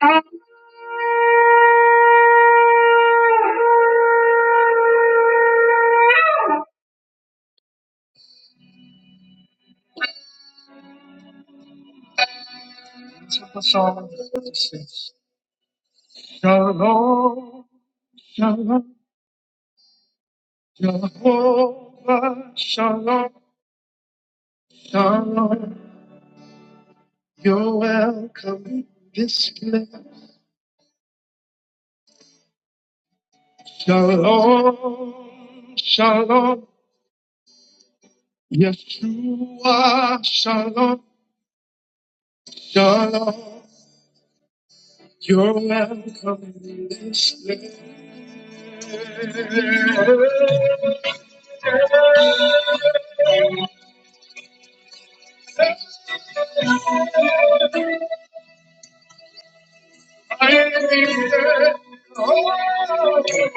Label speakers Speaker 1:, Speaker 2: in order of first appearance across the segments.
Speaker 1: Thank place.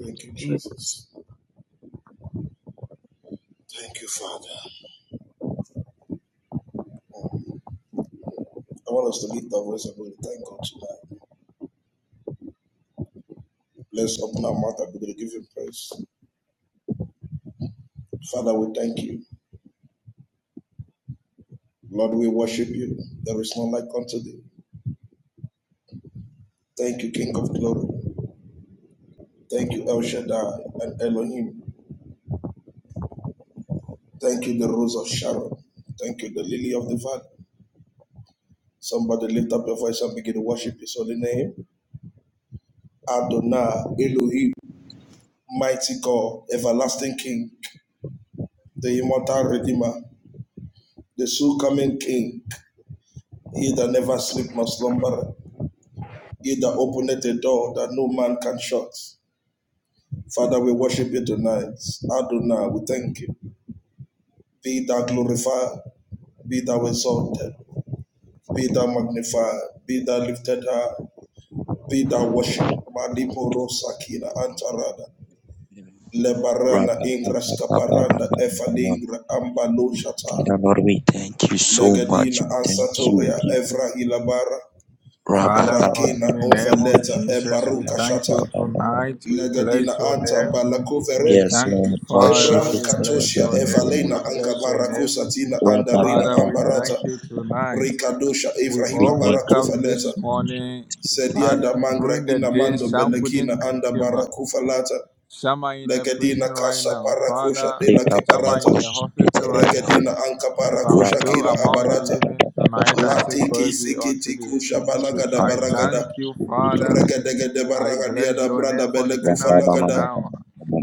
Speaker 2: Thank you, Jesus. Thank you, Father. I want us to lift our voice and we thank God tonight. Let's open our mouth and begin to give Him praise. Father, we thank you. Lord, we worship you. There is none like unto thee. Thank you, King of glory. Thank you, El Shaddai and Elohim. Thank you, the Rose of Sharon. Thank you, the Lily of the Valley. Somebody lift up your voice and begin to worship His holy name. Adonai, Elohim, mighty God, everlasting King, the immortal Redeemer, the soon coming King. He that never sleep must slumber. He that openeth a door that no man can shut. Father, we worship you tonight. Adonai, we thank you. Be thou glorified. Be thou exalted. Be thou magnified. Be thou lifted high. Be thou worshipped. Malipo rosa kina
Speaker 3: Father
Speaker 2: antarada. Lebarana ingra scaparanda efalingra ambalo shata.
Speaker 3: Lord, we thank you so much.
Speaker 2: Legadina
Speaker 3: We thank you. We
Speaker 2: ansatoria
Speaker 3: give
Speaker 2: evra ilabara.
Speaker 4: Father, Lord,
Speaker 3: Rabba-ba-ba-ba-ba-ba.
Speaker 4: in
Speaker 2: Rakina
Speaker 4: the name of
Speaker 2: onveleta
Speaker 4: Jesus, we
Speaker 2: ebaruka
Speaker 4: thank
Speaker 2: shata.
Speaker 4: you tonight. We
Speaker 2: Legadina
Speaker 4: bless your
Speaker 2: anta
Speaker 4: name. We
Speaker 2: balakuvere
Speaker 3: Yes,
Speaker 4: thank you,
Speaker 3: Lord,
Speaker 4: Father.
Speaker 3: worship
Speaker 2: ebra
Speaker 3: it
Speaker 4: We
Speaker 3: and
Speaker 4: bless
Speaker 2: katosia
Speaker 4: your name.
Speaker 3: everything.
Speaker 4: We
Speaker 2: evalena
Speaker 4: bless your name.
Speaker 2: angabarakusatina andarina
Speaker 4: Father, we
Speaker 3: Rabba-ba-ba-ba-ba.
Speaker 2: ambarata
Speaker 4: thank you tonight.
Speaker 2: rikadosha
Speaker 4: We
Speaker 3: We
Speaker 2: evrahila
Speaker 4: all
Speaker 3: thank
Speaker 4: wake up
Speaker 3: you.
Speaker 4: this
Speaker 2: barakuvaleta
Speaker 4: morning, but
Speaker 2: sediada mangra
Speaker 4: during the day,
Speaker 2: inamando
Speaker 4: some couldn't
Speaker 2: belekina anda
Speaker 4: come up.
Speaker 2: barakufalata
Speaker 4: Some are in the
Speaker 2: legadina
Speaker 4: prison right
Speaker 2: kasa
Speaker 4: now.
Speaker 2: parakusha
Speaker 4: Father,
Speaker 2: de la
Speaker 3: Lift up and
Speaker 4: some are in
Speaker 2: kebarata
Speaker 4: the
Speaker 3: worship it
Speaker 4: hospital
Speaker 3: and
Speaker 4: right now.
Speaker 3: everything.
Speaker 2: regadina anka
Speaker 4: If I'm
Speaker 2: parakusha
Speaker 4: still
Speaker 2: kila
Speaker 4: among the
Speaker 2: abarata
Speaker 4: living tonight, I say
Speaker 3: Rabba-ba-ba-ba-ba-ba-ba-ba-ba-ba.
Speaker 2: latiki
Speaker 4: glory be unto
Speaker 2: sikiti
Speaker 4: thee.
Speaker 2: kusha
Speaker 3: Lift
Speaker 2: balagada
Speaker 3: up
Speaker 4: I
Speaker 3: and
Speaker 2: baragada
Speaker 4: thank you,
Speaker 3: worship it.
Speaker 4: Father.
Speaker 2: regadegede
Speaker 4: I bless
Speaker 2: baragadiada
Speaker 4: your
Speaker 2: brada
Speaker 4: name from January to
Speaker 2: belekufalagada
Speaker 4: now.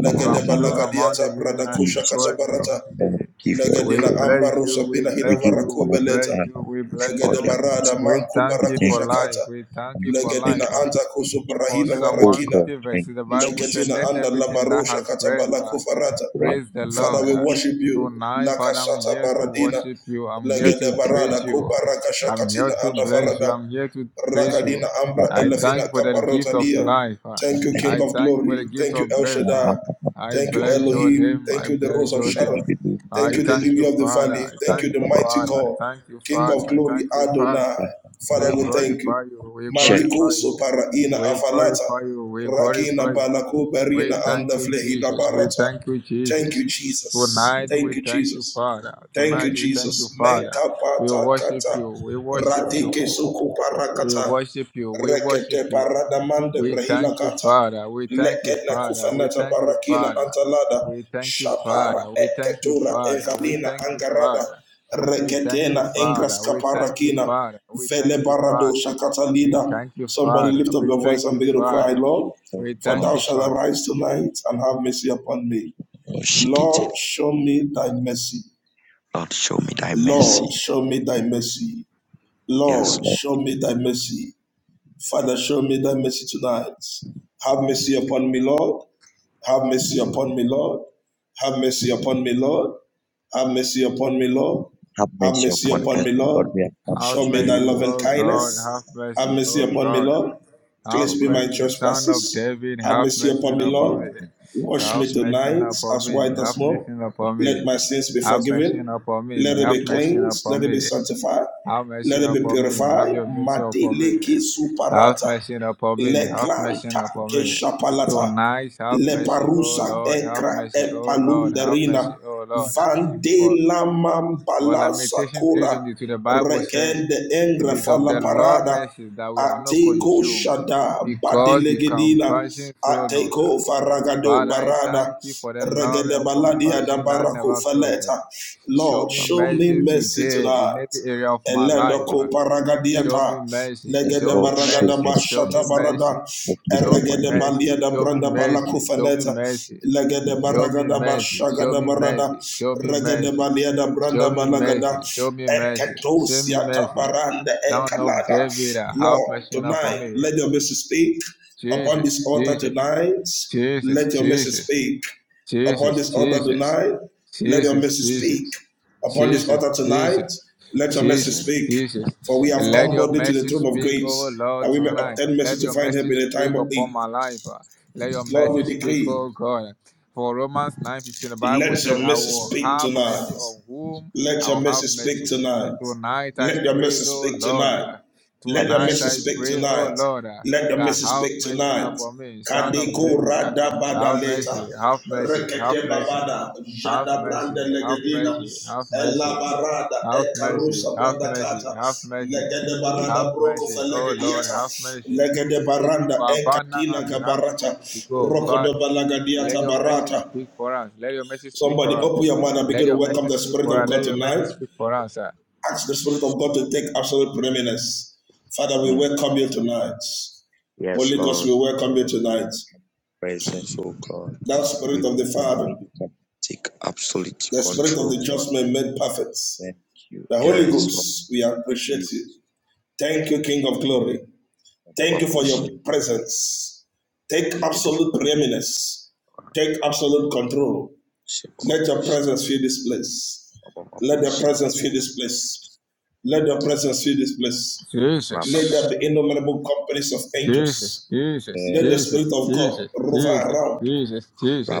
Speaker 4: If I'm still among the
Speaker 2: lagadiata
Speaker 4: living,
Speaker 2: brada
Speaker 4: I
Speaker 2: kusha
Speaker 4: still
Speaker 3: Jesus,
Speaker 4: glorify you on
Speaker 2: katabarata.
Speaker 3: Lord,
Speaker 4: today.
Speaker 3: give you all the
Speaker 4: We
Speaker 2: Legedina
Speaker 3: glory.
Speaker 4: bless you,
Speaker 2: ambarusa
Speaker 4: we
Speaker 2: pila
Speaker 3: We
Speaker 2: hila
Speaker 4: bless
Speaker 3: give you
Speaker 4: you,
Speaker 2: varako
Speaker 4: we
Speaker 3: all the
Speaker 4: bless
Speaker 2: beleta.
Speaker 4: you,
Speaker 3: honor,
Speaker 4: we
Speaker 3: we give you
Speaker 4: bless
Speaker 3: all the
Speaker 4: you.
Speaker 2: Legedeba rada
Speaker 3: adoration.
Speaker 4: We
Speaker 2: manku
Speaker 4: thank
Speaker 3: We
Speaker 4: you
Speaker 3: thank
Speaker 4: for
Speaker 2: barakusha
Speaker 3: you
Speaker 2: kata.
Speaker 4: life, we
Speaker 3: for
Speaker 4: thank you
Speaker 3: thanks,
Speaker 4: for
Speaker 3: we thank you
Speaker 2: Legedina
Speaker 4: life. Uh,
Speaker 3: for
Speaker 2: anta
Speaker 3: this.
Speaker 2: kusu
Speaker 4: For
Speaker 2: brahila
Speaker 4: Psalm
Speaker 3: Oh
Speaker 2: varakina.
Speaker 3: God,
Speaker 4: 150
Speaker 3: thank
Speaker 4: verses, the
Speaker 3: you,
Speaker 4: Bible said,
Speaker 3: Jesus.
Speaker 2: Legetina
Speaker 4: Let
Speaker 2: anda
Speaker 4: everything that
Speaker 2: labarusha
Speaker 4: has breath.
Speaker 2: katabala
Speaker 4: uh,
Speaker 2: kufarata.
Speaker 3: Rabba,
Speaker 4: Praise the
Speaker 3: Rabba,
Speaker 2: Father,
Speaker 4: Lord.
Speaker 2: we
Speaker 3: Rabba,
Speaker 4: yeah.
Speaker 2: worship you.
Speaker 4: Tonight, Father, I'm
Speaker 2: Lakashata
Speaker 4: here to
Speaker 2: baradina.
Speaker 4: worship you. I'm here
Speaker 3: Rabba,
Speaker 2: Legede
Speaker 4: to praise
Speaker 2: barada
Speaker 4: you.
Speaker 2: kubaraka
Speaker 4: I'm here
Speaker 2: shakatina
Speaker 4: to
Speaker 2: anda
Speaker 4: bless you.
Speaker 2: farada.
Speaker 4: I'm here to praise you.
Speaker 2: Rakadina
Speaker 3: Rabba,
Speaker 2: Ambra
Speaker 4: I thank you
Speaker 2: Elafina
Speaker 4: for the gift of
Speaker 2: Kaparotalia.
Speaker 4: life. ah.
Speaker 2: Thank you,
Speaker 4: I
Speaker 2: King of
Speaker 4: thank you for the
Speaker 2: Glory.
Speaker 4: gift
Speaker 2: Thank you,
Speaker 4: of
Speaker 2: El
Speaker 4: breath.
Speaker 3: Rabba,
Speaker 4: ah.
Speaker 2: Shaddai.
Speaker 3: Rabba, Rabba,
Speaker 4: I
Speaker 2: Thank you,
Speaker 3: Rabba,
Speaker 4: bless your
Speaker 2: Elohim.
Speaker 4: name. I
Speaker 2: Thank you, the Rose
Speaker 4: bless
Speaker 2: of
Speaker 4: your
Speaker 3: we do, we
Speaker 4: name.
Speaker 2: Sharon.
Speaker 3: do, we do.
Speaker 4: I
Speaker 2: Thank you, the
Speaker 4: thank
Speaker 2: Lily
Speaker 4: you,
Speaker 2: of the
Speaker 4: Father.
Speaker 2: Valley.
Speaker 4: I
Speaker 3: Rabba,
Speaker 2: Thank
Speaker 4: thank
Speaker 2: you, the
Speaker 4: you,
Speaker 3: Rabba,
Speaker 2: Mighty
Speaker 4: Father. I
Speaker 2: God.
Speaker 4: thank you,
Speaker 2: King
Speaker 4: Father.
Speaker 2: of
Speaker 4: I
Speaker 2: Glory,
Speaker 4: thank you, Father.
Speaker 2: Adonai.
Speaker 3: Rabba.
Speaker 4: We
Speaker 2: Father, we thank you.
Speaker 4: glorify you. We
Speaker 3: Check.
Speaker 2: Maliko
Speaker 4: glorify you.
Speaker 2: Soparaina
Speaker 4: We
Speaker 2: Afalata.
Speaker 4: glorify you. We glorify
Speaker 2: Rakina
Speaker 4: you.
Speaker 2: Balako
Speaker 4: We
Speaker 2: Barina and
Speaker 4: thank you,
Speaker 2: the
Speaker 4: Jesus. We
Speaker 2: Barata.
Speaker 4: thank you,
Speaker 2: Thank
Speaker 4: Jesus.
Speaker 2: you, Jesus.
Speaker 4: Tonight
Speaker 2: Thank
Speaker 4: we
Speaker 2: you,
Speaker 4: thank you,
Speaker 2: Jesus.
Speaker 4: Father.
Speaker 2: Thank you,
Speaker 4: Tonight we thank you,
Speaker 2: Jesus.
Speaker 4: Father. We worship
Speaker 2: Menkapatakata.
Speaker 4: you. We worship you.
Speaker 2: Radike
Speaker 4: We
Speaker 2: sukuparakata.
Speaker 4: worship you. We worship
Speaker 2: Rekete
Speaker 4: you.
Speaker 2: paradamande
Speaker 4: We thank you,
Speaker 2: brehilakata.
Speaker 4: Father. We thank you,
Speaker 2: Leketna
Speaker 4: Father. We
Speaker 2: kufanata
Speaker 4: thank you,
Speaker 2: barakina
Speaker 4: Father.
Speaker 2: antalada.
Speaker 4: We thank you, Father.
Speaker 2: Shapara
Speaker 4: We thank you,
Speaker 2: eketura
Speaker 4: Father. We
Speaker 2: evalina
Speaker 4: thank you,
Speaker 2: angarada.
Speaker 4: Father. We thank you,
Speaker 2: Reketena
Speaker 4: Father.
Speaker 2: engraska
Speaker 4: We thank you,
Speaker 2: parakina.
Speaker 4: Father. We
Speaker 2: Vele
Speaker 4: thank you,
Speaker 2: barado
Speaker 4: Father. We
Speaker 2: shakatalida.
Speaker 4: thank you,
Speaker 2: Somebody
Speaker 4: Father.
Speaker 2: lift up
Speaker 4: We
Speaker 2: your voice
Speaker 4: thank
Speaker 2: and
Speaker 4: you,
Speaker 2: begin to cry,
Speaker 4: Father.
Speaker 2: Lord,
Speaker 3: Uniform,
Speaker 4: We
Speaker 2: for
Speaker 4: thank
Speaker 2: thou
Speaker 4: you,
Speaker 3: mercy,
Speaker 2: shalt
Speaker 4: Father.
Speaker 2: arise tonight and have mercy upon me.
Speaker 3: oh, she can tell
Speaker 2: Lord,
Speaker 3: it.
Speaker 2: show me thy mercy.
Speaker 3: Lord, show me thy mercy.
Speaker 2: Lord, show me thy mercy.
Speaker 3: Yes,
Speaker 2: Lord,
Speaker 3: Lord.
Speaker 2: show me thy mercy. Father, show me thy mercy tonight. Have mercy upon me, Lord. Have mercy upon me, Lord. Have mercy upon me, Lord. Have mercy upon me, Lord.
Speaker 3: Have
Speaker 2: Have
Speaker 3: mercy
Speaker 2: mercy
Speaker 3: upon
Speaker 2: upon
Speaker 3: us,
Speaker 2: me,
Speaker 3: O God.
Speaker 2: Lord.
Speaker 3: We have come
Speaker 4: Have
Speaker 2: Show
Speaker 3: to
Speaker 2: me thy
Speaker 3: you,
Speaker 4: mercy,
Speaker 3: O
Speaker 2: loving
Speaker 4: O
Speaker 3: God.
Speaker 4: God,
Speaker 2: kindness.
Speaker 4: have
Speaker 3: We
Speaker 2: Have
Speaker 3: need
Speaker 4: mercy,
Speaker 2: mercy
Speaker 3: sin,
Speaker 4: O
Speaker 2: upon me,
Speaker 4: God.
Speaker 2: Lord.
Speaker 3: O
Speaker 4: Have
Speaker 2: Cleanse me
Speaker 3: God.
Speaker 2: my
Speaker 4: mercy, Son of
Speaker 2: trespasses.
Speaker 4: David,
Speaker 2: Have
Speaker 4: have
Speaker 2: mercy
Speaker 4: mercy
Speaker 2: upon me,
Speaker 3: May you
Speaker 4: upon me.
Speaker 3: have
Speaker 2: Lord.
Speaker 3: mercy
Speaker 2: Wash
Speaker 3: upon
Speaker 4: Have
Speaker 2: me
Speaker 3: us.
Speaker 4: mercy
Speaker 2: tonight
Speaker 4: upon
Speaker 2: as
Speaker 4: me,
Speaker 2: white
Speaker 3: O
Speaker 2: as
Speaker 4: have
Speaker 3: God.
Speaker 4: mercy
Speaker 2: snow.
Speaker 4: upon me.
Speaker 2: Let
Speaker 3: Forgive
Speaker 2: my
Speaker 3: us.
Speaker 2: sins be
Speaker 4: Have mercy
Speaker 2: forgiven.
Speaker 4: upon me,
Speaker 2: Let
Speaker 3: our
Speaker 2: it
Speaker 4: have
Speaker 2: be
Speaker 4: mercy
Speaker 3: transgressions,
Speaker 2: cleansed.
Speaker 4: upon
Speaker 2: Let it be
Speaker 4: me.
Speaker 2: sanctified.
Speaker 4: Have mercy
Speaker 2: Let it be
Speaker 4: upon me, have
Speaker 2: purified.
Speaker 4: your mercy upon me.
Speaker 2: Mati leki
Speaker 4: Have
Speaker 2: suparata.
Speaker 4: mercy upon me, have mercy
Speaker 2: Leklanta
Speaker 3: Yeah,
Speaker 4: upon me.
Speaker 2: keshapalata.
Speaker 4: Tonight, have mercy, O
Speaker 2: Leparusa
Speaker 4: Lord, have
Speaker 2: ekra
Speaker 4: mercy, O Lord, have
Speaker 2: epalunderina
Speaker 4: mercy, O Lord. For
Speaker 2: vandelamambala
Speaker 4: Lamentation
Speaker 2: sakura
Speaker 4: 3.22, the Bible said,
Speaker 2: rekende
Speaker 4: It
Speaker 2: engra
Speaker 4: is of
Speaker 2: fala
Speaker 4: the Lord
Speaker 2: parada
Speaker 4: mercy that we are not
Speaker 2: ateko
Speaker 4: consumed,
Speaker 2: shada
Speaker 4: because the
Speaker 2: badelegedina
Speaker 4: compassion fail not.
Speaker 2: ateko faragado
Speaker 4: Father, I thank
Speaker 2: barada
Speaker 4: you for the love
Speaker 2: regede
Speaker 4: and
Speaker 2: baladia da
Speaker 4: compassion that
Speaker 2: barako
Speaker 4: never fails. uh.
Speaker 2: faleta
Speaker 4: Show
Speaker 2: Lord
Speaker 4: me
Speaker 3: Baba,
Speaker 2: show me
Speaker 4: mercy
Speaker 2: mercy
Speaker 4: today in every
Speaker 2: tonight
Speaker 4: area of my life.
Speaker 3: Baba,
Speaker 2: Eledoko
Speaker 4: uh. Show
Speaker 2: paragadiata.
Speaker 4: me mercy.
Speaker 2: Legede
Speaker 4: Show me
Speaker 3: Lord, show
Speaker 2: baragada
Speaker 4: mercy.
Speaker 3: us
Speaker 4: Show
Speaker 2: bashata
Speaker 4: me
Speaker 3: mercy.
Speaker 4: mercy.
Speaker 2: barada.
Speaker 3: Forgive
Speaker 4: Show
Speaker 3: us
Speaker 4: me
Speaker 3: my
Speaker 2: Erregede balia
Speaker 4: mercy.
Speaker 2: da
Speaker 4: Show me
Speaker 2: branda
Speaker 4: mercy. Show me
Speaker 2: balakufaneta.
Speaker 4: mercy.
Speaker 2: Legede
Speaker 4: Show me
Speaker 2: baragada
Speaker 4: mercy. Show
Speaker 2: bashagada
Speaker 4: me
Speaker 2: barada.
Speaker 4: mercy. Show me
Speaker 2: Regede
Speaker 4: mercy.
Speaker 2: balia da branda
Speaker 4: Show me
Speaker 2: balagada.
Speaker 4: mercy. Show me mercy. Show me
Speaker 2: Eketosia
Speaker 4: mercy.
Speaker 2: tabaranda
Speaker 4: Son of
Speaker 2: ekalada.
Speaker 4: David, have
Speaker 2: Lord,
Speaker 4: mercy upon
Speaker 2: tonight,
Speaker 4: me.
Speaker 2: let your message speak upon
Speaker 4: Jesus,
Speaker 2: this altar
Speaker 4: Jesus,
Speaker 2: tonight.
Speaker 4: Jesus,
Speaker 2: Let your message
Speaker 4: Jesus,
Speaker 2: speak upon
Speaker 4: Jesus,
Speaker 2: this altar
Speaker 4: Jesus,
Speaker 2: tonight. Let your
Speaker 4: Jesus,
Speaker 2: message
Speaker 4: Jesus,
Speaker 2: speak upon this
Speaker 4: Jesus,
Speaker 2: altar tonight.
Speaker 4: Jesus,
Speaker 2: Let your message
Speaker 4: Jesus,
Speaker 3: iniquity.
Speaker 2: speak,
Speaker 4: Jesus.
Speaker 2: for we have
Speaker 4: Let
Speaker 2: come
Speaker 3: Baba,
Speaker 4: your
Speaker 2: boldly to the
Speaker 4: mercy
Speaker 2: throne of
Speaker 4: speak, oh
Speaker 2: grace that
Speaker 4: Lord,
Speaker 2: we may
Speaker 4: tonight.
Speaker 2: obtain mercy
Speaker 4: Let
Speaker 2: to
Speaker 4: your
Speaker 2: find help
Speaker 4: mercy
Speaker 2: in the time
Speaker 4: speak
Speaker 2: of
Speaker 4: upon
Speaker 2: need.
Speaker 4: my life. Let your mercy
Speaker 2: Lord, we
Speaker 4: speak,
Speaker 2: decree,
Speaker 4: oh God. For Romans 9:15, the Bible
Speaker 2: let your
Speaker 4: said, I
Speaker 2: message
Speaker 4: will
Speaker 2: speak
Speaker 4: have
Speaker 2: tonight.
Speaker 4: mercy on whom
Speaker 2: Let
Speaker 4: I
Speaker 2: your
Speaker 4: will
Speaker 2: message
Speaker 4: have
Speaker 2: speak
Speaker 4: mercy.
Speaker 2: tonight.
Speaker 4: Tonight I
Speaker 2: Let your
Speaker 4: pray,
Speaker 2: message
Speaker 4: oh
Speaker 2: speak
Speaker 4: Lord.
Speaker 2: tonight.
Speaker 4: uh,
Speaker 3: Have
Speaker 2: Let your
Speaker 4: Tonight
Speaker 3: mercy
Speaker 2: message
Speaker 3: on
Speaker 4: I
Speaker 2: speak
Speaker 4: pray, oh
Speaker 2: tonight.
Speaker 4: Lord, uh,
Speaker 2: Let your
Speaker 4: that
Speaker 2: message
Speaker 4: have
Speaker 2: speak
Speaker 4: mercy
Speaker 2: tonight.
Speaker 4: upon me, son of
Speaker 2: Kadeko
Speaker 4: David.
Speaker 2: rada bada
Speaker 4: Have
Speaker 2: leta.
Speaker 4: mercy, have mercy, have
Speaker 2: Rekete
Speaker 4: mercy,
Speaker 2: babada.
Speaker 4: have
Speaker 2: Jada brande
Speaker 4: mercy, have
Speaker 2: legedina.
Speaker 4: mercy, have
Speaker 2: Ella
Speaker 4: mercy,
Speaker 2: barada
Speaker 4: have mercy,
Speaker 2: ekarusa
Speaker 4: have
Speaker 2: brada
Speaker 4: mercy,
Speaker 2: kata.
Speaker 4: have mercy,
Speaker 2: Legede
Speaker 3: me.
Speaker 4: have
Speaker 2: barada broko
Speaker 4: mercy.
Speaker 2: fe
Speaker 4: Oh Lord, have
Speaker 2: legediata.
Speaker 4: mercy.
Speaker 2: Legede
Speaker 4: These people
Speaker 2: baranda
Speaker 4: are bound now
Speaker 2: ekatina
Speaker 4: and we have
Speaker 2: kabarata.
Speaker 4: nowhere to go.
Speaker 2: Roko do
Speaker 4: Father, let
Speaker 2: balagadiata
Speaker 4: your message
Speaker 2: barata.
Speaker 4: speak for us. Let your message speak
Speaker 2: Somebody
Speaker 4: for us.
Speaker 2: open your mind and
Speaker 4: Let
Speaker 2: begin to
Speaker 4: your
Speaker 2: welcome
Speaker 4: message
Speaker 2: the
Speaker 4: speak
Speaker 2: Spirit
Speaker 4: for
Speaker 2: of
Speaker 4: us.
Speaker 2: God
Speaker 4: Let your message
Speaker 2: tonight.
Speaker 4: speak for us. sir.
Speaker 2: Ask the Spirit of God to take absolute preeminence. Father, we
Speaker 3: Mm.
Speaker 2: welcome you tonight.
Speaker 3: Yes,
Speaker 2: Holy Ghost,
Speaker 3: Lord.
Speaker 2: we welcome
Speaker 3: Lord,
Speaker 2: you tonight.
Speaker 3: your Presence, oh God.
Speaker 2: Thou
Speaker 3: We
Speaker 2: Spirit of the
Speaker 3: pray that
Speaker 2: Father,
Speaker 3: may you can take absolute
Speaker 2: the Spirit of
Speaker 3: control,
Speaker 2: the
Speaker 3: God.
Speaker 2: just man made perfect.
Speaker 3: Thank you.
Speaker 2: The Holy
Speaker 3: Yes, Lord.
Speaker 2: Ghost, we appreciate
Speaker 3: We-
Speaker 2: you. Thank you, King of Glory. Thank
Speaker 3: Baba
Speaker 2: you for your
Speaker 3: Boshi.
Speaker 2: presence. Take
Speaker 3: Yebebe
Speaker 2: absolute preeminence. Take absolute control.
Speaker 3: Boshi. Baba
Speaker 2: Let your
Speaker 3: Boshi.
Speaker 2: presence fill this place.
Speaker 3: Baba
Speaker 2: Let your
Speaker 3: Boshi.
Speaker 2: presence fill this place. Let your presence fill this place. Let
Speaker 3: Rababa.
Speaker 4: Jesus.
Speaker 2: there be innumerable companies of
Speaker 4: Jesus,
Speaker 2: angels.
Speaker 4: Jesus,
Speaker 2: Let the
Speaker 3: Eh,
Speaker 4: Jesus,
Speaker 2: Spirit of God
Speaker 4: Jesus,
Speaker 2: rover
Speaker 4: Jesus,
Speaker 2: around.
Speaker 4: Jesus,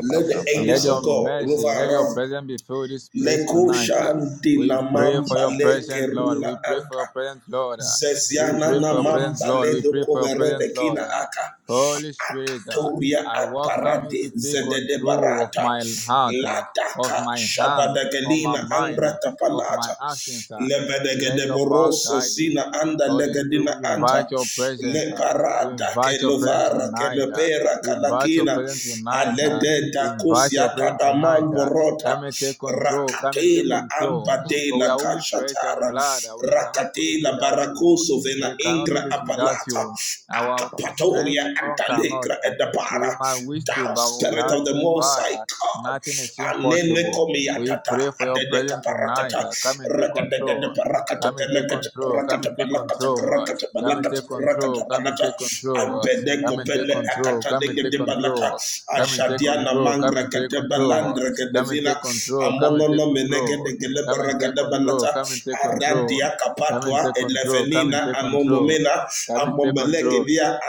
Speaker 2: Let the
Speaker 4: And let
Speaker 2: angels
Speaker 4: your
Speaker 2: of God
Speaker 4: mercy,
Speaker 2: rover
Speaker 4: let your
Speaker 2: around.
Speaker 4: presence be filled this place
Speaker 2: Leko
Speaker 4: tonight. ah.
Speaker 2: shanti
Speaker 4: We
Speaker 2: la
Speaker 4: pray for
Speaker 2: mamba
Speaker 4: your
Speaker 2: le
Speaker 4: presence, Lord. We
Speaker 2: keruna
Speaker 4: pray for your
Speaker 2: anta.
Speaker 4: presence, Lord. ah. We
Speaker 2: Zeziana
Speaker 4: pray
Speaker 2: na
Speaker 4: for your
Speaker 3: Yebebe.
Speaker 4: presence,
Speaker 2: mamba
Speaker 4: Lord.
Speaker 2: le
Speaker 4: We pray for
Speaker 2: doko
Speaker 4: your
Speaker 2: verede
Speaker 4: presence, Lord.
Speaker 2: kina
Speaker 4: ah.
Speaker 2: aka.
Speaker 4: Holy Spirit, ah,
Speaker 2: Akatoria
Speaker 4: I welcome you
Speaker 2: aparate
Speaker 4: to take
Speaker 2: zedede
Speaker 4: control of
Speaker 2: barata
Speaker 4: my heart, ah, of
Speaker 2: lataka
Speaker 4: my hand, of my
Speaker 2: shabadagelina
Speaker 4: mind, ah,
Speaker 2: angrata
Speaker 4: of my
Speaker 2: palata
Speaker 4: actions. ah. Let
Speaker 2: lebedegede
Speaker 4: your power
Speaker 2: boroso
Speaker 4: guide me.
Speaker 2: sina anda
Speaker 4: Holy Spirit,
Speaker 2: legedina
Speaker 4: we
Speaker 2: anta
Speaker 4: invite your
Speaker 2: le
Speaker 4: presence. uh, We
Speaker 2: parada che
Speaker 4: invite your presence
Speaker 2: lovara che le
Speaker 4: tonight. uh,
Speaker 2: kalakina
Speaker 4: We invite your
Speaker 2: calachina
Speaker 4: presence tonight. uh, We
Speaker 2: alededa
Speaker 4: invite your
Speaker 2: cosiata
Speaker 4: presence
Speaker 2: da
Speaker 4: tonight. uh. Come
Speaker 2: mamborota
Speaker 4: and take control. Come and take
Speaker 2: rakatela
Speaker 4: control. For we
Speaker 2: ambadela
Speaker 4: are only flesh and
Speaker 2: cacciatara
Speaker 4: blood. uh, We cannot do this
Speaker 2: rakatela
Speaker 4: without you.
Speaker 2: baracoso vena
Speaker 4: We cannot do
Speaker 2: ingra
Speaker 4: this without
Speaker 2: apalata
Speaker 4: you. Our
Speaker 3: Rabababa.
Speaker 4: strength
Speaker 2: Akapatoria
Speaker 4: alone cannot.
Speaker 2: Akalegra
Speaker 4: uh.
Speaker 2: and the Para,
Speaker 4: We might wish to,
Speaker 2: thou
Speaker 4: but
Speaker 2: spirit
Speaker 4: without
Speaker 2: of the
Speaker 4: you,
Speaker 2: Most High
Speaker 4: Father,
Speaker 2: God,
Speaker 4: nothing is
Speaker 2: Anene
Speaker 4: impossible. We
Speaker 2: Komiatata,
Speaker 4: pray for your
Speaker 2: Adene
Speaker 4: presence tonight.
Speaker 2: Kaparakata,
Speaker 4: uh. Come and take
Speaker 2: Rakadene
Speaker 4: control.
Speaker 2: Parakata,
Speaker 4: Come and take
Speaker 2: Kenekata,
Speaker 4: control. Come
Speaker 2: Rakata,
Speaker 4: and take
Speaker 2: Balakata,
Speaker 4: control. uh,
Speaker 2: Rakata,
Speaker 4: Come and
Speaker 2: Balakata,
Speaker 4: take
Speaker 2: Rakata,
Speaker 4: control. Come and
Speaker 2: Balata,
Speaker 4: take control. uh,
Speaker 2: Abene
Speaker 4: Come and take
Speaker 2: Kopele
Speaker 4: control.
Speaker 2: Akata,
Speaker 4: Come and take
Speaker 2: Negede Balata,
Speaker 4: control. Come and take
Speaker 2: Ashadiana
Speaker 4: control. Come
Speaker 2: Mangra,
Speaker 4: and take control.
Speaker 2: Katebalandra,
Speaker 4: Come and
Speaker 2: Kedevila,
Speaker 4: take control. Come and take
Speaker 2: Amonono Menege,
Speaker 4: control.
Speaker 2: Negele
Speaker 4: Come and take
Speaker 2: Barakada
Speaker 4: control.
Speaker 2: Balata,
Speaker 4: Come and take control.
Speaker 2: Arandia
Speaker 4: Come and
Speaker 2: Kapatwa,
Speaker 4: take control. Come and
Speaker 2: Elevenina
Speaker 4: take control.
Speaker 2: Anomomena, Anonomena,
Speaker 4: Come and take control.
Speaker 2: Amombelegedia,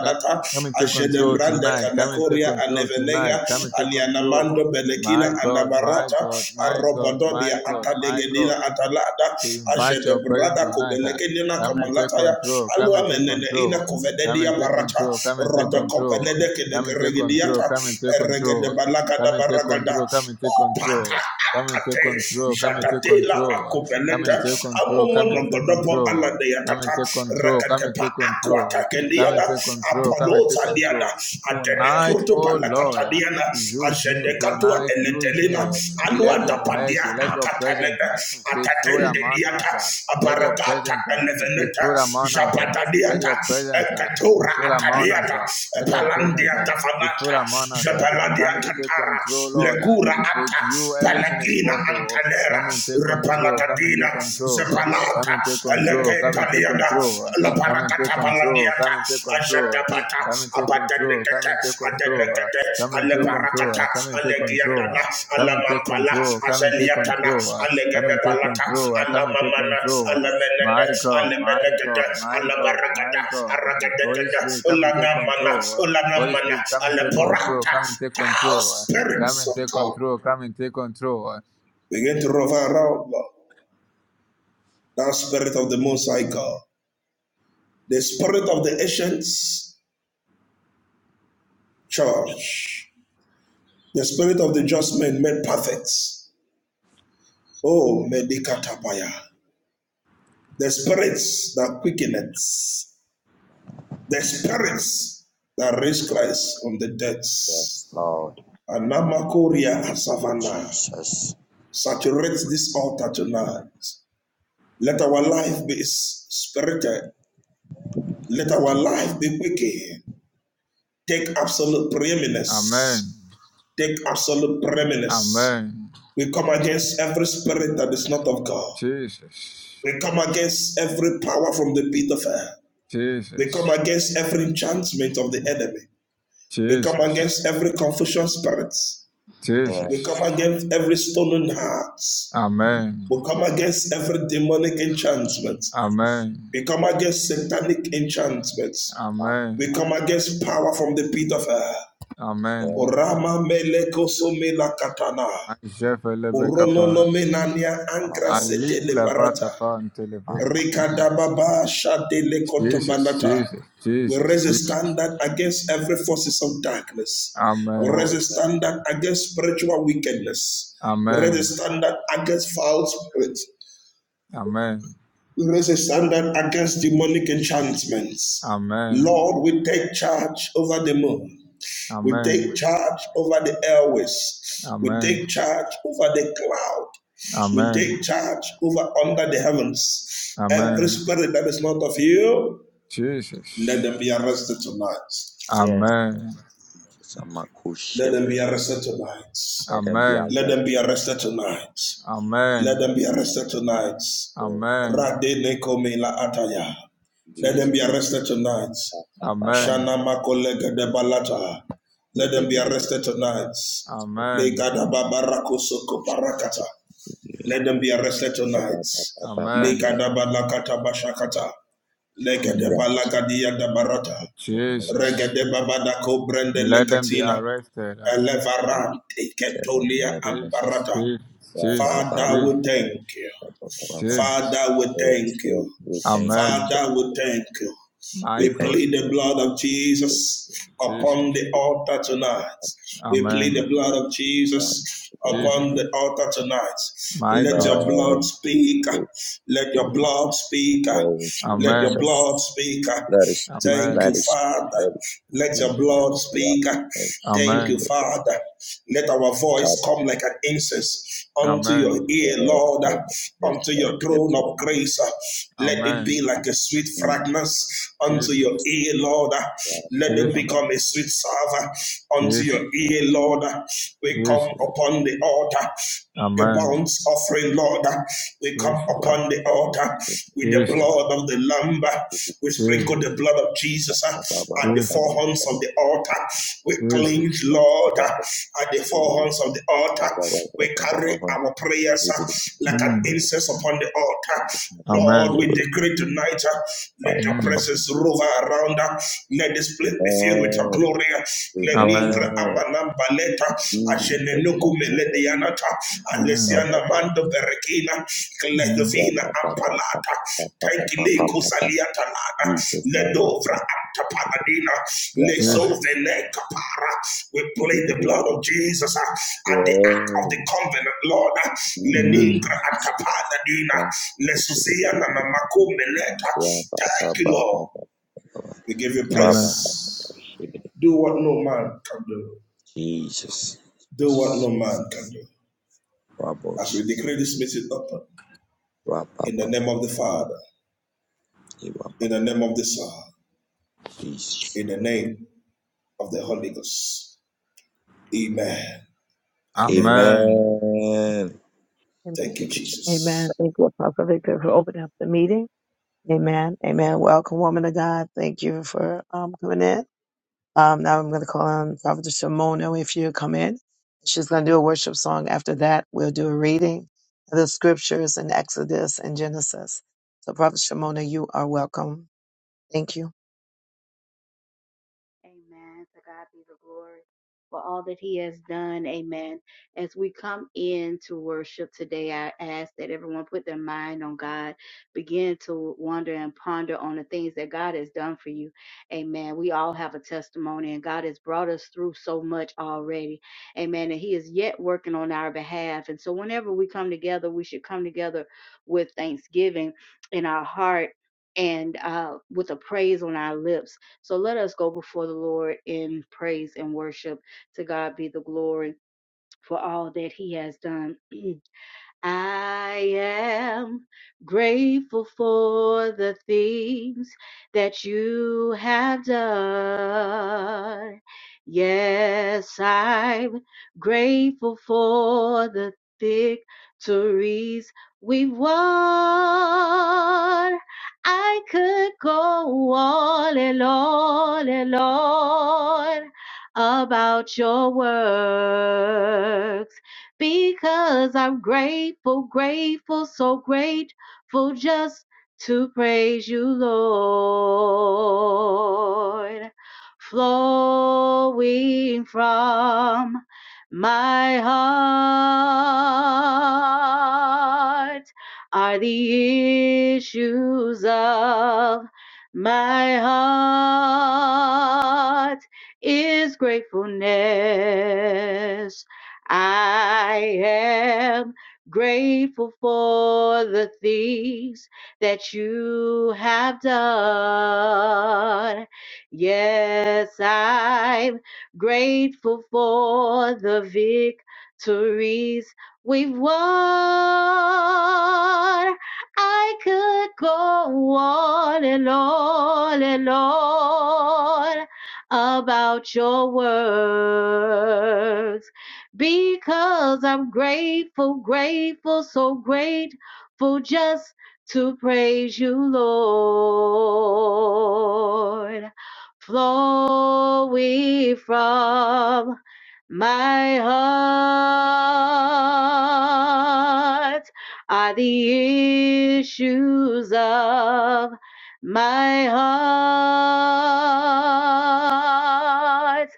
Speaker 4: Ca- Come and take control
Speaker 2: Ajedebranda,
Speaker 4: tonight. Come and take
Speaker 2: Kanakoria,
Speaker 4: control
Speaker 2: Anevenega,
Speaker 4: tonight. Come and take control.
Speaker 2: Anianamando,
Speaker 4: My
Speaker 2: Belekina,
Speaker 4: God, my
Speaker 2: Anabarata,
Speaker 4: God, my God, my
Speaker 2: Arobododia,
Speaker 4: God, my
Speaker 2: Atalegedina,
Speaker 4: God,
Speaker 2: Atalada,
Speaker 4: we invite your presence
Speaker 2: Ajedebrada,
Speaker 4: tonight. ah.
Speaker 2: Kubelekedina,
Speaker 4: Come and take
Speaker 2: Kamalataya,
Speaker 4: control. Come
Speaker 2: Alua
Speaker 4: and take
Speaker 2: Meneneina,
Speaker 4: control. Come
Speaker 2: Kovededia,
Speaker 4: and take
Speaker 2: Barata,
Speaker 4: control. Come and take control.
Speaker 2: Rodokopelede,
Speaker 4: Come and take control.
Speaker 2: Kedegeregidiata,
Speaker 4: Come and take control.
Speaker 2: Eregedebalagada,
Speaker 4: Come and take
Speaker 2: Baragada,
Speaker 4: control. Come and take control.
Speaker 2: Opata,
Speaker 4: Come and take
Speaker 2: akate
Speaker 4: control. Come and take
Speaker 2: jadadela
Speaker 4: control. Come
Speaker 2: akopeleta
Speaker 4: and take control.
Speaker 2: amomo
Speaker 4: Come and take
Speaker 2: nogodopo
Speaker 4: control.
Speaker 2: alade
Speaker 4: Come and
Speaker 2: yakata
Speaker 4: take control. Come and
Speaker 2: reketepa
Speaker 4: take control. Come
Speaker 2: akwakakeliana
Speaker 4: and take control. Come and take
Speaker 2: apoloza liana
Speaker 4: control. Tonight,
Speaker 2: adenekruto
Speaker 4: oh Lord, uh,
Speaker 2: balakataliana
Speaker 4: use me
Speaker 2: azedekatua
Speaker 4: tonight, use
Speaker 2: eletelena
Speaker 4: me. Let your
Speaker 3: Rababa.
Speaker 2: aluadapadia
Speaker 4: mercy, let your presence
Speaker 2: akatanena
Speaker 4: uh, be filled among
Speaker 2: atatendeliata
Speaker 4: us. uh. Let your
Speaker 2: aparakata
Speaker 4: presence uh, be
Speaker 2: eleveneta
Speaker 4: filled among us. uh. Let
Speaker 2: japatadiata
Speaker 4: your presence uh, be
Speaker 2: ekatura
Speaker 4: filled among us.
Speaker 2: ataliata
Speaker 4: uh. Let your presence uh,
Speaker 2: palandiata
Speaker 4: be filled
Speaker 2: fanata
Speaker 4: among us. uh. Come and take
Speaker 2: jepeladiatatara
Speaker 4: control, Lord. Uh,
Speaker 2: lekura
Speaker 4: With
Speaker 2: ata
Speaker 4: you, everything is
Speaker 2: Palagina
Speaker 4: possible.
Speaker 2: Antanera,
Speaker 4: Come and take control. Come and
Speaker 2: Repalacadina,
Speaker 4: take control. Uh, Come
Speaker 2: Zepalata,
Speaker 4: and take control. Come and take
Speaker 2: Elecataliana,
Speaker 4: control.
Speaker 2: La
Speaker 4: Uh, Come and take
Speaker 2: Paracata
Speaker 4: control. Come
Speaker 2: Paladiata,
Speaker 4: and take control. Uh,
Speaker 2: Ashadapata,
Speaker 4: Come and take control. Come
Speaker 2: Abatanecata,
Speaker 4: and take control. Uh,
Speaker 2: Adenecate,
Speaker 4: Come and take control. Uh,
Speaker 2: Aleparacata,
Speaker 4: Come and take control.
Speaker 2: Alegiadana,
Speaker 4: Uh, Come and take
Speaker 2: Alamampala,
Speaker 4: control. Come and take
Speaker 2: Azeliatana,
Speaker 4: control. Uh, Come and take
Speaker 2: Alegadapalata,
Speaker 4: control. Uh, Come and take
Speaker 2: Alamamana,
Speaker 4: control. Uh,
Speaker 2: Alamenene,
Speaker 4: My God, my God,
Speaker 2: Alamenecate,
Speaker 4: my God, my
Speaker 2: Alabaragada,
Speaker 4: God. Uh, Holy
Speaker 2: Aragadecada,
Speaker 4: Spirit, come and take
Speaker 2: Ulanamana,
Speaker 4: control. Uh, Holy
Speaker 2: Ulanamana,
Speaker 4: Spirit, come and take control.
Speaker 2: Aleporata,
Speaker 4: Come and take
Speaker 2: thou
Speaker 4: control. uh, Come
Speaker 2: spirits
Speaker 4: and
Speaker 2: of
Speaker 4: take
Speaker 2: God.
Speaker 4: control. Come and take control. uh,
Speaker 2: Begin to revive around that spirit of the Most High God, the spirit of the ancient church, the spirit of the just men made perfect. Oh, medikatapaya, the spirits that quickeneth, the spirits that raised Christ from the dead.
Speaker 3: Yes, Lord.
Speaker 2: Anamakoria Savannah,
Speaker 3: Jesus.
Speaker 2: saturate this altar tonight. Let our life be spirited. Let our life be quickened. Take absolute preeminence
Speaker 4: Amen.
Speaker 2: take absolute preeminence.
Speaker 4: Amen.
Speaker 2: We come against every spirit that is not of God.
Speaker 4: Jesus.
Speaker 2: We come against every power from the pit of hell. We come
Speaker 4: Jesus.
Speaker 2: against every enchantment of the enemy. We come
Speaker 4: Jesus.
Speaker 2: against every confusion spirit. We come
Speaker 3: parents
Speaker 4: Jesus.
Speaker 3: of
Speaker 2: against every stolen
Speaker 3: the
Speaker 2: heart.
Speaker 4: Amen.
Speaker 2: We come against every demonic enchantment.
Speaker 3: Jesus,
Speaker 4: Amen.
Speaker 2: We come against satanic enchantments.
Speaker 3: Father,
Speaker 4: Amen.
Speaker 2: We come
Speaker 3: Father,
Speaker 2: against power from the pit of hell.
Speaker 4: Amen.
Speaker 3: head me,
Speaker 2: Orama meleko somela katana.
Speaker 4: Ajefelebekapa.
Speaker 2: Orolonomenania
Speaker 3: Father,
Speaker 2: ancra
Speaker 4: Ali
Speaker 3: bullshit,
Speaker 2: setele
Speaker 3: everything.
Speaker 2: barata.
Speaker 4: ilabakapa antelebe.
Speaker 3: Mama,
Speaker 2: Rikadababa shadele
Speaker 4: Jesus.
Speaker 2: kotobalata.
Speaker 4: Jesus.
Speaker 2: We
Speaker 4: Jesus.
Speaker 2: raise a
Speaker 4: Jesus.
Speaker 2: standard against every forces of darkness. We
Speaker 4: Amen.
Speaker 2: raise
Speaker 3: oh
Speaker 2: a
Speaker 3: yes,
Speaker 2: standard against spiritual wickedness. We raise a
Speaker 4: Amen.
Speaker 2: standard against foul spirits.
Speaker 4: Amen.
Speaker 2: We raise a standard against demonic enchantments.
Speaker 4: Amen.
Speaker 2: Lord, we take charge over the moon. We
Speaker 4: Amen.
Speaker 2: take charge over the airways. We
Speaker 4: Amen.
Speaker 2: take charge over the cloud. We
Speaker 3: G.
Speaker 2: take
Speaker 4: Amen.
Speaker 2: charge over
Speaker 3: Father,
Speaker 2: under the heavens. Every
Speaker 4: Amen.
Speaker 2: spirit that is not of you, let
Speaker 4: Jesus.
Speaker 2: them be arrested tonight.
Speaker 3: yes,
Speaker 4: Amen.
Speaker 3: some cool
Speaker 2: Let them be
Speaker 3: shepherd.
Speaker 2: arrested tonight.
Speaker 3: Let them be
Speaker 4: Amen.
Speaker 2: Let
Speaker 3: arrested.
Speaker 2: them be arrested tonight. Let
Speaker 4: Amen.
Speaker 3: Let
Speaker 2: them be
Speaker 3: them
Speaker 2: arrested tonight.
Speaker 3: go.
Speaker 4: Amen.
Speaker 2: Rade nekome la ataya. Let them be
Speaker 4: Jesus.
Speaker 2: arrested tonight.
Speaker 3: Ba, ba,
Speaker 4: Amen.
Speaker 2: Shana makolega de balata.
Speaker 3: Eh,
Speaker 2: Let
Speaker 3: eh,
Speaker 2: them be
Speaker 3: eh, eh,
Speaker 2: arrested tonight.
Speaker 3: eh.
Speaker 4: Amen.
Speaker 2: Legada babarako
Speaker 3: Oh,
Speaker 2: soko
Speaker 3: Eh,
Speaker 2: parakata.
Speaker 3: eh.
Speaker 2: Let them be arrested tonight.
Speaker 4: Amen.
Speaker 2: Legada balakata bashakata. Legade
Speaker 4: Mm.
Speaker 3: Yeah,
Speaker 2: balagadia da
Speaker 3: Yeah,
Speaker 2: barata.
Speaker 4: Jesus.
Speaker 2: Regade babada brende
Speaker 4: Let them be
Speaker 2: lekatina.
Speaker 4: arrested. ah.
Speaker 2: Elevarante
Speaker 3: Yeah,
Speaker 2: ketolia
Speaker 4: Jesus.
Speaker 2: amparata.
Speaker 4: Jesus. Jesus.
Speaker 2: Father,
Speaker 4: Jesus.
Speaker 2: we thank you.
Speaker 4: Jesus.
Speaker 2: Father, we
Speaker 3: Yes,
Speaker 2: thank
Speaker 3: Lord,
Speaker 2: you.
Speaker 3: we thank you.
Speaker 4: Amen.
Speaker 3: Lord.
Speaker 2: Father, we thank you.
Speaker 4: My
Speaker 3: We
Speaker 2: We
Speaker 3: thank
Speaker 4: God.
Speaker 2: plead the blood
Speaker 3: you.
Speaker 2: of Jesus
Speaker 4: Jesus.
Speaker 2: upon the altar tonight. We plead
Speaker 4: Amen.
Speaker 2: the blood of Jesus
Speaker 4: Jesus.
Speaker 2: upon the altar tonight.
Speaker 4: My
Speaker 2: Let
Speaker 4: God.
Speaker 2: your blood
Speaker 3: Amen.
Speaker 2: speak. Let your blood speak.
Speaker 3: Oh,
Speaker 2: Let your
Speaker 4: Amen.
Speaker 2: blood
Speaker 3: Jesus.
Speaker 2: speak.
Speaker 3: Let us speak.
Speaker 2: Thank
Speaker 4: Amen.
Speaker 3: Let
Speaker 2: you,
Speaker 3: us speak.
Speaker 2: Father.
Speaker 3: Let us
Speaker 2: Let your
Speaker 3: speak.
Speaker 4: Jesus.
Speaker 2: blood
Speaker 3: What
Speaker 2: speak.
Speaker 3: is
Speaker 2: Thank you,
Speaker 4: Amen.
Speaker 3: it?
Speaker 2: Father. Let our
Speaker 3: God
Speaker 2: voice come like an incense unto your
Speaker 4: Amen.
Speaker 2: ear,
Speaker 3: bless
Speaker 2: Lord,
Speaker 3: you. Yes,
Speaker 2: unto your
Speaker 3: Lord. Yes,
Speaker 2: throne of
Speaker 3: Lord.
Speaker 2: grace. Let it
Speaker 4: Amen.
Speaker 2: be like a sweet
Speaker 3: Jesus.
Speaker 2: fragrance unto
Speaker 4: Jesus.
Speaker 2: your
Speaker 3: Jesus. Yes,
Speaker 2: ear, Lord. Let it
Speaker 4: Jesus.
Speaker 2: become a sweet savor unto your
Speaker 4: Jesus.
Speaker 2: ear, Lord. We come
Speaker 4: Jesus.
Speaker 2: upon the altar. The
Speaker 4: Amen.
Speaker 2: bounce offering, Lord, we come
Speaker 4: Jesus.
Speaker 2: upon the altar with the
Speaker 4: Jesus.
Speaker 2: blood of the Lamb. We sprinkle
Speaker 4: Jesus.
Speaker 2: the blood of Jesus at the
Speaker 4: Jesus.
Speaker 2: four horns of
Speaker 3: Lord.
Speaker 2: the altar. We
Speaker 4: Jesus.
Speaker 2: cleanse, Lord, at the four
Speaker 3: Amen.
Speaker 2: horns of the altar. We carry
Speaker 3: Amen.
Speaker 2: our prayers
Speaker 3: Jesus,
Speaker 2: like an
Speaker 4: Mm.
Speaker 2: incense upon the altar. Lord,
Speaker 4: Amen.
Speaker 2: we decree tonight, uh,
Speaker 3: my
Speaker 2: let your
Speaker 4: Mm.
Speaker 3: Papa.
Speaker 2: presence rover around us. Let this place be filled with your glory. uh, Let Ningra
Speaker 4: Amen.
Speaker 2: Amanamba Leta, Ashenenukume Ledianata,
Speaker 4: Mm.
Speaker 2: Alessiana Mando Berekina,
Speaker 4: Mm.
Speaker 2: Kledovina Ampalata, Tankile Kusaliata
Speaker 3: Jesus,
Speaker 2: Lada,
Speaker 3: my
Speaker 2: Ledovra Tapagadina,
Speaker 3: Yeah, Papa.
Speaker 2: Leso
Speaker 4: Jesus.
Speaker 2: Vene Kapara. We
Speaker 3: Yes,
Speaker 2: plead the blood of Jesus uh, at the act of the covenant, Lord. uh,
Speaker 4: Mm.
Speaker 2: Leningra
Speaker 3: Jesus.
Speaker 2: Antapagadina, Lesusia Nanamakumeleta.
Speaker 3: Yeah, Papa,
Speaker 2: Thank you,
Speaker 3: Papa,
Speaker 2: Lord. We give you
Speaker 3: Papa, Papa,
Speaker 4: Amen.
Speaker 3: Papa.
Speaker 2: praise. Do what no man can do. Do what
Speaker 3: Jesus.
Speaker 2: no man can do. As we
Speaker 3: Raboshik,
Speaker 2: decree this meeting open, in the
Speaker 3: Rababa,
Speaker 2: name of the Father,
Speaker 3: Iwaba,
Speaker 2: in the name of the Son,
Speaker 3: Jesus.
Speaker 2: in the name of the Holy Ghost. Amen and amen.
Speaker 4: Amen.
Speaker 3: Amen.
Speaker 2: Thank you,
Speaker 3: Thank you,
Speaker 2: Jesus.
Speaker 5: Amen. To God be the glory for all that He has done. Amen. As we come in to worship today, I ask that everyone put their mind on God, begin to wonder and ponder on the things that God has done for you. Amen. We all have a testimony, and God has brought us through so much already. Amen. And He is yet working on our behalf. And so, whenever we come together, we should come together with thanksgiving in our heart and uh, with a praise on our lips so let us go before the Lord in praise and worship. To God be the glory for all that He has done. I am grateful for the things that you have done. Yes, I'm grateful for the victories we've won. I could go on and on and on about your works because I'm grateful, grateful, so grateful just to praise you, Lord. Flowing from my heart are the issues of my heart is gratefulness I am grateful for the things that you have done. Yes, I'm grateful for the victories we've won. I could go on and on and on about your works because I'm grateful, grateful, so grateful just to praise you, Lord. Flowing from my heart are the issues of my heart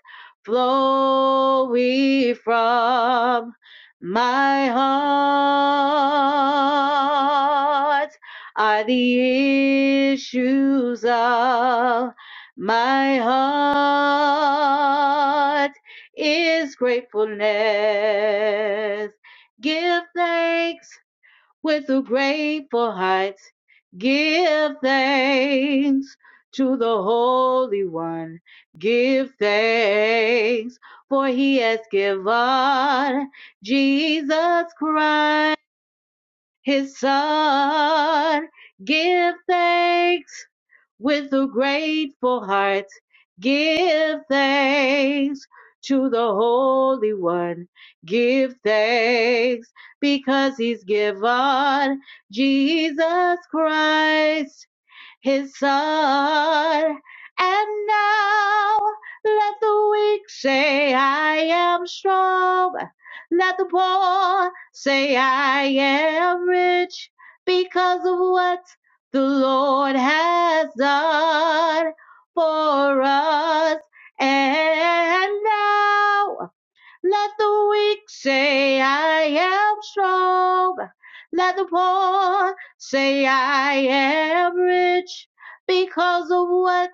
Speaker 5: flowing from my heart are the issues of my heart is gratefulness. Give thanks with a grateful heart. Give thanks to the Holy One. Give thanks, for he has given Jesus Christ, his Son. Give thanks with a grateful heart. Give thanks to the Holy One. Give thanks because He's given Jesus Christ his son. And now let the weak say, I am strong. Let the poor say, I am rich because of what the Lord has done for us. And now let the weak say I am strong. Let the poor say I am rich because of what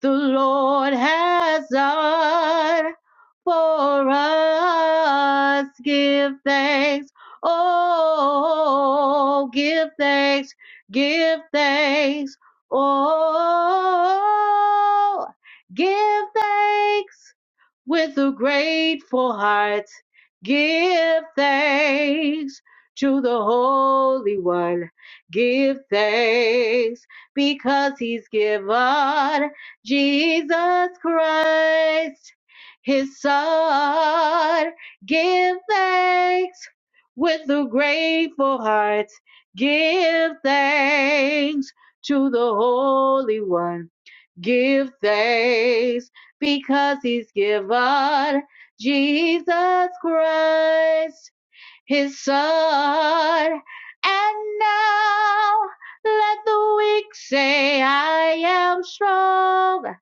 Speaker 5: the Lord has done for us. Give thanks. Oh, give thanks. Give thanks. Oh, give thanks with a grateful heart. Give thanks to the Holy One. Give thanks because He's given Jesus Christ, His Son. Give thanks with a grateful heart. Give thanks to the Holy One. Give thanks because he's given Jesus Christ his sword. And now let the weak say, I am strong.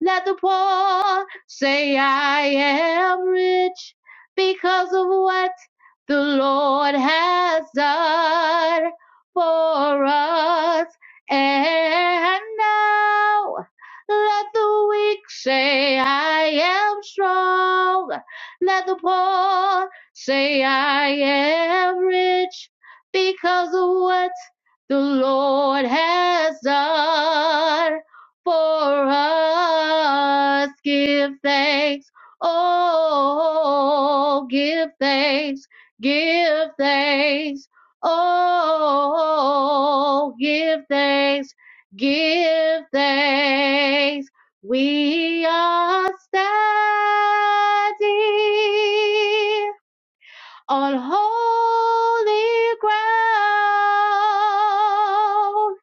Speaker 5: Let the poor say, I am rich because of what the Lord has done for us. And now let the weak say, I am strong. Let the poor Say I am rich because of what the Lord has done for us. Give thanks. Oh, give thanks. Give thanks. Oh, give thanks. Give thanks. We are standing on holy ground.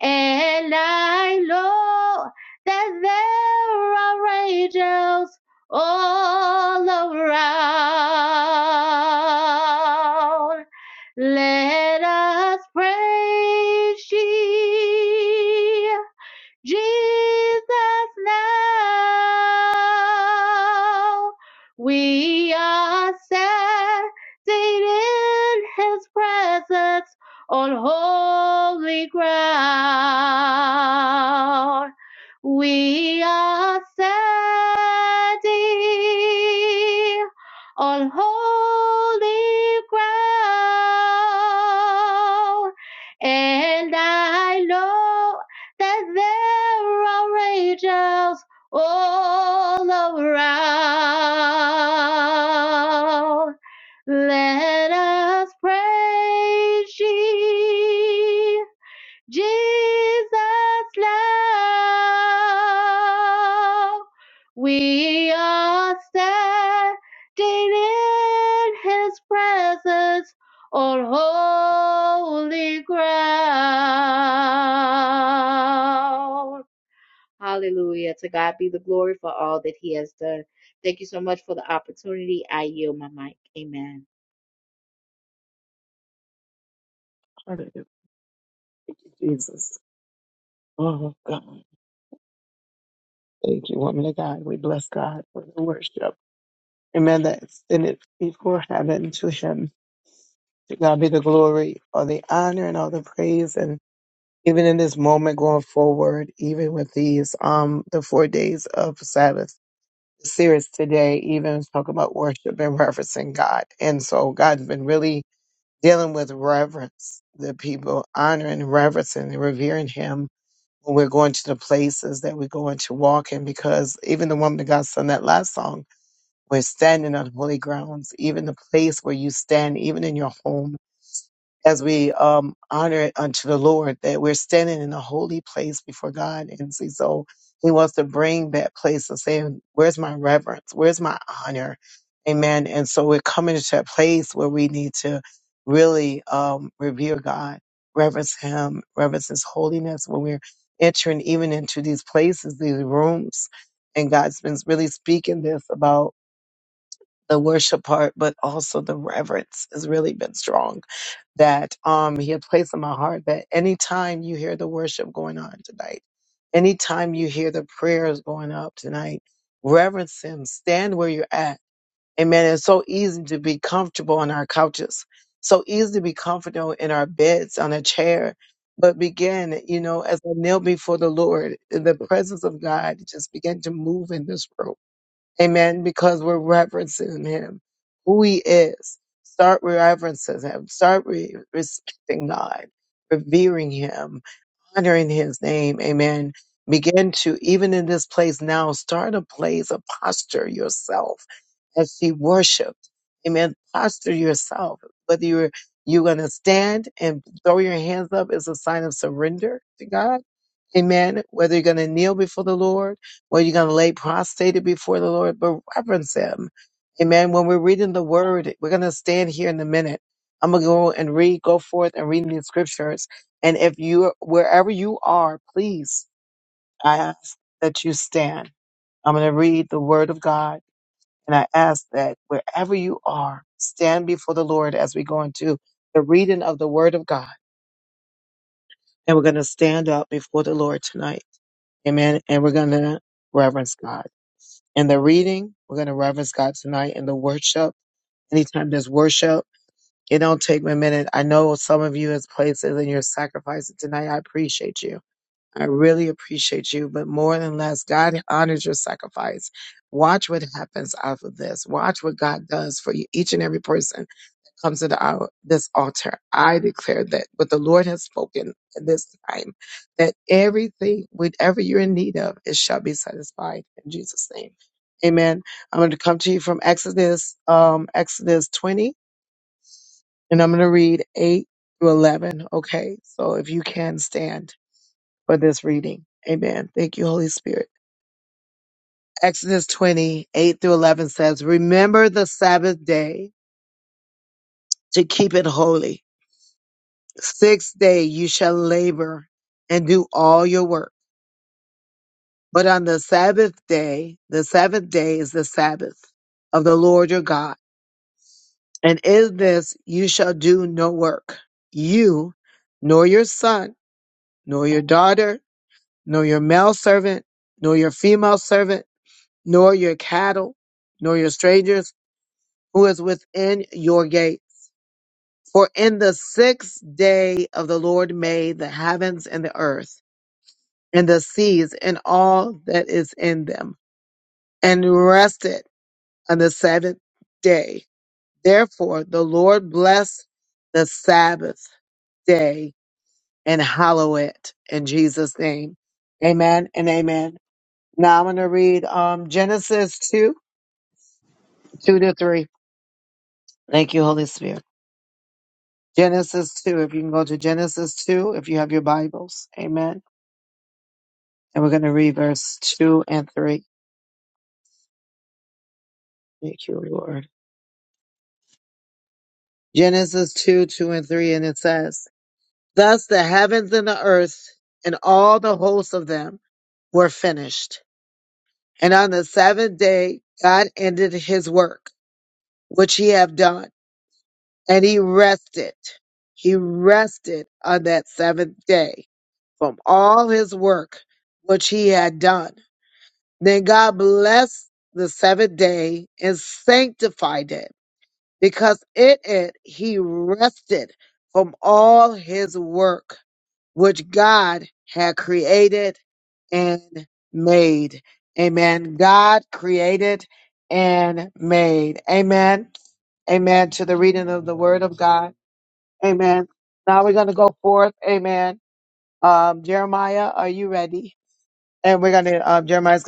Speaker 5: And I know that there are angels all around. Let us praise ye. Jesus now. We are set in his presence on holy ground. We are standing on holy ground, and I know that there are angels all around. Let us praise ye. Jesus love. We are standing in his presence on holy ground. Hallelujah. To God be the glory for all that he has done. Thank you so much for the opportunity. I yield my mic. Amen.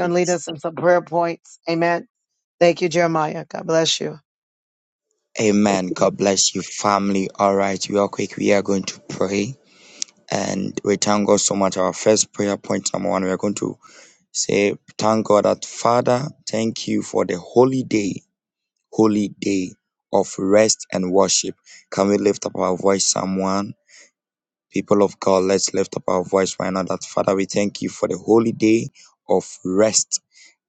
Speaker 3: Jesus. Amen. God bless you, family. All right, real quick, we are going to pray and we thank God so much. Our first prayer point, number one, we are going to say, Thank God that Father, thank you for the holy day, holy day of rest and worship. Can we lift up our voice, someone? People of God, let's lift up our voice right now that Father, we thank you for the holy day of rest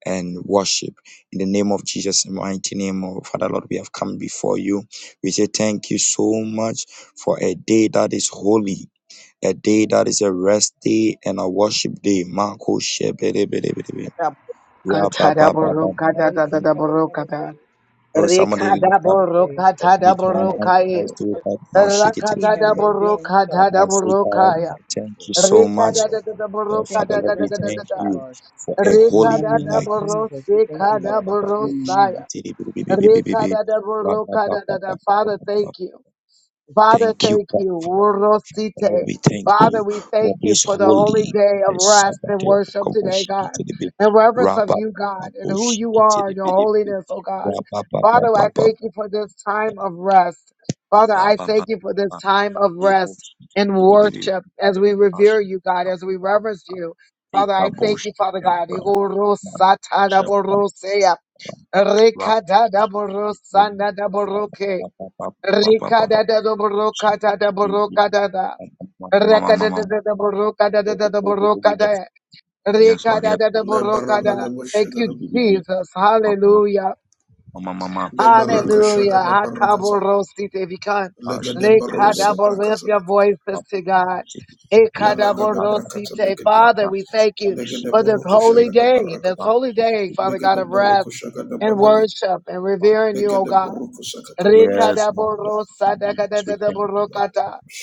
Speaker 3: and worship. In the name of Jesus, in the mighty name of Father Lord, we have come before you. We say thank you so much for a day that is holy. A day that is a rest day and a worship day. Marco Shebedebedebedebe. Rababababababa.
Speaker 6: Father, we thank you for the time of day
Speaker 3: Oh, somebody lift up
Speaker 6: as they
Speaker 3: and meet your
Speaker 6: started
Speaker 3: mind.
Speaker 6: to the
Speaker 3: Let's do it
Speaker 6: work
Speaker 3: right now. Shake it. to the
Speaker 6: he had
Speaker 3: bit.
Speaker 6: been doing
Speaker 3: And
Speaker 6: so
Speaker 3: I say, God,
Speaker 6: on this
Speaker 3: thank
Speaker 6: Sunday.
Speaker 3: you so
Speaker 6: We
Speaker 3: much
Speaker 6: worship.
Speaker 3: Uh,
Speaker 6: We thank
Speaker 3: Father
Speaker 6: you for
Speaker 3: Lord, we
Speaker 6: rest and
Speaker 3: thank
Speaker 6: worship,
Speaker 3: you
Speaker 6: Lord.
Speaker 3: for a
Speaker 6: In the
Speaker 3: holy
Speaker 6: mighty
Speaker 3: day
Speaker 6: name
Speaker 3: like
Speaker 6: of
Speaker 3: this.
Speaker 6: Jesus, we thank you, Lord. Amen.
Speaker 3: Thank you, God. Father Lord, we thank you for this holy and the Sabbath of Kaboshikitibi. Rabba Kaboshikitibi. Rabba Kaboshikitibi. Yes, yes, Lord, yes.
Speaker 2: La baraka da bashaka da
Speaker 3: Mama, mama,
Speaker 2: da
Speaker 3: baby,
Speaker 2: da baraka sa
Speaker 3: ah, shit, baby, papa, shit, baby, papa, papa, shit, baby, papa, shit,
Speaker 2: la
Speaker 3: baby, papa,
Speaker 2: la
Speaker 3: yes, Lord, sweet thing,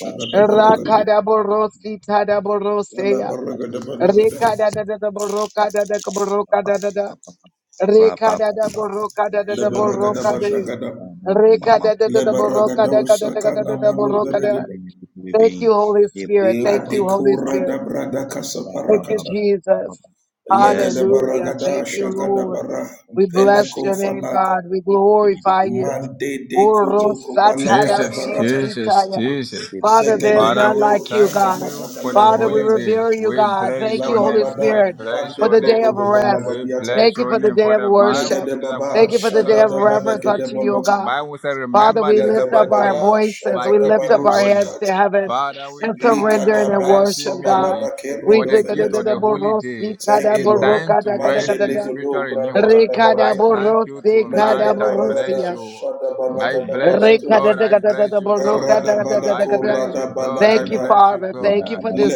Speaker 3: papa,
Speaker 2: da
Speaker 3: shit,
Speaker 2: baraka da la baraka da
Speaker 3: baby,
Speaker 2: baraka da la baraka da bashaka da la baraka da usaka na malo la dekora brada kasa barakata la
Speaker 3: Yes,
Speaker 2: gada
Speaker 3: Lord, I'm
Speaker 2: baraka da
Speaker 3: still trying
Speaker 2: shaka
Speaker 3: to
Speaker 2: da
Speaker 3: look at
Speaker 2: bara
Speaker 3: the first more
Speaker 2: pele
Speaker 3: shaky.
Speaker 2: fanata mande de koto ko balaka da
Speaker 4: Jesus.
Speaker 2: barata
Speaker 4: Jesus. Jesus. Father,
Speaker 2: zegedegede
Speaker 4: we thank
Speaker 2: shaka
Speaker 4: you
Speaker 2: bataka
Speaker 4: for
Speaker 2: la
Speaker 4: the holy
Speaker 2: gadiata
Speaker 4: day. We bless your
Speaker 2: La
Speaker 4: name. We
Speaker 2: babada
Speaker 4: bless
Speaker 2: mande
Speaker 4: your name.
Speaker 2: brogodo
Speaker 4: We
Speaker 2: balagadiata.
Speaker 4: bless your name. For the Bible
Speaker 2: Legede
Speaker 4: said, according
Speaker 2: baba
Speaker 4: to Exodus
Speaker 2: shadada
Speaker 4: 20, verse 8,
Speaker 2: balegede bolota.
Speaker 4: the Bible said, Remember the
Speaker 2: Legede
Speaker 4: Sabbath
Speaker 2: bara
Speaker 4: day by
Speaker 2: shagada
Speaker 4: keeping it
Speaker 2: barusa
Speaker 4: holy.
Speaker 2: kat.
Speaker 4: Father, we thank you for
Speaker 2: Likada ba
Speaker 4: blessing me
Speaker 2: sobalada kera
Speaker 4: for the gift of
Speaker 2: dovenete.
Speaker 4: the holy day,
Speaker 2: Thank
Speaker 4: a
Speaker 2: you, Lord.
Speaker 4: time to rest
Speaker 2: Mande
Speaker 4: and spiritual
Speaker 2: legodo brada
Speaker 4: renewal.
Speaker 2: kada
Speaker 4: I thank you tonight.
Speaker 2: Legede
Speaker 4: I bless
Speaker 2: baragada
Speaker 4: you.
Speaker 2: shada
Speaker 4: I
Speaker 2: balagada
Speaker 4: bless you,
Speaker 2: baratusha.
Speaker 4: God. I bless you, God.
Speaker 2: Arada
Speaker 4: I
Speaker 2: balako
Speaker 4: bless you,
Speaker 2: rada
Speaker 4: God. I
Speaker 3: Yes,
Speaker 2: balagada.
Speaker 4: bless you,
Speaker 3: In
Speaker 4: God.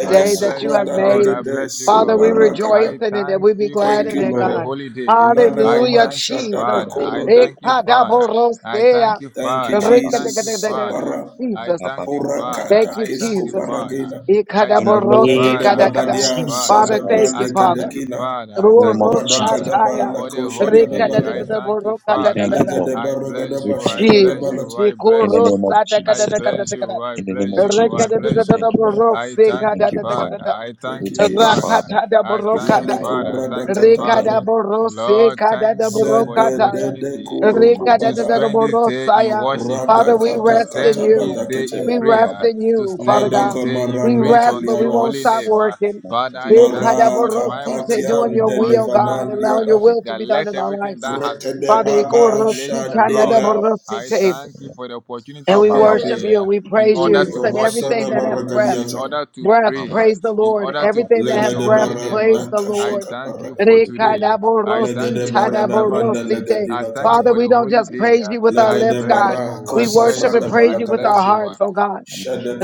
Speaker 4: I bless you,
Speaker 2: sobrada
Speaker 4: God. I
Speaker 2: legede
Speaker 4: bless you, God. I
Speaker 2: soparagada.
Speaker 4: thank you for the
Speaker 2: Thank you,
Speaker 4: gift of the
Speaker 2: Lord.
Speaker 4: holy day.
Speaker 2: Na na na
Speaker 4: I
Speaker 2: ma
Speaker 4: thank you,
Speaker 2: sha da
Speaker 4: Father. I
Speaker 2: korodo.
Speaker 4: thank you, Father. I thank you,
Speaker 2: Thank you,
Speaker 4: Father. I thank you,
Speaker 2: Jesus.
Speaker 4: Father.
Speaker 2: Sapara
Speaker 4: I thank you, Father.
Speaker 2: porakata
Speaker 4: I thank
Speaker 2: kesko
Speaker 4: you, Father.
Speaker 2: paragena.
Speaker 4: I thank you,
Speaker 3: name
Speaker 2: Lagada
Speaker 4: Father. I
Speaker 3: of
Speaker 4: thank you,
Speaker 2: babadia
Speaker 3: Jesus
Speaker 4: Father.
Speaker 2: sada
Speaker 4: I
Speaker 2: brande
Speaker 3: Christ,
Speaker 4: thank you,
Speaker 2: kadekina.
Speaker 4: Father. I
Speaker 3: in the name
Speaker 4: thank
Speaker 3: of
Speaker 4: you,
Speaker 3: Jesus
Speaker 4: Father,
Speaker 2: Radakada ba
Speaker 3: Christ,
Speaker 2: la
Speaker 4: for the
Speaker 2: kosha
Speaker 3: we
Speaker 4: holy
Speaker 2: gada
Speaker 3: thank
Speaker 4: day.
Speaker 3: you,
Speaker 4: I
Speaker 2: barada.
Speaker 3: Lord.
Speaker 4: thank you,
Speaker 3: We
Speaker 4: Father.
Speaker 3: thank you,
Speaker 2: Lagada
Speaker 3: Lord.
Speaker 4: I bless
Speaker 2: baragada
Speaker 3: We
Speaker 4: you. I
Speaker 3: thank
Speaker 2: basha
Speaker 3: you,
Speaker 2: gada
Speaker 3: Lord.
Speaker 4: bless
Speaker 2: balat.
Speaker 4: you. I
Speaker 3: In
Speaker 4: bless
Speaker 3: the
Speaker 4: you.
Speaker 3: name of
Speaker 4: I
Speaker 3: Jesus
Speaker 4: bless
Speaker 3: Christ,
Speaker 4: you. I
Speaker 3: in the name
Speaker 4: bless
Speaker 3: of
Speaker 4: you.
Speaker 3: Jesus
Speaker 4: I
Speaker 3: Christ, we
Speaker 4: bless
Speaker 3: thank
Speaker 4: you.
Speaker 3: you, Lord.
Speaker 4: I
Speaker 3: We
Speaker 4: thank
Speaker 3: thank
Speaker 4: you,
Speaker 3: you,
Speaker 4: Father.
Speaker 3: Father.
Speaker 4: I thank
Speaker 2: Thank
Speaker 3: We
Speaker 2: you,
Speaker 4: you,
Speaker 3: thank you,
Speaker 4: Father.
Speaker 3: Father.
Speaker 2: Jesus.
Speaker 4: I
Speaker 3: We
Speaker 4: thank you,
Speaker 3: thank you,
Speaker 2: Maleko
Speaker 4: Father. I
Speaker 3: Father.
Speaker 2: brada
Speaker 4: thank you,
Speaker 3: We thank
Speaker 4: Father.
Speaker 2: katabara.
Speaker 3: you, Father.
Speaker 4: Lord,
Speaker 3: Yes.
Speaker 4: thank you for the
Speaker 2: Zede de de
Speaker 4: opportunity
Speaker 2: koroko
Speaker 4: to
Speaker 2: bada.
Speaker 4: spend this day in worship, uh,
Speaker 2: Rada
Speaker 4: to
Speaker 2: kata Radakata
Speaker 4: spend this
Speaker 2: katabada
Speaker 4: day in
Speaker 2: kete.
Speaker 4: prayer, to spend this
Speaker 2: Madaka
Speaker 4: day in
Speaker 2: Maranda
Speaker 4: praise unto your holy
Speaker 2: Kaliadas.
Speaker 4: name. uh. Father, I thank you
Speaker 2: Lara
Speaker 4: for the Bible says Psalm
Speaker 2: Kapatian de
Speaker 4: 150 verse 6 uh,
Speaker 2: Levanandiana.
Speaker 4: that let everything that has
Speaker 2: Grete de
Speaker 4: breath. uh,
Speaker 2: Baba
Speaker 4: Bless the Lord.
Speaker 2: Shadela.
Speaker 4: I thank you for the opportunity of this day uh, in
Speaker 2: O
Speaker 4: order to worship
Speaker 2: Ramasada
Speaker 4: you, in
Speaker 2: Baragadiata.
Speaker 4: order to pray, uh, in order to praise
Speaker 2: Lega
Speaker 4: your
Speaker 2: de
Speaker 4: holy name. uh.
Speaker 2: Barada
Speaker 4: I
Speaker 2: Kashaka
Speaker 4: thank you
Speaker 2: Parada.
Speaker 4: for today. I
Speaker 2: Lega
Speaker 4: thank you
Speaker 2: de
Speaker 4: for the
Speaker 2: Barada
Speaker 4: Sabbath
Speaker 2: Branda
Speaker 4: day. I
Speaker 2: Legadina
Speaker 4: thank you
Speaker 2: Kata.
Speaker 4: for the holy day. uh. I
Speaker 2: Lega de
Speaker 4: bless
Speaker 2: Bara
Speaker 4: you. I bless
Speaker 2: Kosafrada
Speaker 4: you. I
Speaker 2: Balagada.
Speaker 4: bless you. uh.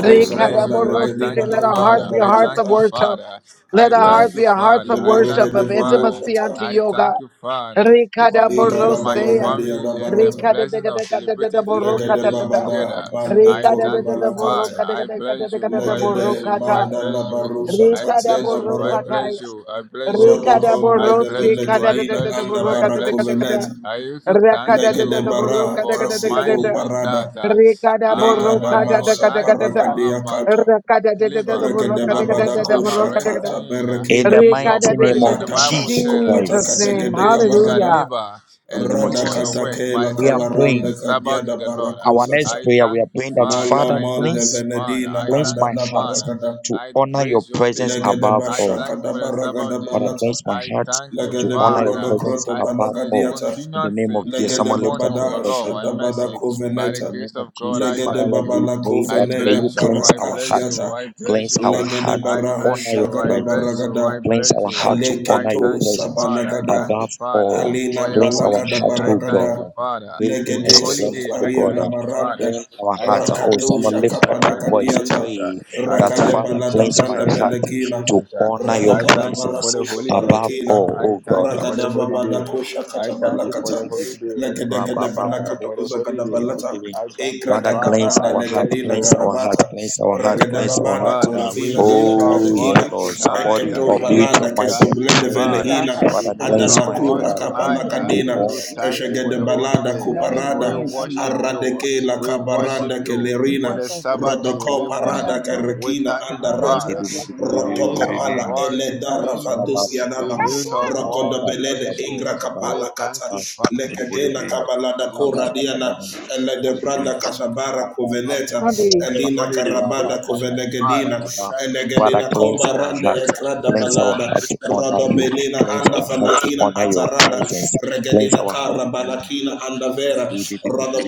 Speaker 4: I bless
Speaker 2: Sabranda
Speaker 4: you. I thank
Speaker 2: Legadina
Speaker 4: you, Father.
Speaker 2: Andarada
Speaker 4: I thank you,
Speaker 2: Valata. Balata.
Speaker 4: Father. I thank
Speaker 3: Yes.
Speaker 4: you, Father. I thank you,
Speaker 2: Leberegade Bolo
Speaker 4: Father.
Speaker 2: Shata.
Speaker 4: I thank you, Father. Forgive you,
Speaker 2: Egada
Speaker 4: my
Speaker 2: Baragade
Speaker 4: family, and the
Speaker 2: Barata.
Speaker 4: blessing of celebrating this holy
Speaker 2: Legede
Speaker 4: day
Speaker 2: babada
Speaker 4: together.
Speaker 2: mande
Speaker 4: I
Speaker 2: koru
Speaker 4: thank you,
Speaker 2: balakata.
Speaker 4: Father. I bless you. I bless
Speaker 2: Legede
Speaker 4: you. I
Speaker 2: manda la
Speaker 4: bless you.
Speaker 2: barusha
Speaker 4: I
Speaker 2: katia
Speaker 4: bless
Speaker 2: da
Speaker 4: you. I
Speaker 2: barada.
Speaker 4: bless you. I bless you.
Speaker 2: Rodokom
Speaker 4: I
Speaker 2: de
Speaker 4: bless you. I
Speaker 2: legedina
Speaker 4: bless
Speaker 2: anda
Speaker 4: you. I bless you.
Speaker 2: barakuveleta.
Speaker 4: I also thank
Speaker 2: Legede
Speaker 4: you
Speaker 2: bara
Speaker 4: for
Speaker 2: kaseko
Speaker 4: reminding me
Speaker 2: barada.
Speaker 4: that, uh, ah,
Speaker 2: Legada
Speaker 4: my God,
Speaker 2: masa
Speaker 4: life is not
Speaker 2: paragadia
Speaker 4: about
Speaker 2: kata.
Speaker 4: labor,
Speaker 2: Regede
Speaker 4: but
Speaker 2: babada
Speaker 4: also about
Speaker 2: kosha kata
Speaker 4: resting in, uh,
Speaker 3: In the
Speaker 2: berekina.
Speaker 4: in
Speaker 3: mighty
Speaker 4: your
Speaker 3: name of
Speaker 4: presence. The
Speaker 2: Lata
Speaker 4: Bible
Speaker 3: Jesus
Speaker 4: said
Speaker 2: kasko
Speaker 4: that
Speaker 2: pataka
Speaker 3: Christ.
Speaker 4: six
Speaker 2: degede
Speaker 4: days you shall
Speaker 2: gabarada.
Speaker 4: labor
Speaker 3: In the
Speaker 4: and
Speaker 3: name
Speaker 4: do
Speaker 3: of
Speaker 2: Rada
Speaker 4: all your
Speaker 3: Jesus.
Speaker 2: kata
Speaker 4: work, but
Speaker 2: kela
Speaker 4: the
Speaker 3: We are
Speaker 4: seventh day is
Speaker 3: praying.
Speaker 2: kavaranda
Speaker 4: the Sabbath to
Speaker 2: kadiada
Speaker 4: the Lord. Uh,
Speaker 3: Our
Speaker 2: barakosa
Speaker 3: next
Speaker 4: I
Speaker 3: prayer, we
Speaker 4: thank
Speaker 3: are
Speaker 4: you,
Speaker 3: praying that
Speaker 4: Father.
Speaker 3: Father,
Speaker 4: I thank
Speaker 2: Molomonde
Speaker 4: you,
Speaker 3: cleanse,
Speaker 4: Father.
Speaker 2: Venedina
Speaker 4: I
Speaker 3: cleanse
Speaker 4: thank
Speaker 2: anda
Speaker 3: my
Speaker 4: you,
Speaker 2: da
Speaker 3: heart
Speaker 4: Father.
Speaker 2: baragada.
Speaker 3: to
Speaker 4: I
Speaker 3: honor your
Speaker 4: praise your
Speaker 3: presence
Speaker 4: name. Uh,
Speaker 2: Legede
Speaker 3: above
Speaker 4: I
Speaker 3: all.
Speaker 4: thank
Speaker 2: bashaka
Speaker 4: you
Speaker 2: da
Speaker 4: for the Sabbath
Speaker 2: baragada
Speaker 3: Father,
Speaker 4: day.
Speaker 2: balata.
Speaker 3: cleanse my
Speaker 4: I
Speaker 3: heart
Speaker 4: thank you,
Speaker 3: to
Speaker 2: Legede
Speaker 3: honor your
Speaker 2: brodo
Speaker 4: Father.
Speaker 3: presence
Speaker 2: croto
Speaker 4: I
Speaker 3: above
Speaker 4: see
Speaker 3: all.
Speaker 2: balagadiata.
Speaker 3: In the
Speaker 4: continuous
Speaker 3: name
Speaker 4: uh,
Speaker 3: of Jesus.
Speaker 2: Legede
Speaker 3: Someone lift
Speaker 4: testimony
Speaker 3: up
Speaker 4: of
Speaker 3: your
Speaker 4: your
Speaker 2: babada
Speaker 3: voice.
Speaker 4: love
Speaker 3: Lift up
Speaker 4: and
Speaker 2: shada bada
Speaker 3: your
Speaker 4: mercy.
Speaker 3: voice.
Speaker 4: By the
Speaker 2: koveneta.
Speaker 3: In the name
Speaker 4: grace
Speaker 3: of
Speaker 4: of God,
Speaker 3: Jesus,
Speaker 4: I
Speaker 3: Father
Speaker 2: Legede
Speaker 4: thank
Speaker 3: Lord,
Speaker 4: you.
Speaker 3: we
Speaker 2: babala
Speaker 3: pray
Speaker 4: I
Speaker 3: that may you
Speaker 2: koveneda
Speaker 4: bless you,
Speaker 3: cleanse
Speaker 4: I
Speaker 3: our
Speaker 4: bless
Speaker 3: heart,
Speaker 4: you,
Speaker 2: barakasiata.
Speaker 4: I bless
Speaker 3: cleanse
Speaker 4: you.
Speaker 3: our
Speaker 4: uh,
Speaker 2: Legede
Speaker 3: heart to
Speaker 4: I
Speaker 2: bara
Speaker 4: bless
Speaker 3: honor your
Speaker 4: you, I
Speaker 2: shagada
Speaker 4: bless
Speaker 3: presence,
Speaker 4: you, I
Speaker 2: baragada.
Speaker 3: cleanse
Speaker 4: bless
Speaker 3: our
Speaker 4: you. uh,
Speaker 3: heart to
Speaker 4: I
Speaker 3: honor your
Speaker 2: Aleketo
Speaker 4: thank you,
Speaker 3: presence
Speaker 4: Father. I
Speaker 2: sabalagada.
Speaker 4: thank you,
Speaker 3: above
Speaker 4: Father,
Speaker 3: all,
Speaker 4: for
Speaker 2: Alina
Speaker 4: your
Speaker 3: cleanse
Speaker 4: holy
Speaker 3: our
Speaker 2: balagada
Speaker 3: heart,
Speaker 4: day. I
Speaker 3: oh
Speaker 4: thank
Speaker 3: God,
Speaker 2: baragada.
Speaker 4: you, Father,
Speaker 3: creating
Speaker 4: for your
Speaker 3: us
Speaker 2: Legede
Speaker 3: a
Speaker 4: holy
Speaker 3: clean heart,
Speaker 4: day.
Speaker 3: oh
Speaker 4: I
Speaker 2: sufaria
Speaker 3: God.
Speaker 4: thank you, Father.
Speaker 2: namaranda.
Speaker 3: Clean our
Speaker 4: I
Speaker 3: heart.
Speaker 4: thank
Speaker 3: Oh,
Speaker 4: you,
Speaker 2: Rakato
Speaker 3: someone
Speaker 4: Jesus.
Speaker 3: lift
Speaker 4: I
Speaker 3: up your
Speaker 4: thank you,
Speaker 3: voice.
Speaker 2: shakabalagadiata.
Speaker 4: Jesus. uh,
Speaker 3: Pray
Speaker 4: I
Speaker 3: that
Speaker 2: Rakade
Speaker 4: thank
Speaker 3: Father
Speaker 4: you,
Speaker 2: balada
Speaker 3: cleanse
Speaker 4: Jesus.
Speaker 3: my
Speaker 2: branda
Speaker 4: I
Speaker 3: heart
Speaker 4: thank you,
Speaker 2: belekina.
Speaker 3: to
Speaker 4: Jesus. uh,
Speaker 3: honor your
Speaker 4: I
Speaker 2: Radabada
Speaker 4: thank you for
Speaker 3: presence
Speaker 4: the
Speaker 2: barakoso
Speaker 4: holy day.
Speaker 3: above
Speaker 2: barakina.
Speaker 4: I
Speaker 3: all, oh
Speaker 4: thank you for the
Speaker 2: Ragada
Speaker 4: holy
Speaker 3: God.
Speaker 2: babada
Speaker 4: day.
Speaker 2: kosha
Speaker 4: I
Speaker 2: kata
Speaker 4: thank you for
Speaker 2: balakata
Speaker 4: the holy day.
Speaker 2: legede gede
Speaker 4: I thank you
Speaker 2: balakata
Speaker 4: for the
Speaker 2: koza
Speaker 4: holy
Speaker 2: gada
Speaker 4: day.
Speaker 2: balata
Speaker 4: I thank you,
Speaker 2: ekra
Speaker 3: Father,
Speaker 2: gada
Speaker 4: Father.
Speaker 3: cleanse
Speaker 2: banda
Speaker 4: I
Speaker 3: our heart,
Speaker 4: bless
Speaker 2: legedina
Speaker 3: cleanse
Speaker 4: you.
Speaker 3: our heart,
Speaker 2: garabata
Speaker 3: cleanse our heart,
Speaker 4: I
Speaker 2: ragada
Speaker 4: thank
Speaker 3: cleanse
Speaker 4: you,
Speaker 3: our
Speaker 2: babada
Speaker 3: heart.
Speaker 4: Father. We
Speaker 2: koravina anda
Speaker 4: lift our
Speaker 3: Oh, yes,
Speaker 2: kradekina
Speaker 4: voice
Speaker 3: Lord.
Speaker 4: tonight
Speaker 3: Somebody
Speaker 4: uh,
Speaker 6: Yes,
Speaker 2: eketo
Speaker 6: Father,
Speaker 3: unmute
Speaker 4: and
Speaker 3: your
Speaker 4: to
Speaker 2: balada
Speaker 3: mic
Speaker 2: keso
Speaker 3: and
Speaker 4: thank you,
Speaker 2: blende
Speaker 3: pray.
Speaker 6: cleanse
Speaker 4: Father.
Speaker 6: our
Speaker 2: veleina
Speaker 6: heart.
Speaker 4: We
Speaker 3: Father,
Speaker 4: lift
Speaker 6: Forgive
Speaker 3: cleanse
Speaker 6: us
Speaker 4: our
Speaker 2: adala
Speaker 6: of
Speaker 3: my
Speaker 4: voice
Speaker 2: kura
Speaker 6: any
Speaker 3: heart
Speaker 6: sins
Speaker 4: tonight
Speaker 2: kapala
Speaker 6: or
Speaker 4: uh,
Speaker 3: to
Speaker 2: kadena
Speaker 6: iniquity
Speaker 3: all
Speaker 4: to
Speaker 6: that
Speaker 3: my
Speaker 6: we may
Speaker 4: thank
Speaker 6: have
Speaker 4: you
Speaker 3: people,
Speaker 4: for
Speaker 2: eshegede
Speaker 4: the
Speaker 3: God.
Speaker 6: committed
Speaker 4: holy
Speaker 2: balada
Speaker 4: day. We
Speaker 6: knowingly
Speaker 2: kuparada
Speaker 6: and
Speaker 4: worship
Speaker 6: unknowingly.
Speaker 4: you.
Speaker 2: aradeke la
Speaker 4: We worship
Speaker 2: kabaranda
Speaker 4: you. For
Speaker 2: kelerina
Speaker 6: Refresh
Speaker 4: the
Speaker 6: us,
Speaker 4: Sabbath
Speaker 6: Lord.
Speaker 4: day,
Speaker 2: rodoko
Speaker 4: we
Speaker 6: Cleanse our
Speaker 4: worship
Speaker 2: parada
Speaker 4: you.
Speaker 6: heart
Speaker 4: We
Speaker 2: kerekina
Speaker 4: thank
Speaker 6: to
Speaker 4: you,
Speaker 2: anda
Speaker 6: honor
Speaker 2: rata
Speaker 6: your
Speaker 4: Father.
Speaker 6: presence
Speaker 4: We
Speaker 6: above
Speaker 4: lift
Speaker 2: rotoko
Speaker 6: all,
Speaker 4: our
Speaker 6: Lord,
Speaker 2: pala
Speaker 4: voice to
Speaker 6: in
Speaker 2: ele dara
Speaker 6: everything
Speaker 4: praise
Speaker 6: that we
Speaker 4: you.
Speaker 2: vadusi
Speaker 6: do.
Speaker 4: We
Speaker 2: Yanama,
Speaker 4: lift
Speaker 6: Amen.
Speaker 4: our
Speaker 6: Amen.
Speaker 4: voice
Speaker 2: Rokodo
Speaker 4: to
Speaker 6: Amen.
Speaker 2: Belede,
Speaker 4: praise you.
Speaker 2: Ingra
Speaker 4: We
Speaker 2: Kapala
Speaker 4: thank
Speaker 2: Kata,
Speaker 4: you, Father. We
Speaker 2: Lekatela Kabalada
Speaker 4: bless you.
Speaker 2: Kora
Speaker 4: We
Speaker 2: Diana,
Speaker 4: bless
Speaker 2: Ele
Speaker 4: you.
Speaker 2: de
Speaker 3: Ah,
Speaker 2: Branda
Speaker 3: Father,
Speaker 2: Kasabara Coveneta,
Speaker 6: Come on, Beauty.
Speaker 4: Hey,
Speaker 2: Elina
Speaker 4: what it is? We,
Speaker 2: Karabada
Speaker 4: all right,
Speaker 2: Covenegedina,
Speaker 4: we thank you, Jesus.
Speaker 2: Elegedina
Speaker 3: cleanse
Speaker 2: Comba
Speaker 3: our
Speaker 2: Rande
Speaker 4: We
Speaker 3: heart.
Speaker 4: thank you,
Speaker 2: Ekrada
Speaker 4: Jesus.
Speaker 3: Cleanse our
Speaker 2: Balada,
Speaker 3: heart
Speaker 4: We
Speaker 3: to
Speaker 4: thank you,
Speaker 3: honor
Speaker 2: Rodo
Speaker 3: you. Cleanse
Speaker 2: Anda
Speaker 3: our heart to
Speaker 2: Falakina
Speaker 3: honor your
Speaker 2: Atarada,
Speaker 3: presence.
Speaker 4: Jesus.
Speaker 3: Cleanse
Speaker 4: Jesus.
Speaker 2: Regedina
Speaker 3: our heart
Speaker 2: Kara
Speaker 3: to honor
Speaker 2: Balakina Anda Vera,
Speaker 3: you.
Speaker 2: Rodo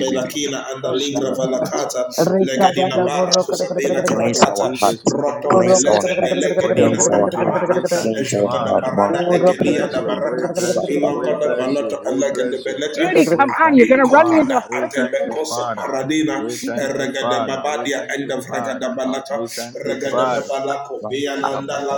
Speaker 2: Anda
Speaker 4: We
Speaker 2: Lingra
Speaker 4: thank you,
Speaker 2: Valakara
Speaker 4: Jesus. We
Speaker 2: karakata
Speaker 4: thank you, Jesus.
Speaker 2: legedina
Speaker 4: We
Speaker 2: bara kusabina
Speaker 4: thank
Speaker 3: Cleanse our heart. Cleanse
Speaker 4: you,
Speaker 3: our
Speaker 2: karakata
Speaker 3: heart.
Speaker 4: Jesus. We thank
Speaker 2: roto
Speaker 4: you,
Speaker 3: Cleanse
Speaker 4: Jesus.
Speaker 3: our
Speaker 2: pelete
Speaker 3: heart.
Speaker 4: For the
Speaker 2: elegedina
Speaker 4: holy day,
Speaker 2: atarada
Speaker 4: we thank you,
Speaker 3: Cleanse our
Speaker 2: ejogoda
Speaker 4: Father.
Speaker 3: heart.
Speaker 2: barada
Speaker 4: We
Speaker 2: ekelia
Speaker 4: bless
Speaker 2: da
Speaker 4: you. We
Speaker 2: baraka
Speaker 4: bless you. We
Speaker 2: ilogoda
Speaker 4: bless you.
Speaker 2: baloto
Speaker 4: We
Speaker 2: elegede
Speaker 4: bless you.
Speaker 2: belete
Speaker 6: Beauty, come
Speaker 4: We
Speaker 6: on.
Speaker 4: thank
Speaker 6: You're
Speaker 4: you,
Speaker 6: going to run me into
Speaker 2: ikopada
Speaker 4: Father.
Speaker 6: the
Speaker 4: We
Speaker 6: freaking
Speaker 4: thank you,
Speaker 6: curb.
Speaker 2: atebekoso
Speaker 4: Father.
Speaker 2: paradina
Speaker 4: We
Speaker 6: Jeez.
Speaker 4: thank you,
Speaker 2: regede
Speaker 4: Father. We
Speaker 2: babadia
Speaker 4: thank you,
Speaker 2: enda regede
Speaker 4: Father.
Speaker 2: balata
Speaker 4: We thank you,
Speaker 2: regede
Speaker 4: Father.
Speaker 2: babalako biananda la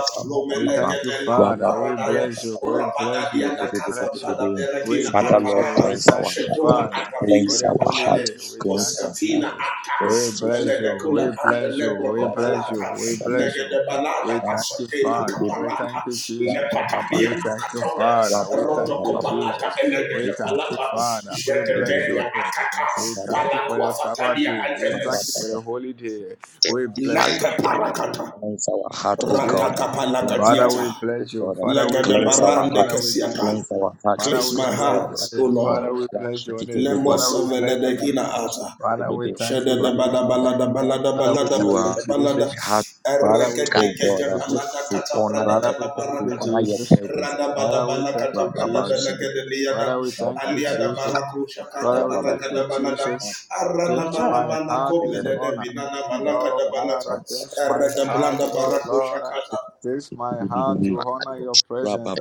Speaker 4: We thank you,
Speaker 2: lumelekete la
Speaker 4: Father. We
Speaker 2: kubaradaya
Speaker 4: bless
Speaker 3: March.
Speaker 4: you. We
Speaker 2: Rapada
Speaker 4: bless you.
Speaker 2: diana
Speaker 4: We
Speaker 2: casa
Speaker 4: bless you.
Speaker 2: blada
Speaker 4: We
Speaker 2: berakina
Speaker 3: Father,
Speaker 4: bless
Speaker 3: Lord,
Speaker 4: you.
Speaker 2: aparada
Speaker 4: We
Speaker 3: cleanse
Speaker 4: thank
Speaker 3: our
Speaker 4: you,
Speaker 3: heart,
Speaker 2: shetora
Speaker 4: Father, for
Speaker 3: cleanse
Speaker 2: atamigra
Speaker 4: the
Speaker 3: our
Speaker 4: holy
Speaker 3: heart,
Speaker 2: patale
Speaker 4: day. We
Speaker 3: cleanse
Speaker 4: thank you,
Speaker 3: our
Speaker 2: poscatina
Speaker 3: heart.
Speaker 4: Jesus.
Speaker 2: atas
Speaker 4: We
Speaker 3: Cleanse it with
Speaker 4: bless
Speaker 3: the-
Speaker 4: you. We
Speaker 2: pelegecula
Speaker 3: with the-
Speaker 2: and the
Speaker 4: bless you.
Speaker 2: lebro
Speaker 4: We
Speaker 3: yeah, ba-
Speaker 4: bless
Speaker 3: ba-
Speaker 4: you.
Speaker 2: copalata
Speaker 4: We bless
Speaker 2: legede
Speaker 4: you.
Speaker 2: balada
Speaker 4: We thank you,
Speaker 3: with
Speaker 2: asatela
Speaker 3: the- with
Speaker 4: Father.
Speaker 3: the-
Speaker 4: We
Speaker 2: caparata
Speaker 3: the-
Speaker 4: thank you,
Speaker 3: yeah,
Speaker 4: Jesus.
Speaker 3: ba- ba- ba-
Speaker 2: lepatalia
Speaker 4: We
Speaker 3: ba-
Speaker 4: thank you,
Speaker 2: acatore
Speaker 3: yeah,
Speaker 4: Father. We
Speaker 3: ba- ba-
Speaker 4: thank
Speaker 3: ba-
Speaker 4: you,
Speaker 3: ba- ba-
Speaker 2: rotocopalata
Speaker 4: Jesus. We
Speaker 2: elegede
Speaker 3: With
Speaker 4: thank you,
Speaker 2: palata
Speaker 3: oh,
Speaker 4: Father. We
Speaker 3: the- blood
Speaker 4: bless your
Speaker 2: jetetelia
Speaker 4: name.
Speaker 2: atata
Speaker 4: We
Speaker 3: of the Lamb.
Speaker 4: thank you for
Speaker 2: palacua
Speaker 4: the Sabbath
Speaker 2: fatania
Speaker 4: day. We
Speaker 3: Wash it with the- blood of the- yeah, ba-
Speaker 2: antenes
Speaker 4: thank you for the holy day. We bless you.
Speaker 2: lepe
Speaker 7: Alika
Speaker 2: paracata
Speaker 3: Cleanse our heart, O God.
Speaker 4: Jesus.
Speaker 3: Cleanse our
Speaker 4: Father,
Speaker 3: heart,
Speaker 2: ratakapalagadiata
Speaker 4: we
Speaker 3: O
Speaker 4: bless you.
Speaker 3: God.
Speaker 4: Father, we
Speaker 2: legede
Speaker 4: bless
Speaker 3: Cleanse
Speaker 4: you.
Speaker 3: our
Speaker 2: barande
Speaker 3: heart.
Speaker 4: Father, we thank
Speaker 2: kesiata
Speaker 4: you.
Speaker 3: Cleanse our heart.
Speaker 4: Father,
Speaker 2: Cleanse
Speaker 4: we
Speaker 2: my
Speaker 3: Cleanse
Speaker 4: bless
Speaker 3: our
Speaker 4: your
Speaker 3: heart.
Speaker 2: hands, O
Speaker 4: name.
Speaker 3: O God.
Speaker 4: Father,
Speaker 2: Lord.
Speaker 4: we bless your name.
Speaker 3: Rashikitiribibi.
Speaker 2: Lemos
Speaker 4: Father,
Speaker 2: of
Speaker 4: we bless your name.
Speaker 2: Venedegina
Speaker 3: Rapapapa.
Speaker 2: Ata.
Speaker 4: Father, we
Speaker 3: Shikitiribibi.
Speaker 4: thank
Speaker 2: Shada
Speaker 4: you,
Speaker 2: da bala
Speaker 4: Jesus.
Speaker 2: bala da
Speaker 3: Rapapapapa.
Speaker 2: bala da
Speaker 4: Father, we
Speaker 2: bala da
Speaker 3: You
Speaker 4: thank
Speaker 2: bala
Speaker 4: you,
Speaker 3: are
Speaker 2: da bala da.
Speaker 4: Jesus.
Speaker 3: my heart,
Speaker 4: Father, we
Speaker 2: Ereke de
Speaker 3: O
Speaker 4: thank you,
Speaker 2: kete
Speaker 3: God,
Speaker 4: Jesus.
Speaker 2: bala da
Speaker 3: to
Speaker 2: kata
Speaker 3: honor
Speaker 2: brada
Speaker 4: Father,
Speaker 3: you,
Speaker 2: kata
Speaker 4: we
Speaker 2: bara
Speaker 4: thank
Speaker 3: to
Speaker 4: you,
Speaker 2: kata.
Speaker 3: honor your
Speaker 4: Jesus.
Speaker 3: presence.
Speaker 2: Rada bada
Speaker 4: Father, we
Speaker 2: bala
Speaker 4: thank you,
Speaker 2: kata brada
Speaker 3: Rapapa.
Speaker 4: Jesus.
Speaker 2: bela
Speaker 3: Shikitiribibi.
Speaker 2: gede liada.
Speaker 4: Father, we thank you,
Speaker 2: Aliada
Speaker 3: Rapapapapa.
Speaker 4: Jesus.
Speaker 2: baraku shakada
Speaker 4: Father, we
Speaker 3: Rapapapapa.
Speaker 4: thank
Speaker 2: baraka
Speaker 4: you,
Speaker 2: da bala da.
Speaker 4: Jesus.
Speaker 2: Arana
Speaker 4: Cleanse
Speaker 3: Rapapapapa.
Speaker 6: What?
Speaker 2: mama
Speaker 4: my
Speaker 2: mana
Speaker 4: heart
Speaker 2: kome
Speaker 4: with
Speaker 2: de de
Speaker 4: honor.
Speaker 2: minana
Speaker 6: Huh.
Speaker 2: bala
Speaker 4: Oh
Speaker 2: kata bala ta.
Speaker 4: Father, cleanse my
Speaker 2: Erada
Speaker 4: heart,
Speaker 2: blanda
Speaker 4: oh
Speaker 2: baraku
Speaker 4: Lord.
Speaker 2: shakata.
Speaker 4: Cleanse my
Speaker 3: Shikitiribibi.
Speaker 4: heart to honor your presence.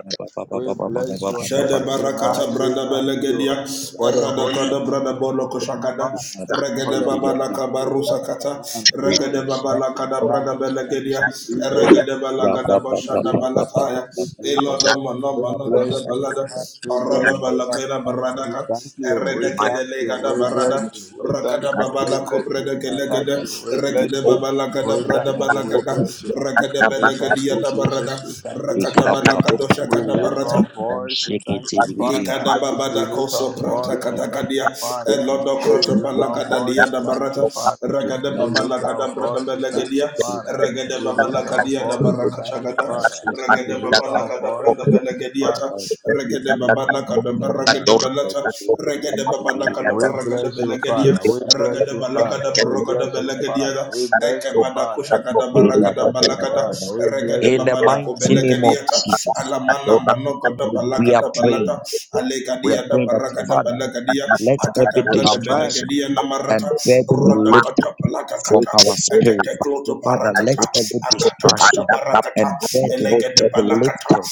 Speaker 4: We bless your
Speaker 2: Shada
Speaker 4: name tonight.
Speaker 2: barakata
Speaker 4: We
Speaker 2: branda
Speaker 4: thank you
Speaker 2: belegedia
Speaker 4: for the holy
Speaker 2: erada
Speaker 4: Spirit.
Speaker 2: kada branda
Speaker 4: We
Speaker 2: bolo
Speaker 4: thank you,
Speaker 2: koshakada
Speaker 4: Father, for
Speaker 2: regede
Speaker 4: your
Speaker 2: baba la
Speaker 4: presence. We thank
Speaker 2: kabarusa
Speaker 4: you,
Speaker 2: kata
Speaker 4: Father.
Speaker 7: Vishnu
Speaker 2: regede
Speaker 4: We
Speaker 2: baba
Speaker 4: thank
Speaker 2: la
Speaker 4: you,
Speaker 2: kada
Speaker 4: Father.
Speaker 2: branda belegedia
Speaker 4: We thank you, Jesus.
Speaker 2: regede bala
Speaker 4: We
Speaker 2: kada
Speaker 4: thank you,
Speaker 2: bashada
Speaker 4: Jesus. We
Speaker 2: balataya
Speaker 4: thank you, Jesus.
Speaker 2: eloda
Speaker 7: Jatu
Speaker 2: mano
Speaker 4: We
Speaker 2: mano kada
Speaker 4: bless you tonight.
Speaker 2: balada
Speaker 4: We
Speaker 2: arada
Speaker 4: bless you,
Speaker 2: bala
Speaker 4: Father.
Speaker 2: kada barada
Speaker 4: We
Speaker 2: ka
Speaker 4: thank you. We
Speaker 2: erede kede
Speaker 4: thank
Speaker 2: le
Speaker 4: you.
Speaker 2: kada
Speaker 4: We
Speaker 2: barada
Speaker 4: bless you. We thank
Speaker 2: rakada
Speaker 4: you.
Speaker 2: baba
Speaker 4: We
Speaker 2: la
Speaker 4: bless you.
Speaker 2: kubrede
Speaker 4: We thank
Speaker 2: kelegede
Speaker 4: you. We bless
Speaker 2: regede
Speaker 4: you.
Speaker 2: baba la kada
Speaker 4: We thank
Speaker 2: branda
Speaker 4: you. We
Speaker 2: balagada
Speaker 4: bless you.
Speaker 2: regede
Speaker 4: We thank
Speaker 2: belegedia
Speaker 4: you,
Speaker 2: da
Speaker 4: Jesus.
Speaker 2: barada
Speaker 4: We thank you,
Speaker 2: rakada
Speaker 4: Jesus.
Speaker 2: bala kadosha
Speaker 4: We
Speaker 2: kada shakada
Speaker 4: lift
Speaker 2: barata
Speaker 4: our voice. We
Speaker 3: Shake
Speaker 4: thank
Speaker 3: it,
Speaker 4: you, Father.
Speaker 2: Likada
Speaker 4: We
Speaker 2: babada
Speaker 4: lift
Speaker 2: koso
Speaker 4: our
Speaker 2: pranta
Speaker 4: voice. We thank
Speaker 2: katakadia
Speaker 4: you, Father.
Speaker 2: elodo
Speaker 4: We
Speaker 2: kroto
Speaker 4: lift our
Speaker 2: balagada
Speaker 4: voice.
Speaker 2: dia
Speaker 4: We
Speaker 2: da
Speaker 4: thank you,
Speaker 2: barata
Speaker 4: Father.
Speaker 3: Die
Speaker 2: ragada
Speaker 4: We
Speaker 3: Mama
Speaker 4: lift
Speaker 2: babala
Speaker 3: Pasta,
Speaker 4: our
Speaker 2: kada brada
Speaker 4: voice. We thank you,
Speaker 2: belegedia
Speaker 3: die
Speaker 4: Father.
Speaker 3: Pasta,
Speaker 2: regada
Speaker 4: We
Speaker 2: babala
Speaker 4: lift
Speaker 3: Papa,
Speaker 4: our
Speaker 2: kadia da
Speaker 4: voice. We
Speaker 2: baraka
Speaker 4: thank
Speaker 3: Papa,
Speaker 4: you,
Speaker 2: chagada
Speaker 3: Papa,
Speaker 4: Father.
Speaker 3: Schnitt,
Speaker 4: We
Speaker 2: regada
Speaker 4: lift
Speaker 7: Adikato
Speaker 3: Papa,
Speaker 2: babala
Speaker 4: our
Speaker 2: kada
Speaker 4: voice. We
Speaker 2: brada
Speaker 4: thank you,
Speaker 2: belegedia
Speaker 4: Father.
Speaker 2: ta
Speaker 3: Papa,
Speaker 2: regada
Speaker 3: die
Speaker 7: Adikato
Speaker 2: babala
Speaker 3: Papa,
Speaker 2: kada
Speaker 3: der
Speaker 2: baragada balata regada babala kada
Speaker 4: We
Speaker 2: baragada
Speaker 4: bless you,
Speaker 2: belegedia
Speaker 4: Father.
Speaker 7: Adikato
Speaker 4: We bless
Speaker 2: regada
Speaker 4: you, Father.
Speaker 2: balagada
Speaker 4: We
Speaker 2: barogada
Speaker 4: bless you,
Speaker 2: belegedia
Speaker 4: Father.
Speaker 2: da
Speaker 4: We bless
Speaker 2: eke
Speaker 4: you,
Speaker 2: bada
Speaker 4: Father.
Speaker 2: kusha kada
Speaker 4: We
Speaker 2: baragada
Speaker 4: bless you,
Speaker 2: balakada
Speaker 4: Father.
Speaker 3: Papa,
Speaker 4: We bless
Speaker 2: regada
Speaker 3: In
Speaker 4: you,
Speaker 3: the
Speaker 2: babada
Speaker 4: Father.
Speaker 2: ko
Speaker 3: mighty
Speaker 4: We
Speaker 3: name
Speaker 4: bless.
Speaker 3: of
Speaker 2: belegedia ta
Speaker 3: Jesus,
Speaker 2: alamana manoko da
Speaker 3: we are
Speaker 2: balakada balata
Speaker 3: praying. We are
Speaker 2: Alegadia da
Speaker 3: praying that
Speaker 2: Baragada
Speaker 3: Father.
Speaker 2: Balagadia,
Speaker 3: Let every
Speaker 2: Akata Blada
Speaker 4: Amen.
Speaker 3: distraction
Speaker 2: Benegadia
Speaker 3: and
Speaker 2: Namarata,
Speaker 3: burden be lifted
Speaker 2: Radakata
Speaker 7: I
Speaker 3: from
Speaker 2: Blakakata.
Speaker 3: our spirit.
Speaker 2: Ekedekloto
Speaker 3: Father, let
Speaker 2: barakata.
Speaker 3: every
Speaker 2: Akatakata
Speaker 3: distraction
Speaker 2: barakata.
Speaker 3: and burden
Speaker 2: Elegede
Speaker 3: be
Speaker 2: balakata.
Speaker 3: lifted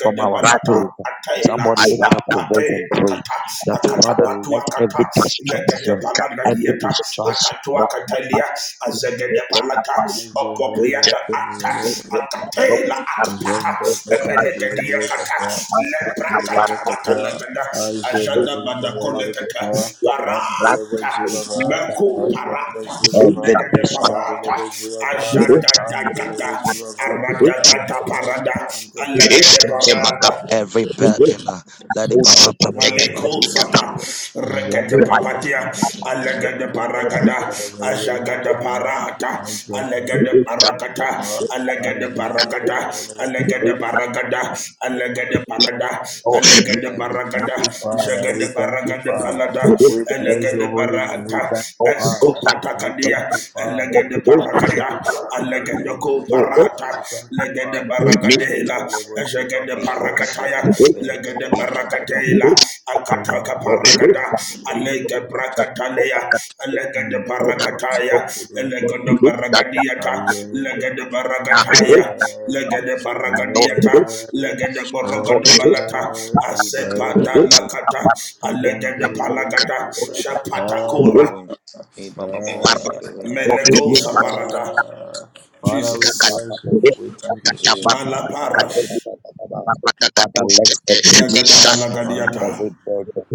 Speaker 3: from our
Speaker 2: balata.
Speaker 3: spirit.
Speaker 2: Ataela.
Speaker 3: Someone lift
Speaker 7: love
Speaker 3: up your voice
Speaker 2: Apate
Speaker 3: and pray
Speaker 2: akata.
Speaker 3: that Father,
Speaker 2: Akatapatu
Speaker 3: let
Speaker 2: akata.
Speaker 3: every
Speaker 2: Legede
Speaker 3: distraction,
Speaker 2: balanda
Speaker 3: every
Speaker 2: dieta.
Speaker 3: distraction,
Speaker 2: Akatu
Speaker 7: that.
Speaker 2: akatelia.
Speaker 7: Thank
Speaker 2: Azegede balata.
Speaker 4: Angelo
Speaker 2: Opopriata ata. Akatela akapata. Epenegedia kata. Leprakata kata legede. Ajada badakolekata. Bara. Mako parata,
Speaker 3: every
Speaker 2: negade
Speaker 3: distraction,
Speaker 2: parata, ajada da gada, arada gada parada, alagade parada,
Speaker 3: every burden, uh, let
Speaker 4: Thank
Speaker 2: Maleko saka rekete papatia alegede parakada ajagada parata alegede parakata alegede parakata alegede
Speaker 4: you.
Speaker 2: parakada alegede parada alegede
Speaker 4: We thank
Speaker 2: parakada
Speaker 3: it
Speaker 4: you, Father. We
Speaker 2: jagede
Speaker 4: thank you,
Speaker 2: parakada
Speaker 4: Father.
Speaker 2: palada
Speaker 4: We bless
Speaker 2: alegede
Speaker 4: your holy name. We
Speaker 2: parata
Speaker 4: thank you, Father.
Speaker 2: escopata
Speaker 4: We
Speaker 2: kadia
Speaker 4: thank you,
Speaker 2: alegede
Speaker 4: Father. We thank
Speaker 2: parakada
Speaker 4: you, Father. We
Speaker 2: alegede
Speaker 4: thank you,
Speaker 2: ko
Speaker 4: Father.
Speaker 2: parata
Speaker 4: We thank you,
Speaker 2: legende
Speaker 4: Father. I am
Speaker 2: baragadela
Speaker 4: terrible to
Speaker 2: ejegende
Speaker 4: Baba.
Speaker 3: Liko
Speaker 4: I
Speaker 2: barakataya
Speaker 3: shepe de
Speaker 4: am
Speaker 3: bebe.
Speaker 2: legende
Speaker 3: E
Speaker 4: terrible.
Speaker 2: baragadela
Speaker 3: e
Speaker 4: You are
Speaker 2: akataka
Speaker 3: baba.
Speaker 2: baragada alege
Speaker 4: terrible.
Speaker 2: brakatalea legende
Speaker 4: Mm.
Speaker 2: barakataya legende
Speaker 4: I
Speaker 2: baragadiata
Speaker 4: am.
Speaker 2: legende baragataya legende baragadiata
Speaker 7: you.
Speaker 2: legende borogode
Speaker 7: Thank
Speaker 2: balata
Speaker 4: Uh, uh, uh,
Speaker 2: asepada
Speaker 4: uh,
Speaker 3: E
Speaker 2: nakata
Speaker 4: Father,
Speaker 2: legende palagada
Speaker 3: baba bo shepe de
Speaker 2: shapatakura
Speaker 3: E baba bo shepe de
Speaker 2: meleko
Speaker 3: E baba
Speaker 2: saparata
Speaker 3: baba.
Speaker 4: we
Speaker 2: Jesus
Speaker 3: Baba
Speaker 4: bless
Speaker 3: bo
Speaker 4: you. We thank you, Jesus.
Speaker 3: Baba
Speaker 2: malaparash
Speaker 3: Father, let every distraction,
Speaker 4: Thank
Speaker 3: every burden,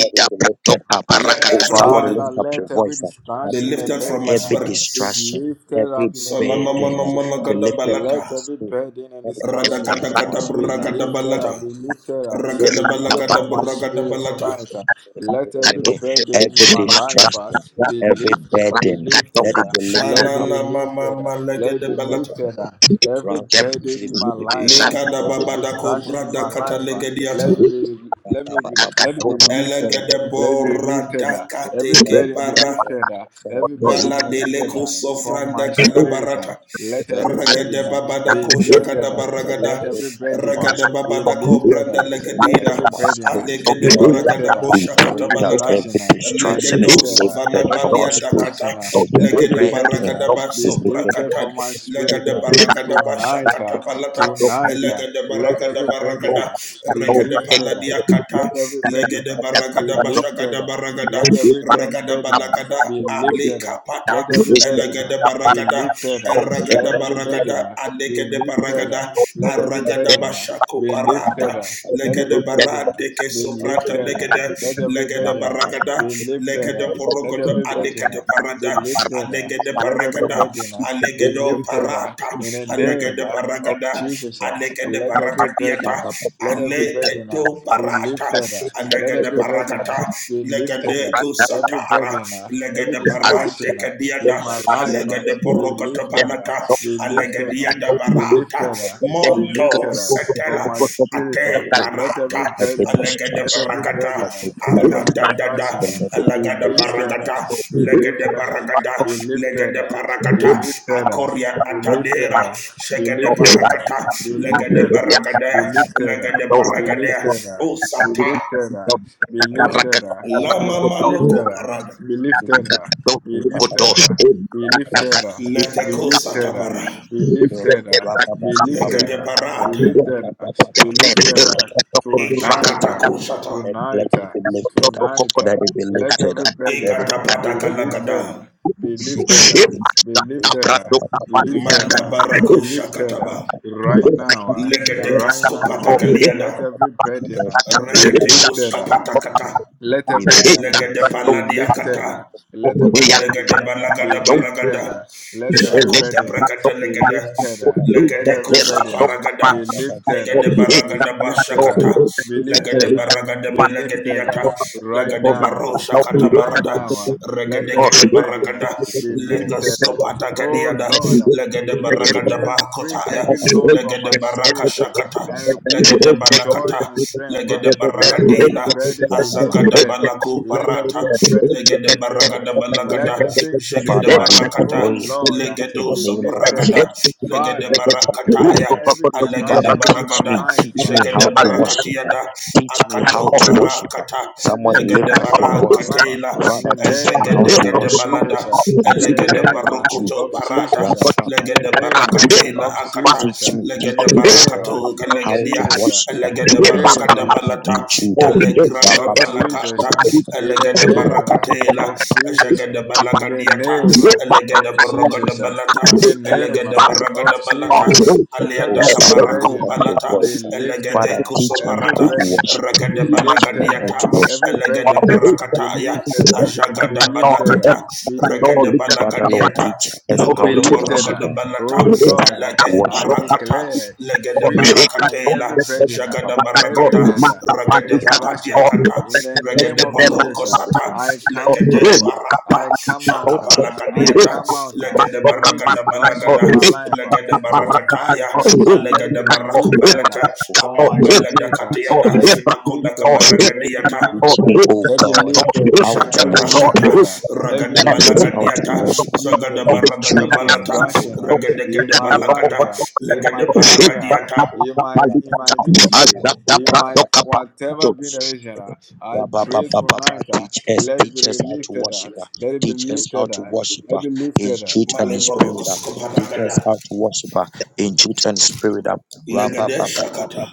Speaker 3: every be lifted up. uh,
Speaker 2: Let
Speaker 3: Oh,
Speaker 2: every
Speaker 3: somebody
Speaker 4: Father,
Speaker 3: lift
Speaker 2: burden
Speaker 3: up your
Speaker 4: let every
Speaker 3: voice. uh, That
Speaker 2: be
Speaker 4: distraction and
Speaker 2: lifted
Speaker 3: Father,
Speaker 2: from
Speaker 4: burden
Speaker 2: my
Speaker 4: uh,
Speaker 3: every
Speaker 2: spirit.
Speaker 4: be
Speaker 3: distraction,
Speaker 4: lifted up
Speaker 3: every
Speaker 4: in the name of
Speaker 3: burden uh,
Speaker 4: Jesus. uh.
Speaker 3: be lifted from
Speaker 4: Let
Speaker 3: us.
Speaker 2: Sonamamamamamagadabalata.
Speaker 4: every burden and
Speaker 3: Let it be
Speaker 4: distraction
Speaker 3: lifted
Speaker 4: uh,
Speaker 3: from our
Speaker 4: be
Speaker 3: spirit.
Speaker 4: lifted up, be
Speaker 2: Radakadakadabragadabalata.
Speaker 4: lifted up, be lifted from
Speaker 3: uh.
Speaker 4: my spirit
Speaker 2: Rakadabalagadabragadabalata.
Speaker 4: tonight. uh. Let every burden in
Speaker 3: Every
Speaker 4: my life
Speaker 3: distrust,
Speaker 4: uh, be
Speaker 3: every
Speaker 4: lifted, be
Speaker 3: burden, let
Speaker 4: lifted.
Speaker 3: it
Speaker 4: uh.
Speaker 3: be
Speaker 4: Let
Speaker 3: lifted
Speaker 4: it
Speaker 3: up
Speaker 4: be lifted, uh. let it be
Speaker 3: over
Speaker 2: Shananamamamalegedebalata.
Speaker 4: lifted.
Speaker 3: the
Speaker 4: uh. Every
Speaker 3: ransom.
Speaker 4: burden in my life, uh, every
Speaker 2: Lekadababadako
Speaker 4: distraction in my
Speaker 2: pradakata
Speaker 4: life, uh, let it
Speaker 2: legediata.
Speaker 4: be, let me be, let it be lifted. uh. Let it be lifted up. Every burden be
Speaker 2: Elegedeboradakatekepara.
Speaker 4: lifted up. Every
Speaker 3: Yes,
Speaker 4: burden be
Speaker 2: Bala
Speaker 3: Lord.
Speaker 2: de
Speaker 4: lifted
Speaker 2: leko
Speaker 4: up from my
Speaker 2: sofranda kada
Speaker 3: Every
Speaker 4: spirit. ah.
Speaker 2: barata.
Speaker 3: distrust,
Speaker 4: Let every
Speaker 3: burden,
Speaker 4: burden
Speaker 2: Ragada
Speaker 4: ah,
Speaker 3: let
Speaker 2: babada
Speaker 4: be
Speaker 3: it
Speaker 2: ko
Speaker 3: be
Speaker 4: lifted
Speaker 2: shakada
Speaker 3: lifted,
Speaker 4: up.
Speaker 3: let it
Speaker 4: Let
Speaker 2: baragada.
Speaker 3: be
Speaker 4: every
Speaker 3: lifted from
Speaker 4: burden ah,
Speaker 3: us.
Speaker 2: Ragada
Speaker 4: be
Speaker 2: babada ko
Speaker 4: lifted
Speaker 2: branda
Speaker 3: it
Speaker 4: up.
Speaker 3: be
Speaker 4: Let
Speaker 3: lifted
Speaker 2: legadina.
Speaker 4: every
Speaker 3: from our
Speaker 4: burden ah,
Speaker 3: spirit, oh
Speaker 2: Alegede
Speaker 4: be
Speaker 3: God.
Speaker 4: lifted
Speaker 2: baragada bo
Speaker 4: up.
Speaker 3: We
Speaker 4: Every
Speaker 2: shakata
Speaker 3: pray
Speaker 7: you.
Speaker 3: that
Speaker 2: balata.
Speaker 4: distraction
Speaker 3: every
Speaker 4: ah, be
Speaker 3: distraction
Speaker 7: Thank
Speaker 3: is
Speaker 2: Legedo
Speaker 4: lifted up.
Speaker 3: lifted
Speaker 2: sofana
Speaker 4: Let
Speaker 3: from our
Speaker 4: every
Speaker 2: badiata
Speaker 3: spirit,
Speaker 2: kata.
Speaker 4: distraction ah,
Speaker 3: every
Speaker 4: and every
Speaker 2: Legede
Speaker 4: burden ah,
Speaker 3: burden
Speaker 2: baragada ba
Speaker 4: be
Speaker 3: is
Speaker 2: sopra
Speaker 3: lifted
Speaker 4: lifted
Speaker 2: kata.
Speaker 4: from my spirit.
Speaker 2: Legede
Speaker 4: ah.
Speaker 2: baragada ba
Speaker 4: Tonight, uh,
Speaker 2: shakata balata.
Speaker 4: tonight, uh,
Speaker 2: Legede
Speaker 4: let
Speaker 2: baragada
Speaker 4: every burden
Speaker 2: baragada.
Speaker 4: uh, be
Speaker 2: Regede
Speaker 4: lifted. Uh,
Speaker 2: paladia kata.
Speaker 4: let every burden
Speaker 2: Legede
Speaker 4: uh, be
Speaker 2: baragada ba
Speaker 4: lifted.
Speaker 2: shakada
Speaker 4: Uh,
Speaker 2: baragada.
Speaker 4: let every de-
Speaker 2: Ragada
Speaker 4: burden uh, be
Speaker 2: Balagada Ale
Speaker 4: lifted. Uh,
Speaker 2: Kapata
Speaker 4: let every burden uh,
Speaker 2: Elegada
Speaker 4: be
Speaker 2: Baragada
Speaker 4: lifted. Uh, let
Speaker 2: Eragada
Speaker 4: every
Speaker 3: from our spirit.
Speaker 4: burden
Speaker 2: Baragada
Speaker 4: uh, be
Speaker 2: Anegada
Speaker 4: lifted.
Speaker 2: Baragada
Speaker 4: Uh, let every
Speaker 2: Aragada
Speaker 4: burden uh,
Speaker 2: Bashako
Speaker 4: be lifted.
Speaker 2: Parata
Speaker 4: Uh, let
Speaker 2: Legada
Speaker 4: every burden uh,
Speaker 2: Barande
Speaker 4: be
Speaker 2: soprata,
Speaker 4: lifted. Uh,
Speaker 2: Legada
Speaker 4: let every
Speaker 2: Legada
Speaker 4: burden uh,
Speaker 2: Baragada
Speaker 4: be lifted. Uh,
Speaker 2: Legada
Speaker 4: let
Speaker 2: Porogoda
Speaker 4: every burden
Speaker 2: Anegada
Speaker 4: uh, be
Speaker 2: Parada
Speaker 4: lifted up.
Speaker 2: Anegada
Speaker 4: Let every
Speaker 2: Paragada
Speaker 4: burden uh, be
Speaker 2: Alegado
Speaker 4: lifted up
Speaker 2: Parata
Speaker 4: in the name
Speaker 2: Anegada
Speaker 4: uh, of
Speaker 2: Baragada
Speaker 4: Jesus. uh.
Speaker 2: Anegada
Speaker 4: Let every
Speaker 2: Baragadiata
Speaker 4: burden uh, let every burden uh,
Speaker 2: Aleketo
Speaker 4: be
Speaker 2: barata,
Speaker 4: lifted up. Let
Speaker 2: alegede
Speaker 4: every burden uh,
Speaker 2: barakata,
Speaker 4: be lifted up.
Speaker 2: legede
Speaker 4: Every
Speaker 2: kusatara,
Speaker 4: burden, uh, every
Speaker 2: legede parante
Speaker 4: distraction uh, in
Speaker 2: kadiada,
Speaker 4: my life, uh,
Speaker 2: alegede
Speaker 4: be
Speaker 2: porokoto
Speaker 4: lifted, uh,
Speaker 2: banata,
Speaker 4: be lifted, uh,
Speaker 2: alegediada
Speaker 4: be
Speaker 7: you.
Speaker 2: barata,
Speaker 4: lifted, uh,
Speaker 7: Thank
Speaker 4: be
Speaker 7: you.
Speaker 2: monto
Speaker 4: lifted uh,
Speaker 2: setela,
Speaker 4: from my spirit. Uh,
Speaker 2: ate
Speaker 4: let
Speaker 2: barata,
Speaker 4: every
Speaker 3: Let every
Speaker 4: burden, uh,
Speaker 2: Alagada
Speaker 4: let
Speaker 3: distraction,
Speaker 4: every
Speaker 2: baragada,
Speaker 4: burden, uh,
Speaker 3: every
Speaker 4: let
Speaker 3: burden
Speaker 4: every
Speaker 2: aradadada,
Speaker 4: distraction uh, be
Speaker 2: alagada
Speaker 4: lifted, uh,
Speaker 2: baragada,
Speaker 4: be
Speaker 2: legede
Speaker 4: lifted, uh,
Speaker 2: baragada,
Speaker 4: be lifted,
Speaker 2: legede
Speaker 4: uh, be
Speaker 2: baragada,
Speaker 4: lifted, uh,
Speaker 2: akoria
Speaker 4: be lifted,
Speaker 2: atadera,
Speaker 4: uh, be
Speaker 2: shegede
Speaker 4: lifted, uh,
Speaker 2: baragada,
Speaker 4: be
Speaker 2: legede
Speaker 4: lifted, uh,
Speaker 2: baragada,
Speaker 4: be lifted, uh,
Speaker 2: legede
Speaker 4: be
Speaker 2: baragada,
Speaker 4: lifted, uh, be
Speaker 2: osata,
Speaker 4: lifted up. Be
Speaker 3: be lifted
Speaker 4: lifted up.
Speaker 3: from
Speaker 4: Be
Speaker 2: lama
Speaker 3: our
Speaker 4: lifted
Speaker 2: manoko
Speaker 4: up.
Speaker 2: parada,
Speaker 4: Be
Speaker 3: spirit.
Speaker 4: lifted up. Be
Speaker 3: And
Speaker 4: lifted up. Be lifted up. Be
Speaker 2: leteko
Speaker 4: lifted up.
Speaker 2: satapara,
Speaker 4: Be lifted up. Be lifted
Speaker 2: legede
Speaker 4: up. Be
Speaker 2: barada,
Speaker 4: lifted up. Be lifted up. Tonight, uh,
Speaker 2: ikapatako sata,
Speaker 3: let
Speaker 4: tonight,
Speaker 3: it
Speaker 4: uh,
Speaker 3: be lifted up.
Speaker 4: tonight. uh,
Speaker 3: Let it be
Speaker 4: Let
Speaker 3: lifted
Speaker 4: every
Speaker 3: up. Let
Speaker 4: burden
Speaker 3: it
Speaker 4: uh,
Speaker 3: be lifted
Speaker 4: be
Speaker 2: ikatapatakala
Speaker 4: lifted
Speaker 2: kada,
Speaker 4: up.
Speaker 3: up.
Speaker 4: Be
Speaker 3: Shake
Speaker 4: lifted
Speaker 3: it.
Speaker 4: up. Be lifted up. Be lifted
Speaker 2: manda
Speaker 4: up be
Speaker 2: barako
Speaker 4: lifted uh,
Speaker 2: shakataba.
Speaker 4: right now, uh,
Speaker 2: Legede
Speaker 4: right now.
Speaker 2: kaskopata
Speaker 4: uh. Let
Speaker 2: kaliada.
Speaker 4: every burden uh, be
Speaker 2: Rekete
Speaker 4: lifted. uh.
Speaker 2: koskapata kata.
Speaker 4: Let every burden uh,
Speaker 2: Legede
Speaker 4: be
Speaker 2: paladia
Speaker 4: lifted. uh.
Speaker 2: kata.
Speaker 4: Let every burden
Speaker 2: Legede
Speaker 4: uh, be
Speaker 2: balagada
Speaker 4: lifted.
Speaker 2: baragada.
Speaker 4: uh. Let every
Speaker 2: Shakota
Speaker 4: burden uh,
Speaker 2: brakata
Speaker 4: be
Speaker 2: legede.
Speaker 4: lifted. uh. Let
Speaker 2: Legede
Speaker 4: every
Speaker 2: kuska
Speaker 4: burden uh,
Speaker 2: paragada.
Speaker 4: be lifted. uh.
Speaker 2: Legede
Speaker 4: Be
Speaker 2: baragada
Speaker 4: lifted. uh.
Speaker 2: bashakata.
Speaker 4: Be lifted.
Speaker 2: Legede
Speaker 4: uh.
Speaker 2: baragada
Speaker 4: Be lifted uh,
Speaker 2: belegediata.
Speaker 4: right
Speaker 2: Legede
Speaker 4: now,
Speaker 2: baro
Speaker 4: uh,
Speaker 2: shakata
Speaker 4: right
Speaker 2: barada.
Speaker 4: now. uh. Let
Speaker 2: Regede
Speaker 4: every
Speaker 2: gede
Speaker 4: burden uh,
Speaker 2: baragada.
Speaker 4: be lifted. uh.
Speaker 2: Legaskopata
Speaker 4: Oh
Speaker 2: gadiada.
Speaker 4: Lord, uh,
Speaker 2: Legede
Speaker 4: Lift
Speaker 3: it, it.
Speaker 2: baragada
Speaker 7: Oh,
Speaker 4: every
Speaker 3: Father,
Speaker 2: bakotaya.
Speaker 4: heavy load
Speaker 7: This
Speaker 4: from
Speaker 2: Legede
Speaker 4: my
Speaker 2: baraka
Speaker 4: spirit uh,
Speaker 2: shakata.
Speaker 4: and replace it
Speaker 2: Legede
Speaker 4: with joy
Speaker 2: balakata.
Speaker 4: and strength. uh.
Speaker 2: Legede
Speaker 4: Let every
Speaker 2: baragadina.
Speaker 4: burden be
Speaker 2: Azagada
Speaker 4: lifted. uh.
Speaker 2: balaku
Speaker 4: Let
Speaker 2: parata
Speaker 4: every burden be
Speaker 2: legede
Speaker 4: lifted. uh,
Speaker 2: baragada
Speaker 4: And let
Speaker 2: balagada
Speaker 4: every
Speaker 2: jegede
Speaker 3: we
Speaker 4: distraction,
Speaker 2: barakata
Speaker 4: oh
Speaker 3: pray
Speaker 4: Lord, uh,
Speaker 3: in
Speaker 2: legedo
Speaker 3: the
Speaker 4: be
Speaker 3: name of
Speaker 4: lifted.
Speaker 3: Jesus.
Speaker 4: uh.
Speaker 2: sobragada legede
Speaker 4: Father, clear
Speaker 2: barakataya
Speaker 4: every
Speaker 3: Father,
Speaker 2: alegede
Speaker 4: distraction
Speaker 3: teach
Speaker 4: from my
Speaker 3: me,
Speaker 2: baragada
Speaker 4: life.
Speaker 3: teach me
Speaker 2: jegede
Speaker 3: how to
Speaker 4: uh
Speaker 3: worship.
Speaker 2: barakatiada
Speaker 3: Teach me how
Speaker 2: akato
Speaker 3: to worship.
Speaker 2: barakata
Speaker 4: every
Speaker 3: Somebody
Speaker 2: legede
Speaker 3: lift up
Speaker 4: distraction
Speaker 3: your
Speaker 4: from my
Speaker 3: voice.
Speaker 4: life uh,
Speaker 2: barakatela
Speaker 4: in the
Speaker 3: Father, teach me
Speaker 4: name uh,
Speaker 3: how
Speaker 2: Ezegede
Speaker 3: to
Speaker 4: of
Speaker 2: gede
Speaker 3: worship
Speaker 4: Jesus.
Speaker 2: balada,
Speaker 4: uh,
Speaker 3: in
Speaker 4: In the
Speaker 3: spirit
Speaker 2: elegede
Speaker 3: and
Speaker 4: name
Speaker 3: in
Speaker 4: uh,
Speaker 3: truth.
Speaker 2: barukoto
Speaker 4: of
Speaker 2: barata,
Speaker 4: Jesus. uh, In the
Speaker 2: legede
Speaker 4: name uh,
Speaker 2: barakade la
Speaker 3: Ra-pa-pa-pa-pa-pa-pa-pa-pa-pa.
Speaker 4: of
Speaker 2: akata,
Speaker 4: Jesus.
Speaker 3: Teach
Speaker 4: uh,
Speaker 3: me,
Speaker 4: In
Speaker 3: teach
Speaker 4: the
Speaker 2: legede
Speaker 3: me, O
Speaker 4: name
Speaker 3: God,
Speaker 4: uh,
Speaker 2: barakato
Speaker 4: of
Speaker 3: how to
Speaker 2: gelegedia,
Speaker 4: Jesus. uh,
Speaker 3: worship uh,
Speaker 4: In the
Speaker 2: elegede
Speaker 3: in
Speaker 4: name
Speaker 3: spirit
Speaker 2: barakada
Speaker 4: uh,
Speaker 3: and in
Speaker 2: balata,
Speaker 3: truth. uh.
Speaker 2: alegraga
Speaker 4: of Jesus,
Speaker 2: balakata,
Speaker 4: uh,
Speaker 3: Ra-pa-pa-pa-pa-pa-pa-pa.
Speaker 4: in the
Speaker 2: elegede
Speaker 4: name uh,
Speaker 2: barakate la,
Speaker 4: of
Speaker 3: Ra-pa-pa-pa-pa-pa-pa-pa.
Speaker 4: Jesus, uh,
Speaker 2: ezegede
Speaker 4: in the
Speaker 2: balagadiata,
Speaker 4: name uh, of
Speaker 2: elegede baragada
Speaker 4: Jesus, uh,
Speaker 2: balata,
Speaker 4: in the name uh,
Speaker 2: elegede
Speaker 4: of
Speaker 2: baragada
Speaker 7: Thank
Speaker 2: balata,
Speaker 4: Jesus, uh, let
Speaker 3: Oh,
Speaker 2: aliada
Speaker 4: every
Speaker 3: somebody lift
Speaker 2: kabaraku
Speaker 4: burden
Speaker 3: up
Speaker 4: uh,
Speaker 3: your
Speaker 2: balata,
Speaker 4: be
Speaker 3: voice. uh.
Speaker 4: lifted,
Speaker 3: Father,
Speaker 2: elegede
Speaker 4: uh,
Speaker 2: kuso
Speaker 3: teach me
Speaker 4: every
Speaker 3: how
Speaker 2: barata,
Speaker 3: to
Speaker 4: burden uh,
Speaker 3: worship.
Speaker 2: ragade
Speaker 4: be
Speaker 3: Teach me
Speaker 4: lifted,
Speaker 3: how
Speaker 4: uh,
Speaker 3: to
Speaker 2: balagadiata,
Speaker 3: worship.
Speaker 4: every
Speaker 2: elegede
Speaker 4: burden uh,
Speaker 3: Teach
Speaker 4: be
Speaker 2: barakataya
Speaker 3: me.
Speaker 4: lifted, uh, be
Speaker 3: how
Speaker 2: ajagada
Speaker 3: to worship.
Speaker 4: lifted, uh,
Speaker 2: balakata
Speaker 4: be lifted,
Speaker 2: regede
Speaker 3: Father, Lord,
Speaker 2: balagadiata
Speaker 3: teach us how
Speaker 4: be
Speaker 2: logodo
Speaker 3: to
Speaker 4: lifted.
Speaker 3: worship.
Speaker 4: uh,
Speaker 2: borogodo
Speaker 3: uh.
Speaker 2: balata
Speaker 4: Oh
Speaker 3: Teach us
Speaker 4: Lord,
Speaker 3: how to
Speaker 4: uh,
Speaker 2: elege
Speaker 4: I
Speaker 3: worship. uh.
Speaker 2: parakata
Speaker 4: declare
Speaker 2: legede
Speaker 4: freedom from
Speaker 2: barakatela
Speaker 4: every burden, uh,
Speaker 2: jagada
Speaker 3: Ra-pa-pa-pa-pa-pa-pa.
Speaker 2: baragada
Speaker 4: heaviness, uh, and
Speaker 2: regede
Speaker 3: Okay.
Speaker 4: distraction. uh,
Speaker 2: papatiakata
Speaker 4: In the name
Speaker 2: regede
Speaker 4: of
Speaker 2: boloko
Speaker 4: Jesus, uh,
Speaker 2: sata
Speaker 4: I come
Speaker 2: legede
Speaker 4: forth. uh,
Speaker 2: parata
Speaker 4: I come out. uh, I
Speaker 2: shakapalakadiata
Speaker 4: come out. uh,
Speaker 2: legede
Speaker 4: Every
Speaker 2: baragada
Speaker 3: Ra-pa-pa-pa-pa-pa-pa.
Speaker 4: distraction in
Speaker 2: balagada
Speaker 4: my life uh,
Speaker 2: legede barakataya
Speaker 4: tonight, uh, let it
Speaker 2: alegede
Speaker 4: be lifted
Speaker 2: barakubalata
Speaker 4: uh, from my
Speaker 2: amombelede
Speaker 4: spirit. uh,
Speaker 2: katiada
Speaker 4: Let it be
Speaker 2: akodaka
Speaker 4: lifted. uh,
Speaker 3: Teach
Speaker 4: let
Speaker 3: me,
Speaker 4: me
Speaker 2: baragadiata
Speaker 4: lift
Speaker 3: teach
Speaker 4: it up.
Speaker 3: me, oh
Speaker 4: Let me
Speaker 3: God, uh,
Speaker 4: lift it up.
Speaker 3: how to
Speaker 2: Jada
Speaker 4: Let
Speaker 7: My
Speaker 4: me
Speaker 3: worship.
Speaker 4: lift
Speaker 3: uh.
Speaker 4: it
Speaker 2: brakata,
Speaker 4: up.
Speaker 3: Father,
Speaker 4: Let me
Speaker 2: ragada
Speaker 3: teach
Speaker 4: lift
Speaker 3: us
Speaker 4: it
Speaker 3: how
Speaker 4: up.
Speaker 3: to
Speaker 2: balagadiata,
Speaker 4: Let me
Speaker 3: worship uh,
Speaker 4: lift it
Speaker 2: zagada
Speaker 4: up.
Speaker 3: in
Speaker 2: baragada
Speaker 3: truth
Speaker 4: Any
Speaker 3: and in
Speaker 2: balata,
Speaker 4: distraction
Speaker 3: spirit.
Speaker 4: uh,
Speaker 2: ragada
Speaker 4: in
Speaker 2: gada
Speaker 4: my life,
Speaker 2: balagada,
Speaker 4: uh, in
Speaker 2: lagada
Speaker 4: my
Speaker 3: Teach
Speaker 4: career, uh,
Speaker 2: baragadiata,
Speaker 4: in my in my ministry, in my whatever be the region, uh, I pray tonight. uh,
Speaker 3: us,
Speaker 4: let it
Speaker 3: teach
Speaker 4: be
Speaker 3: us how to
Speaker 4: lifted up.
Speaker 3: worship. uh.
Speaker 4: Let it be
Speaker 3: Teach us how
Speaker 4: lifted
Speaker 3: to
Speaker 4: up.
Speaker 3: worship
Speaker 4: Let it
Speaker 3: uh,
Speaker 4: be
Speaker 3: in
Speaker 4: lifted up.
Speaker 3: truth and in spirit. uh. Teach us
Speaker 2: maleporokoskoparagada,
Speaker 3: how to worship uh, in truth and spirit. uh. Rabba,
Speaker 2: legade shakata,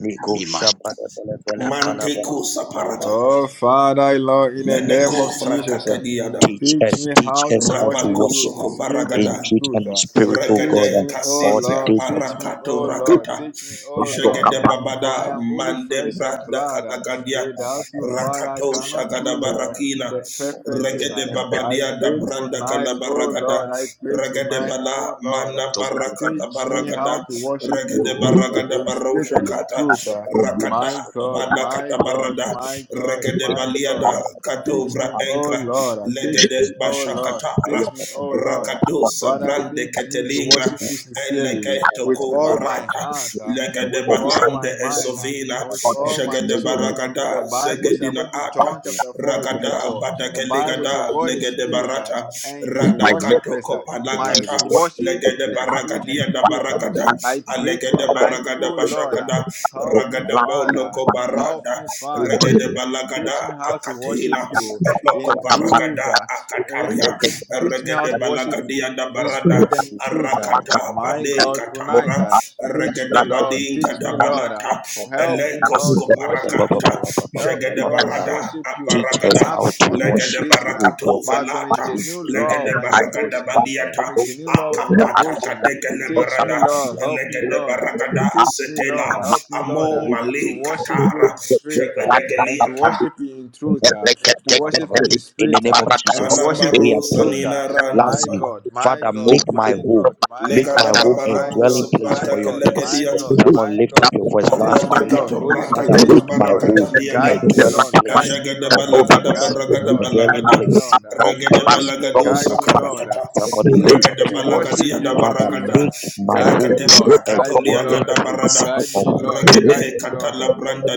Speaker 3: Nico Shabbat
Speaker 2: manteko saparata,
Speaker 4: Oh, Father, Lord, in the name of
Speaker 2: meneko
Speaker 4: Jesus,
Speaker 2: frakata
Speaker 4: uh,
Speaker 3: God.
Speaker 2: diada,
Speaker 3: Teach
Speaker 4: teach
Speaker 3: us,
Speaker 4: me
Speaker 3: teach
Speaker 4: how
Speaker 3: us
Speaker 4: to
Speaker 3: how to
Speaker 4: worship
Speaker 2: rapako
Speaker 4: you
Speaker 3: worship
Speaker 4: in
Speaker 3: Him
Speaker 4: spirit
Speaker 3: in
Speaker 4: and in
Speaker 2: sokoparagada,
Speaker 3: truth
Speaker 4: truth.
Speaker 3: and in
Speaker 4: uh.
Speaker 3: spirit, O
Speaker 4: Teach
Speaker 3: God, uh,
Speaker 2: Regade
Speaker 4: me, oh
Speaker 3: all the
Speaker 2: kasite
Speaker 4: Lord,
Speaker 3: days of
Speaker 4: teach me,
Speaker 2: aparakato
Speaker 4: oh Lord,
Speaker 2: rakata.
Speaker 4: teach me, oh
Speaker 3: our
Speaker 4: Lord. uh,
Speaker 2: Jagade
Speaker 4: for I
Speaker 2: babada
Speaker 4: am only
Speaker 2: mande
Speaker 4: flesh and
Speaker 2: branda
Speaker 4: blood. uh.
Speaker 2: kadagadia.
Speaker 4: without you, Father, I
Speaker 2: Rakato
Speaker 4: cannot
Speaker 2: shagada
Speaker 4: do uh,
Speaker 2: barakina.
Speaker 4: the perfect thing. uh.
Speaker 2: Regede
Speaker 4: I
Speaker 2: babadia da
Speaker 4: pray
Speaker 2: branda
Speaker 4: tonight, oh Lord,
Speaker 2: kalabaragada.
Speaker 4: I pray
Speaker 2: Regede
Speaker 4: tonight, oh
Speaker 2: bala
Speaker 4: Lord. uh,
Speaker 2: mana barakata
Speaker 4: teach me how
Speaker 2: baragada.
Speaker 4: to worship
Speaker 2: Regede
Speaker 4: you
Speaker 2: baragada
Speaker 4: in spirit
Speaker 2: barosha
Speaker 4: and in
Speaker 2: kata.
Speaker 4: truth. ah.
Speaker 2: Rakata
Speaker 4: My God, my
Speaker 2: balakata
Speaker 4: God,
Speaker 2: barada.
Speaker 4: my God,
Speaker 2: Regede
Speaker 4: my God.
Speaker 2: baliada
Speaker 4: ah. Teach
Speaker 2: katovra
Speaker 4: me, oh
Speaker 2: enkra.
Speaker 4: Lord. ah. Teach
Speaker 2: Legede
Speaker 4: me, oh Lord. ah.
Speaker 2: bashakata
Speaker 4: Teach me, oh Lord. ah.
Speaker 2: Rakadosa
Speaker 4: Father,
Speaker 2: brande
Speaker 4: teach me to
Speaker 2: ketelingra
Speaker 4: worship you sincerely
Speaker 2: elegeto
Speaker 4: with
Speaker 2: ko
Speaker 4: all my
Speaker 2: barata
Speaker 4: heart, ah,
Speaker 2: legede
Speaker 4: with all my
Speaker 2: balande
Speaker 4: mind, ah,
Speaker 2: esovina
Speaker 4: and with all my
Speaker 2: jegede
Speaker 4: soul. For the
Speaker 2: baragada
Speaker 4: Bible says,
Speaker 2: zegedina
Speaker 4: according to John
Speaker 2: ata
Speaker 4: chapter 4, verse
Speaker 2: Ragada
Speaker 4: 24, the
Speaker 2: Badaka
Speaker 4: Bible
Speaker 2: Legada
Speaker 4: says, God is
Speaker 2: Legede
Speaker 4: spirit, ah,
Speaker 3: life.
Speaker 2: Barata
Speaker 4: and his
Speaker 7: next
Speaker 2: Radakato
Speaker 4: worshippers ah, must
Speaker 2: Kopalakata
Speaker 7: one,
Speaker 4: worship in
Speaker 2: Legede
Speaker 4: the spirit and
Speaker 2: Baragadia
Speaker 4: in
Speaker 2: da
Speaker 4: truth. ah.
Speaker 2: Baragada
Speaker 7: I'm
Speaker 4: I pray
Speaker 2: Alegede
Speaker 7: about to
Speaker 4: tonight, oh
Speaker 2: Baragada
Speaker 4: Lord, uh,
Speaker 2: Bashakada
Speaker 4: help me,
Speaker 2: Ragada
Speaker 7: wrap
Speaker 4: Father.
Speaker 2: Boloko
Speaker 4: Help
Speaker 2: Barada
Speaker 4: me,
Speaker 7: my
Speaker 4: Father,
Speaker 2: Regede
Speaker 4: and teach
Speaker 2: Balagada
Speaker 4: me how to worship
Speaker 2: Akatela
Speaker 4: you
Speaker 2: Eloko
Speaker 4: in truth.
Speaker 2: Baragada
Speaker 4: uh,
Speaker 2: Akataria
Speaker 4: uh, teach me how
Speaker 2: Regede
Speaker 4: to worship you
Speaker 2: Balagadia da
Speaker 4: in
Speaker 2: Barada
Speaker 4: spirit and in truth. uh.
Speaker 2: Arakata
Speaker 4: My
Speaker 2: Bade
Speaker 4: God, tonight.
Speaker 2: Katara,
Speaker 4: uh, Teach me, Lord.
Speaker 2: Regedebadin
Speaker 4: Teach me, Lord. uh,
Speaker 2: Gadabalata,
Speaker 4: Oh, help me,
Speaker 2: Elekos
Speaker 4: Lord, to worship you.
Speaker 2: Koparakata,
Speaker 4: oh. Help me, Lord, to
Speaker 2: Jagedebarada,
Speaker 4: worship you oh,
Speaker 3: Teach us
Speaker 2: Aparagada,
Speaker 4: out
Speaker 3: how
Speaker 4: of
Speaker 3: to
Speaker 4: not
Speaker 3: worship you,
Speaker 4: obligation, uh,
Speaker 3: O God,
Speaker 2: Legedebarakato
Speaker 4: but from a
Speaker 2: Valata,
Speaker 3: in
Speaker 4: genuine
Speaker 3: truth and
Speaker 4: love and
Speaker 2: Legedebaragada
Speaker 3: spirit,
Speaker 4: devotion. uh,
Speaker 2: Badiata,
Speaker 4: From a genuine love and
Speaker 2: Akapata
Speaker 4: devotion. uh, Teach me,
Speaker 2: Kadekelebarada,
Speaker 4: Lord. Help me, Lord. uh,
Speaker 2: Legedebaragada
Speaker 7: I
Speaker 4: Teach me,
Speaker 3: O
Speaker 4: Lord.
Speaker 2: Setela,
Speaker 3: God.
Speaker 7: found
Speaker 4: Help me, Lord,
Speaker 7: I
Speaker 4: uh,
Speaker 2: Amo
Speaker 4: to
Speaker 2: Mali
Speaker 4: worship
Speaker 7: Thank
Speaker 4: you
Speaker 2: Katara,
Speaker 4: in spirit uh, and to
Speaker 2: Jagedegeliata,
Speaker 4: worship you in truth. uh, to worship you in
Speaker 3: In the
Speaker 4: spirit
Speaker 3: name
Speaker 4: uh,
Speaker 3: of
Speaker 4: and to
Speaker 3: Jesus,
Speaker 4: worship you
Speaker 3: we
Speaker 2: Anamaro
Speaker 3: are
Speaker 4: in truth.
Speaker 3: praying.
Speaker 4: uh.
Speaker 2: Sanina Randa
Speaker 4: My
Speaker 3: Lastly,
Speaker 2: Bala.
Speaker 4: God, my
Speaker 3: Father,
Speaker 4: God,
Speaker 3: make my
Speaker 4: my
Speaker 3: home,
Speaker 4: God, my
Speaker 3: make my
Speaker 4: God.
Speaker 2: Legada
Speaker 3: home a
Speaker 2: Babala
Speaker 4: My
Speaker 3: dwelling
Speaker 4: God,
Speaker 3: place
Speaker 4: my
Speaker 2: Kusuprata
Speaker 3: for your
Speaker 4: God,
Speaker 3: peace.
Speaker 4: my
Speaker 2: Kelegediata.
Speaker 4: God,
Speaker 3: Someone
Speaker 4: my
Speaker 3: lift up
Speaker 4: God.
Speaker 3: your voice. Last
Speaker 4: Teach me,
Speaker 3: prayer.
Speaker 4: Lord.
Speaker 2: Aradakato
Speaker 4: Holy Spirit,
Speaker 3: Father,
Speaker 4: teach
Speaker 3: make
Speaker 2: bratakata
Speaker 4: me,
Speaker 3: my
Speaker 4: Lord.
Speaker 2: barakata
Speaker 3: home a
Speaker 2: liada.
Speaker 4: Guide me,
Speaker 3: dwelling
Speaker 4: Lord.
Speaker 3: place
Speaker 4: Guide me,
Speaker 2: Eshagada
Speaker 3: of
Speaker 4: Lord.
Speaker 2: balagada
Speaker 3: peace,
Speaker 4: Guide me,
Speaker 2: baragada
Speaker 3: a
Speaker 4: Lord.
Speaker 3: dwelling
Speaker 4: Guide
Speaker 2: balagada.
Speaker 4: me,
Speaker 3: place
Speaker 4: Lord.
Speaker 3: of
Speaker 2: Regada
Speaker 4: Holy
Speaker 3: peace,
Speaker 4: Spirit,
Speaker 2: balagado
Speaker 3: of
Speaker 4: guide
Speaker 3: your
Speaker 4: me,
Speaker 3: peace.
Speaker 4: Lord,
Speaker 2: sakarakata.
Speaker 3: Somebody lift up
Speaker 2: Regada
Speaker 4: to
Speaker 3: your voice.
Speaker 4: worship you
Speaker 2: balagadiada
Speaker 4: in
Speaker 3: Father,
Speaker 4: truth.
Speaker 2: baragada.
Speaker 3: make my
Speaker 4: Guide me,
Speaker 2: Rakate
Speaker 3: home
Speaker 4: Lord.
Speaker 3: a
Speaker 2: prakato
Speaker 4: Guide me,
Speaker 3: dwelling
Speaker 4: Lord.
Speaker 2: liagada
Speaker 3: place
Speaker 2: barada.
Speaker 4: Guide
Speaker 3: of
Speaker 4: me, Lord. Guide
Speaker 3: peace
Speaker 2: Regade
Speaker 4: me, Lord.
Speaker 2: katala branda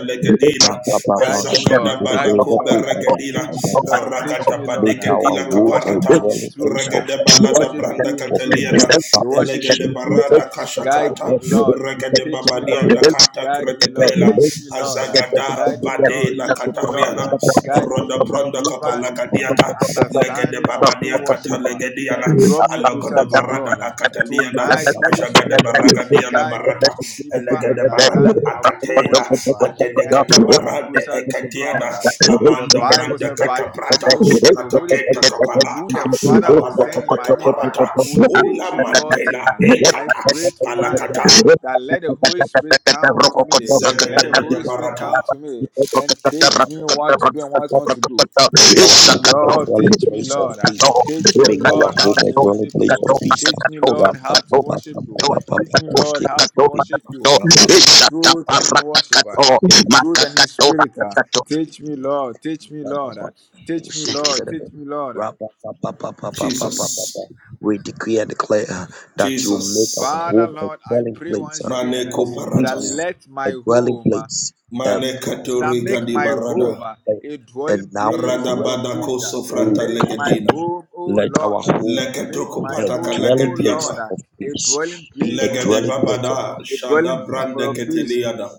Speaker 3: ra
Speaker 2: legadila.
Speaker 3: ba ba ba
Speaker 4: Guide me,
Speaker 3: shiki
Speaker 2: Azagada
Speaker 4: Lord. Guide me,
Speaker 2: balako
Speaker 4: Lord. ah.
Speaker 2: beregadila.
Speaker 4: Teach me, Lord. Teach
Speaker 2: Aragada
Speaker 4: me, Lord,
Speaker 3: Make
Speaker 4: ah,
Speaker 3: our
Speaker 2: badegadila
Speaker 4: to
Speaker 3: womb a
Speaker 4: worship you
Speaker 2: kaparata
Speaker 4: in
Speaker 3: dwelling
Speaker 4: truth.
Speaker 3: place of
Speaker 4: ah,
Speaker 2: regede
Speaker 4: To
Speaker 3: peace
Speaker 2: balada
Speaker 4: worship
Speaker 2: branda
Speaker 4: you in
Speaker 3: for
Speaker 4: truth.
Speaker 3: peace.
Speaker 4: ah,
Speaker 2: kataliana
Speaker 4: To worship you
Speaker 2: elegede
Speaker 4: in truth. ah.
Speaker 2: barada
Speaker 4: Guide
Speaker 2: kashakata
Speaker 4: me, Lord.
Speaker 2: regede
Speaker 4: Teach me,
Speaker 2: babadia
Speaker 4: Lord. ah.
Speaker 2: dakata
Speaker 4: Guide me, Lord.
Speaker 2: kretepela
Speaker 7: you.
Speaker 4: Teach me, Lord. ah.
Speaker 2: azagada
Speaker 7: Thank
Speaker 4: Guide me, Lord.
Speaker 2: badela
Speaker 4: Teach me, Lord. ah.
Speaker 2: katariana
Speaker 4: Guide me
Speaker 2: roda
Speaker 4: into
Speaker 2: branda
Speaker 4: divine
Speaker 2: kapala gadiata legede
Speaker 4: understanding of true
Speaker 2: babadia kata
Speaker 4: worship uh,
Speaker 2: legediana
Speaker 4: and draw me closer
Speaker 2: alogodo
Speaker 4: to
Speaker 2: barada
Speaker 4: God. uh.
Speaker 2: akata. Kataliana,
Speaker 4: Tonight, Holy
Speaker 2: Ashagada
Speaker 4: Spirit, uh,
Speaker 2: Baragadiana
Speaker 4: guide me
Speaker 2: Barata,
Speaker 4: into deeper
Speaker 2: Elegada Barada
Speaker 4: understanding of true
Speaker 2: Akatela,
Speaker 4: worship uh,
Speaker 2: Adede
Speaker 4: and draw me
Speaker 2: Catabarade
Speaker 4: closer
Speaker 7: you.
Speaker 4: to
Speaker 2: Ekatiana,
Speaker 4: God. uh.
Speaker 7: Thank
Speaker 4: For the
Speaker 2: Amanda
Speaker 4: Bible
Speaker 2: Branda
Speaker 4: said, by the
Speaker 2: Cataprata,
Speaker 4: advocate, uh, the Holy
Speaker 2: Cataketa
Speaker 4: Spirit, uh, whom the
Speaker 2: Capamata,
Speaker 4: Father will
Speaker 2: Abada
Speaker 4: send in my name, uh,
Speaker 2: Cataparata,
Speaker 4: will teach
Speaker 2: Ula
Speaker 4: you all things.
Speaker 2: Mantela
Speaker 4: uh. I
Speaker 2: Ekata,
Speaker 4: pray tonight. uh,
Speaker 2: Palakata,
Speaker 4: that let the Holy Spirit come to me. Let the
Speaker 2: Zedede
Speaker 4: Holy Spirit
Speaker 2: Barata.
Speaker 4: come to me and teach me what to do and what not to do.
Speaker 3: Make
Speaker 4: Teach
Speaker 3: our
Speaker 4: me,
Speaker 3: home a
Speaker 4: Lord,
Speaker 3: dwelling
Speaker 4: teach me,
Speaker 3: place of
Speaker 4: Lord. uh,
Speaker 3: peace.
Speaker 4: Teach me,
Speaker 3: Make our
Speaker 4: Lord, how
Speaker 3: home
Speaker 4: to
Speaker 3: a dwelling
Speaker 4: worship
Speaker 3: place
Speaker 4: you.
Speaker 3: of peace.
Speaker 4: Teach me, Lord, how to worship you. Teach me, Lord, how to worship you in truth and in worship, uh, in truth and in spirit. uh. Teach me, Lord, teach me, Lord. uh,
Speaker 3: We
Speaker 4: Teach me,
Speaker 3: shake it to
Speaker 4: Lord,
Speaker 3: the
Speaker 4: teach
Speaker 3: bit.
Speaker 4: me, Lord. uh.
Speaker 3: Ra-ba-ba-ba-ba-ba-ba-ba-ba-ba.
Speaker 2: Jesus,
Speaker 3: We decree and declare uh, that you make our
Speaker 2: Jesus,
Speaker 4: Father,
Speaker 3: home a
Speaker 4: Lord, I
Speaker 3: dwelling
Speaker 4: pray
Speaker 3: place
Speaker 4: once
Speaker 3: uh,
Speaker 4: again uh,
Speaker 3: of
Speaker 2: Maneko
Speaker 4: that
Speaker 2: Parataya,
Speaker 3: peace,
Speaker 4: let
Speaker 3: a
Speaker 4: my
Speaker 3: dwelling
Speaker 4: home. uh,
Speaker 3: place, of peace.
Speaker 4: that
Speaker 2: Manekatori
Speaker 4: make
Speaker 2: Gadi
Speaker 3: We
Speaker 4: my
Speaker 3: decree
Speaker 4: home
Speaker 3: and
Speaker 2: Barada,
Speaker 4: uh,
Speaker 3: declare,
Speaker 4: a
Speaker 3: and
Speaker 4: dwelling
Speaker 3: now and
Speaker 4: place for your
Speaker 2: Radabada
Speaker 3: forevermore.
Speaker 4: pleasure.
Speaker 2: Koso
Speaker 3: Oh
Speaker 2: Frata
Speaker 4: Make my
Speaker 3: God,
Speaker 2: Legadina.
Speaker 4: home, O
Speaker 3: let
Speaker 4: Lord,
Speaker 3: our
Speaker 4: uh,
Speaker 3: home
Speaker 4: make
Speaker 2: Leketoko
Speaker 3: be
Speaker 4: my
Speaker 3: a
Speaker 2: pataka
Speaker 4: home, O
Speaker 3: dwelling
Speaker 2: legediata.
Speaker 3: place
Speaker 4: Lord, uh,
Speaker 3: of
Speaker 4: a
Speaker 3: peace,
Speaker 4: dwelling
Speaker 3: be
Speaker 4: place
Speaker 3: a
Speaker 4: for your
Speaker 2: Legede
Speaker 3: dwelling place
Speaker 4: pleasure.
Speaker 3: of
Speaker 2: babada
Speaker 4: A
Speaker 3: peace.
Speaker 4: dwelling
Speaker 2: shada
Speaker 4: place for
Speaker 2: brande
Speaker 4: your peace.
Speaker 2: keteliada.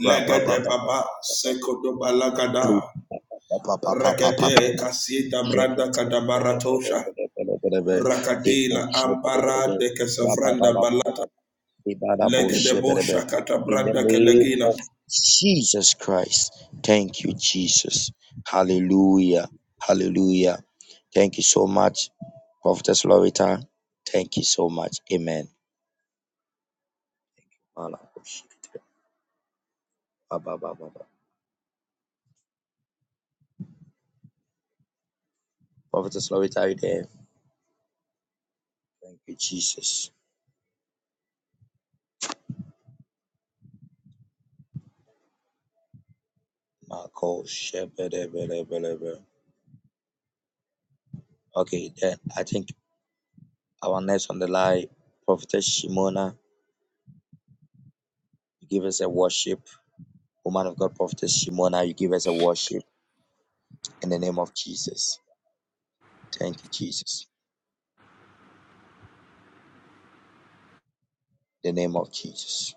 Speaker 2: Legede baba sekodo balagada. Rekete
Speaker 3: Ra-ba-ba-ba-ba-ba-ba.
Speaker 2: kasita
Speaker 3: In
Speaker 2: branda kadabaratosha. Rakadila ampara de kesafranda bala. Legede bosha
Speaker 3: the
Speaker 2: katabranda
Speaker 3: name
Speaker 2: kelegina.
Speaker 3: of Jesus Christ. Thank you, Jesus. Hallelujah. Hallelujah. Thank you so much, Prophetess Lorita. Thank you so much. Amen. Prophetess Lorita, are you there? Thank you, Jesus. Marco, Shebede, bede, bede, bede. Okay, then I think Our next on the line, Prophetess Shimona, you give us a worship. Woman of God, Prophetess Shimona, you give us a worship in the name of Jesus. Thank you, Jesus. In the name of Jesus.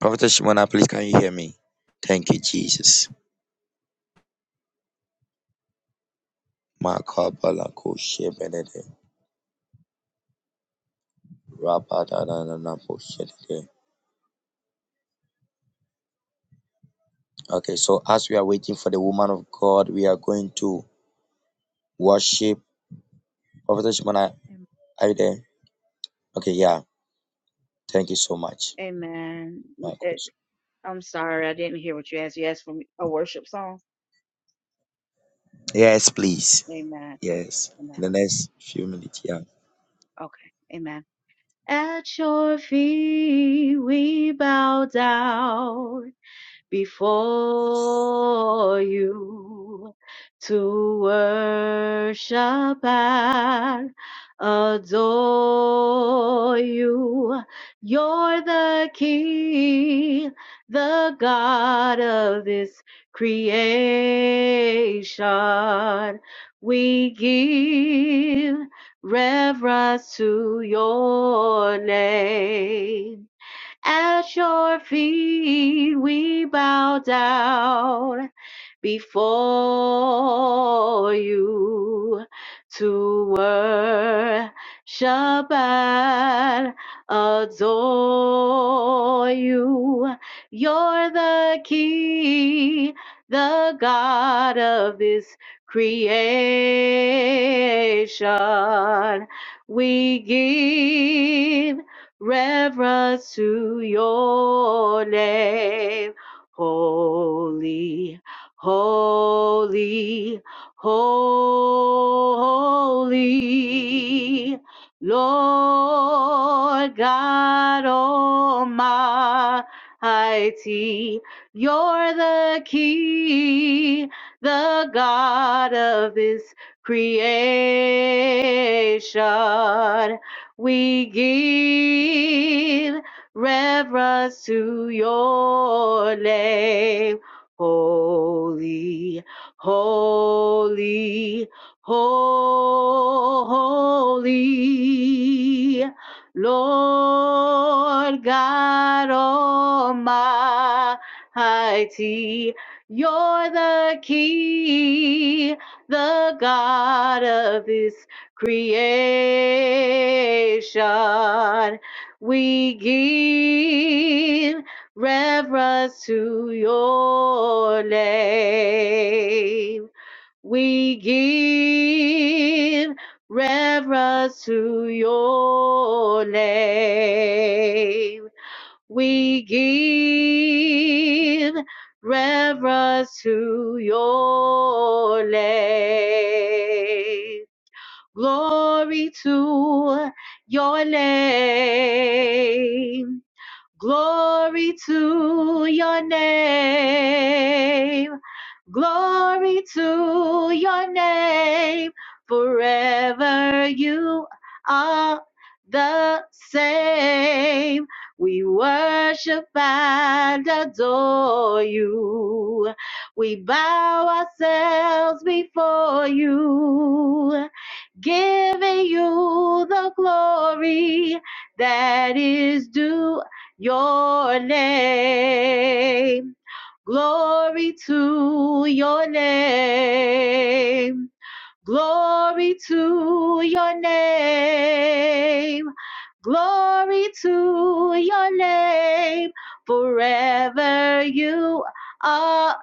Speaker 3: Prophetess Shimona, please can you hear me? Thank you, Jesus. Makabalako shebenede, rabadananapo shedede. Okay, so as we are waiting for the woman of God, we are going to worship. Prophetess Shimona, are you there? Okay, yeah. Thank you so much. Marcos. Yes, please.
Speaker 5: Amen.
Speaker 3: Yes,
Speaker 5: Amen.
Speaker 3: in the next few minutes. Yeah.
Speaker 5: Okay. Amen. At your feet we bow down
Speaker 3: Yes.
Speaker 5: before you to worship and adore you. You're the King, the God of this creation. We give reverence to your name. At your feet we bow down before you to worship and adore you. You're the King, the God of this creation. We give reverence to your name, holy. Holy, holy, Lord God Almighty, you're the King, the God of His creation. We give reverence to your name holy, holy, holy. Lord God Almighty, you're the key, the God of this creation. We give reverence to your name. We give reverence to your name. We give reverence to your name. Glory to your name. Glory to your name. Glory to your name. Forever you are the same. We worship and adore you. We bow ourselves before you, giving you the glory that is due your name. Glory to your name. Glory to your name. Glory to your name. Forever you are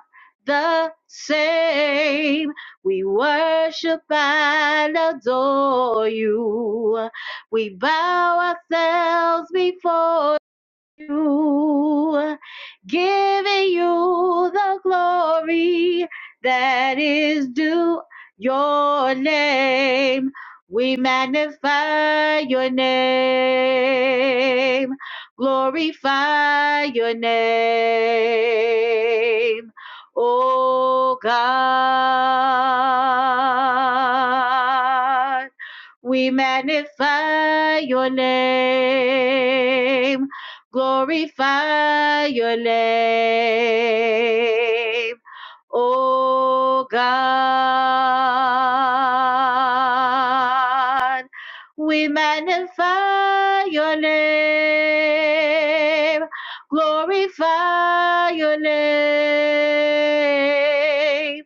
Speaker 5: the same. We worship and adore you. We bow ourselves before you, giving you the glory that is due your name. We magnify your name, glorify your name, O God. We magnify your name glorify your name, O God. We magnify your name, glorify your name,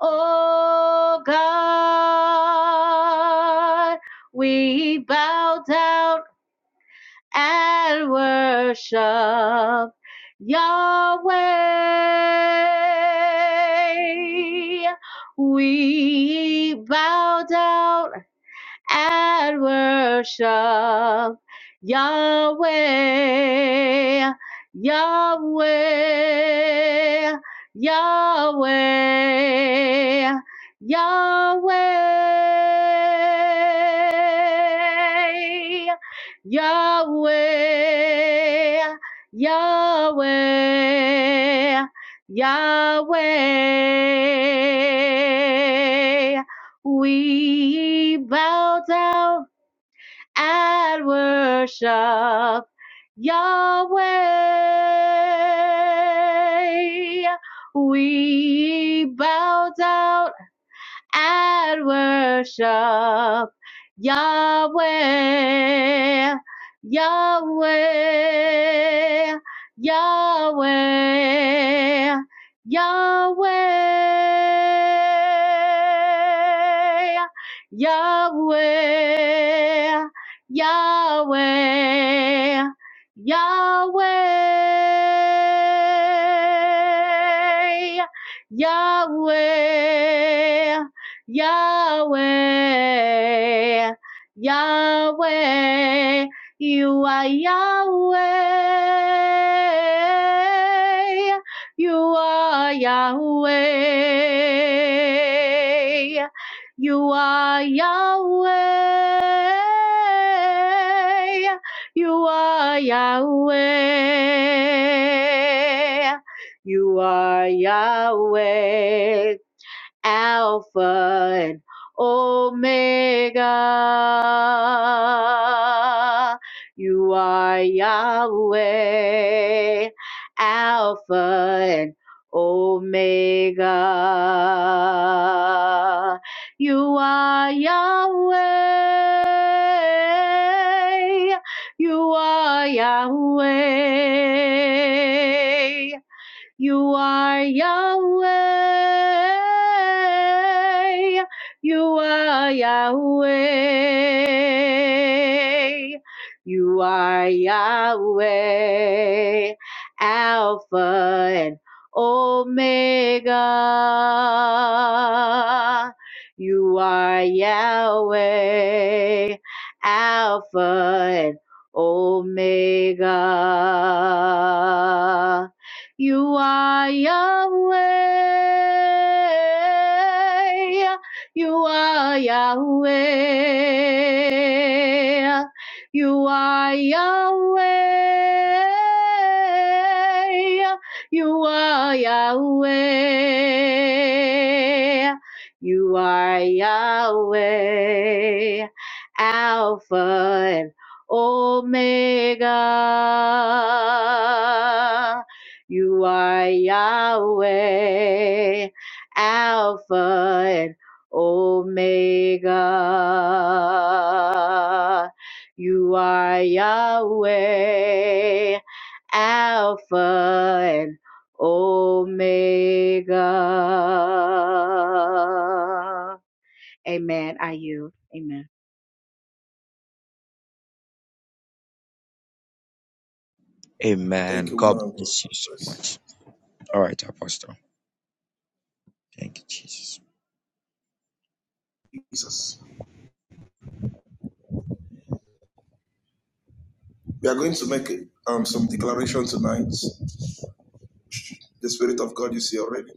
Speaker 5: O God. We bow down and worship Yahweh. We bow down and worship Yahweh, Yahweh, Yahweh, Yahweh, Yahweh, Yahweh, Yahweh. We bow down and worship Yahweh. We bow down and worship Yahweh, Yahweh, Yahweh, Yahweh, Yahweh, Yahweh, Yahweh. Yahweh, Yahweh, Yahweh, you are Yahweh, you are Yahweh, you are Yahweh, you are Yahweh, you are Yahweh. Alpha and Omega. You are Yahweh, Alpha and Omega. You are Yahweh. You are Yahweh. You are Yahweh. You are Yahweh. You are Yahweh. Alpha and Omega. You are Yahweh, Alpha and Omega. You are Yahweh. You are Yahweh. You are Yahweh. You are Yahweh. You are Yahweh. Alpha and Omega. You are Yahweh, Alpha and Omega. You are Yahweh, Alpha and Omega. Amen. I you. Amen.
Speaker 2: Thank
Speaker 3: Amen.
Speaker 2: you,
Speaker 3: God
Speaker 2: woman of God.
Speaker 3: bless you
Speaker 2: God
Speaker 3: so
Speaker 2: bless.
Speaker 3: much. All right, Apostle. Thank you, Jesus.
Speaker 2: Jesus. We are going to make um, some declaration tonight. The Spirit of God is here already.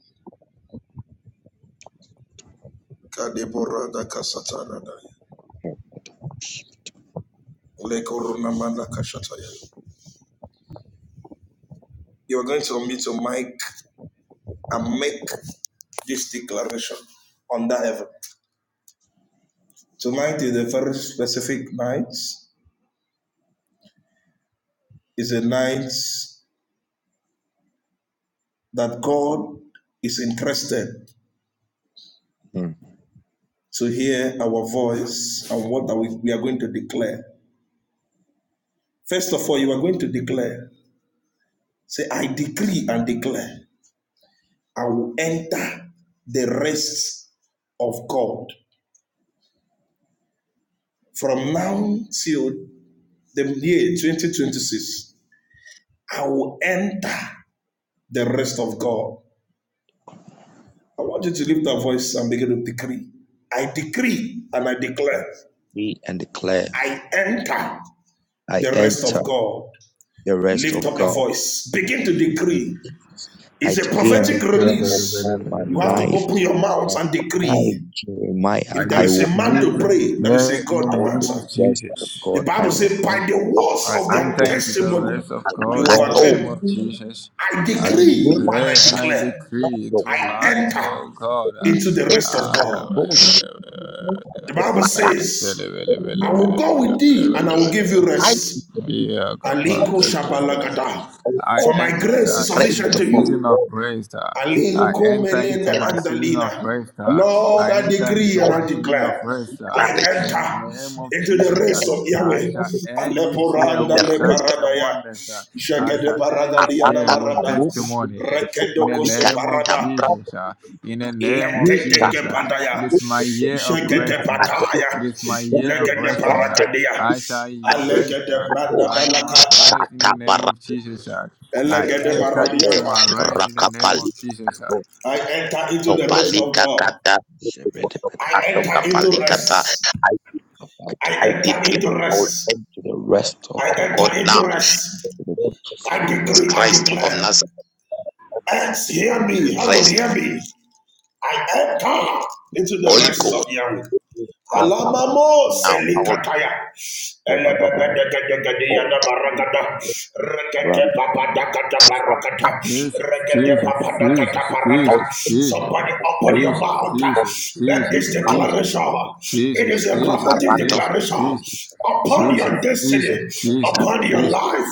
Speaker 2: You are going to unmute your mic and make this declaration under heaven. Tonight is a very specific night. It's a night that God is interested
Speaker 3: Mm.
Speaker 2: to hear our voice and what that we, we are going to declare. First of all, you are going to declare. Say, I decree and declare, I will enter the rest of God from now till the year 2026. I will enter the rest of God. I want you to lift your voice and begin to decree. I decree and I declare,
Speaker 3: Decree and declare
Speaker 2: I enter
Speaker 3: I
Speaker 2: the rest
Speaker 3: enter
Speaker 2: of God.
Speaker 3: the rest
Speaker 2: Lift
Speaker 3: of
Speaker 2: up your
Speaker 3: God.
Speaker 2: voice. Begin to
Speaker 3: in the name of-
Speaker 2: decree.
Speaker 3: I
Speaker 2: It's a
Speaker 4: I
Speaker 3: decree and
Speaker 2: prophetic
Speaker 4: shall
Speaker 3: declare
Speaker 4: very,
Speaker 2: release.
Speaker 4: very,
Speaker 3: upon
Speaker 4: very,
Speaker 3: my
Speaker 2: You have to
Speaker 4: very-
Speaker 3: life
Speaker 2: open your mouth
Speaker 3: that
Speaker 2: and decree.
Speaker 3: I, Jeremiah,
Speaker 4: I
Speaker 2: If there
Speaker 3: I
Speaker 2: is a
Speaker 3: will
Speaker 2: man
Speaker 4: decree
Speaker 2: to
Speaker 3: enter
Speaker 4: and I
Speaker 2: pray, there is
Speaker 4: declare
Speaker 2: a
Speaker 4: in the
Speaker 2: God to
Speaker 7: you.
Speaker 4: name
Speaker 2: answer.
Speaker 4: of
Speaker 3: the rest of
Speaker 4: Jesus.
Speaker 2: The
Speaker 3: God. I
Speaker 2: Bible
Speaker 3: will
Speaker 2: says, by
Speaker 3: enter
Speaker 2: the words
Speaker 4: I
Speaker 2: of
Speaker 3: the
Speaker 2: their
Speaker 4: enter
Speaker 7: Kato,
Speaker 4: into
Speaker 3: rest
Speaker 4: the
Speaker 2: testimony,
Speaker 3: of
Speaker 4: rest of
Speaker 3: the
Speaker 2: they
Speaker 4: God in the
Speaker 3: Lord.
Speaker 7: kato,
Speaker 4: name
Speaker 2: overcame
Speaker 4: of
Speaker 3: And
Speaker 8: Thank
Speaker 4: Jesus.
Speaker 2: I
Speaker 3: I
Speaker 4: I
Speaker 3: decree and
Speaker 2: decree
Speaker 7: nima
Speaker 2: and I
Speaker 4: declare and
Speaker 7: shato,
Speaker 4: I
Speaker 2: declare,
Speaker 4: decree
Speaker 2: I
Speaker 4: tonight,
Speaker 2: enter
Speaker 4: oh God.
Speaker 2: into the
Speaker 7: e
Speaker 2: rest of
Speaker 4: uh,
Speaker 2: God.
Speaker 7: kakakatoshto,
Speaker 4: I,
Speaker 2: The Bible
Speaker 3: declare my
Speaker 4: Antele
Speaker 2: says,
Speaker 4: vele vele
Speaker 2: I will
Speaker 4: vele
Speaker 2: go with
Speaker 4: vele
Speaker 2: thee and
Speaker 3: name.
Speaker 4: vele
Speaker 2: I will
Speaker 7: eh.
Speaker 4: vele
Speaker 2: give you
Speaker 4: vele.
Speaker 7: I
Speaker 2: rest.
Speaker 7: believe
Speaker 4: Yeah, kappa,
Speaker 2: Aliko
Speaker 4: bada, bada, bada,
Speaker 2: shabalagada.
Speaker 4: bada.
Speaker 7: on
Speaker 4: I
Speaker 2: For
Speaker 7: all
Speaker 2: my
Speaker 7: the
Speaker 2: grace is
Speaker 4: enter into
Speaker 7: rest
Speaker 2: sufficient
Speaker 4: the
Speaker 2: to
Speaker 7: of
Speaker 2: you
Speaker 4: season of
Speaker 7: God
Speaker 4: rest. uh. I enter into
Speaker 2: Alirukumelena
Speaker 7: in
Speaker 4: my
Speaker 7: the
Speaker 4: season of
Speaker 2: andalina.
Speaker 4: rest. uh.
Speaker 2: Lord,
Speaker 4: I
Speaker 2: I
Speaker 4: enter
Speaker 2: decree
Speaker 4: into
Speaker 2: and
Speaker 7: world
Speaker 4: my
Speaker 2: I
Speaker 4: season
Speaker 2: declare.
Speaker 4: of rest. uh.
Speaker 2: I
Speaker 7: generation
Speaker 4: In the
Speaker 2: enter
Speaker 4: name of
Speaker 2: into the
Speaker 4: Jesus,
Speaker 7: and
Speaker 4: uh,
Speaker 2: rest of
Speaker 4: I
Speaker 2: Yahweh.
Speaker 4: shall
Speaker 8: you.
Speaker 4: end this
Speaker 7: enter to
Speaker 4: year
Speaker 2: Aleporanda
Speaker 7: the
Speaker 4: with
Speaker 7: rest
Speaker 4: signs
Speaker 7: of
Speaker 4: and
Speaker 2: leparadaya.
Speaker 4: wonders. uh. I
Speaker 2: Jagade
Speaker 4: shall end this
Speaker 2: paragadia
Speaker 4: year
Speaker 7: Arata
Speaker 4: with
Speaker 2: namarada.
Speaker 7: Kamuda
Speaker 4: testimony. In the
Speaker 2: Rekedoko
Speaker 7: Kukubabika
Speaker 4: name of
Speaker 2: soparada.
Speaker 7: Katabra
Speaker 4: Jesus. uh. In the name of
Speaker 7: Nika
Speaker 4: Jesus.
Speaker 2: Leteteke
Speaker 4: uh. It
Speaker 2: padaya.
Speaker 4: is my year of
Speaker 2: Jagade
Speaker 7: Kukubabika
Speaker 4: resting. uh.
Speaker 7: Kato
Speaker 2: pataya.
Speaker 4: It is my year of
Speaker 2: Legede
Speaker 4: resting.
Speaker 7: Rato
Speaker 4: uh.
Speaker 2: paragadia.
Speaker 4: I shall rest. uh,
Speaker 2: Alegede branda
Speaker 4: I must
Speaker 2: balakata.
Speaker 4: rise in the name of
Speaker 7: Tabarakate
Speaker 4: Jesus. I
Speaker 2: Elegede
Speaker 4: enter into
Speaker 2: paradiata.
Speaker 4: my rest in the name of
Speaker 7: Rakapalito
Speaker 4: Jesus.
Speaker 2: I enter into the rest of
Speaker 7: Tobalika
Speaker 2: God.
Speaker 7: Kata
Speaker 3: Shepherd,
Speaker 7: Kukukoto
Speaker 3: shepherd,
Speaker 2: I
Speaker 7: Kato
Speaker 2: enter into
Speaker 3: shepherd.
Speaker 7: Kapalikata
Speaker 2: rest.
Speaker 3: I
Speaker 2: I
Speaker 7: I
Speaker 3: decree
Speaker 2: enter
Speaker 7: declare
Speaker 2: into
Speaker 7: all
Speaker 2: rest.
Speaker 7: end
Speaker 3: to the rest of
Speaker 2: I
Speaker 7: of
Speaker 3: the Lord.
Speaker 7: God
Speaker 2: enter
Speaker 7: now.
Speaker 2: into rest.
Speaker 7: Let
Speaker 3: Jesus.
Speaker 2: I decree, I
Speaker 7: Christ of
Speaker 2: declare.
Speaker 7: Nazareth,
Speaker 2: Earth, hear me. Heaven,
Speaker 7: rest
Speaker 2: hear
Speaker 7: of
Speaker 2: me. I enter into
Speaker 3: I
Speaker 2: the
Speaker 7: Holy
Speaker 2: rest
Speaker 7: Ghost,
Speaker 2: of Yahweh.
Speaker 7: back
Speaker 2: Alamamo
Speaker 7: now, all
Speaker 2: selikataya. Elebebedegedegedeya da
Speaker 7: hold
Speaker 2: baragada. Regede papadakata
Speaker 7: from
Speaker 2: barakata.
Speaker 4: Jesus.
Speaker 2: Regede
Speaker 4: Jesus.
Speaker 2: papadakata
Speaker 4: Jesus.
Speaker 2: barata.
Speaker 7: all
Speaker 4: Jesus. Jesus.
Speaker 2: Somebody
Speaker 7: all
Speaker 2: open your
Speaker 4: Jesus.
Speaker 2: mouth.
Speaker 7: of
Speaker 2: Make
Speaker 4: Jesus.
Speaker 7: you
Speaker 2: this declaration. It
Speaker 4: Jesus. Jesus.
Speaker 2: is a
Speaker 4: Jesus.
Speaker 7: are
Speaker 2: prophetic
Speaker 7: around of
Speaker 4: Jesus.
Speaker 2: declaration
Speaker 4: Jesus.
Speaker 2: upon
Speaker 4: Jesus.
Speaker 2: your destiny,
Speaker 7: God
Speaker 2: upon your
Speaker 4: Jesus. Jesus.
Speaker 2: life,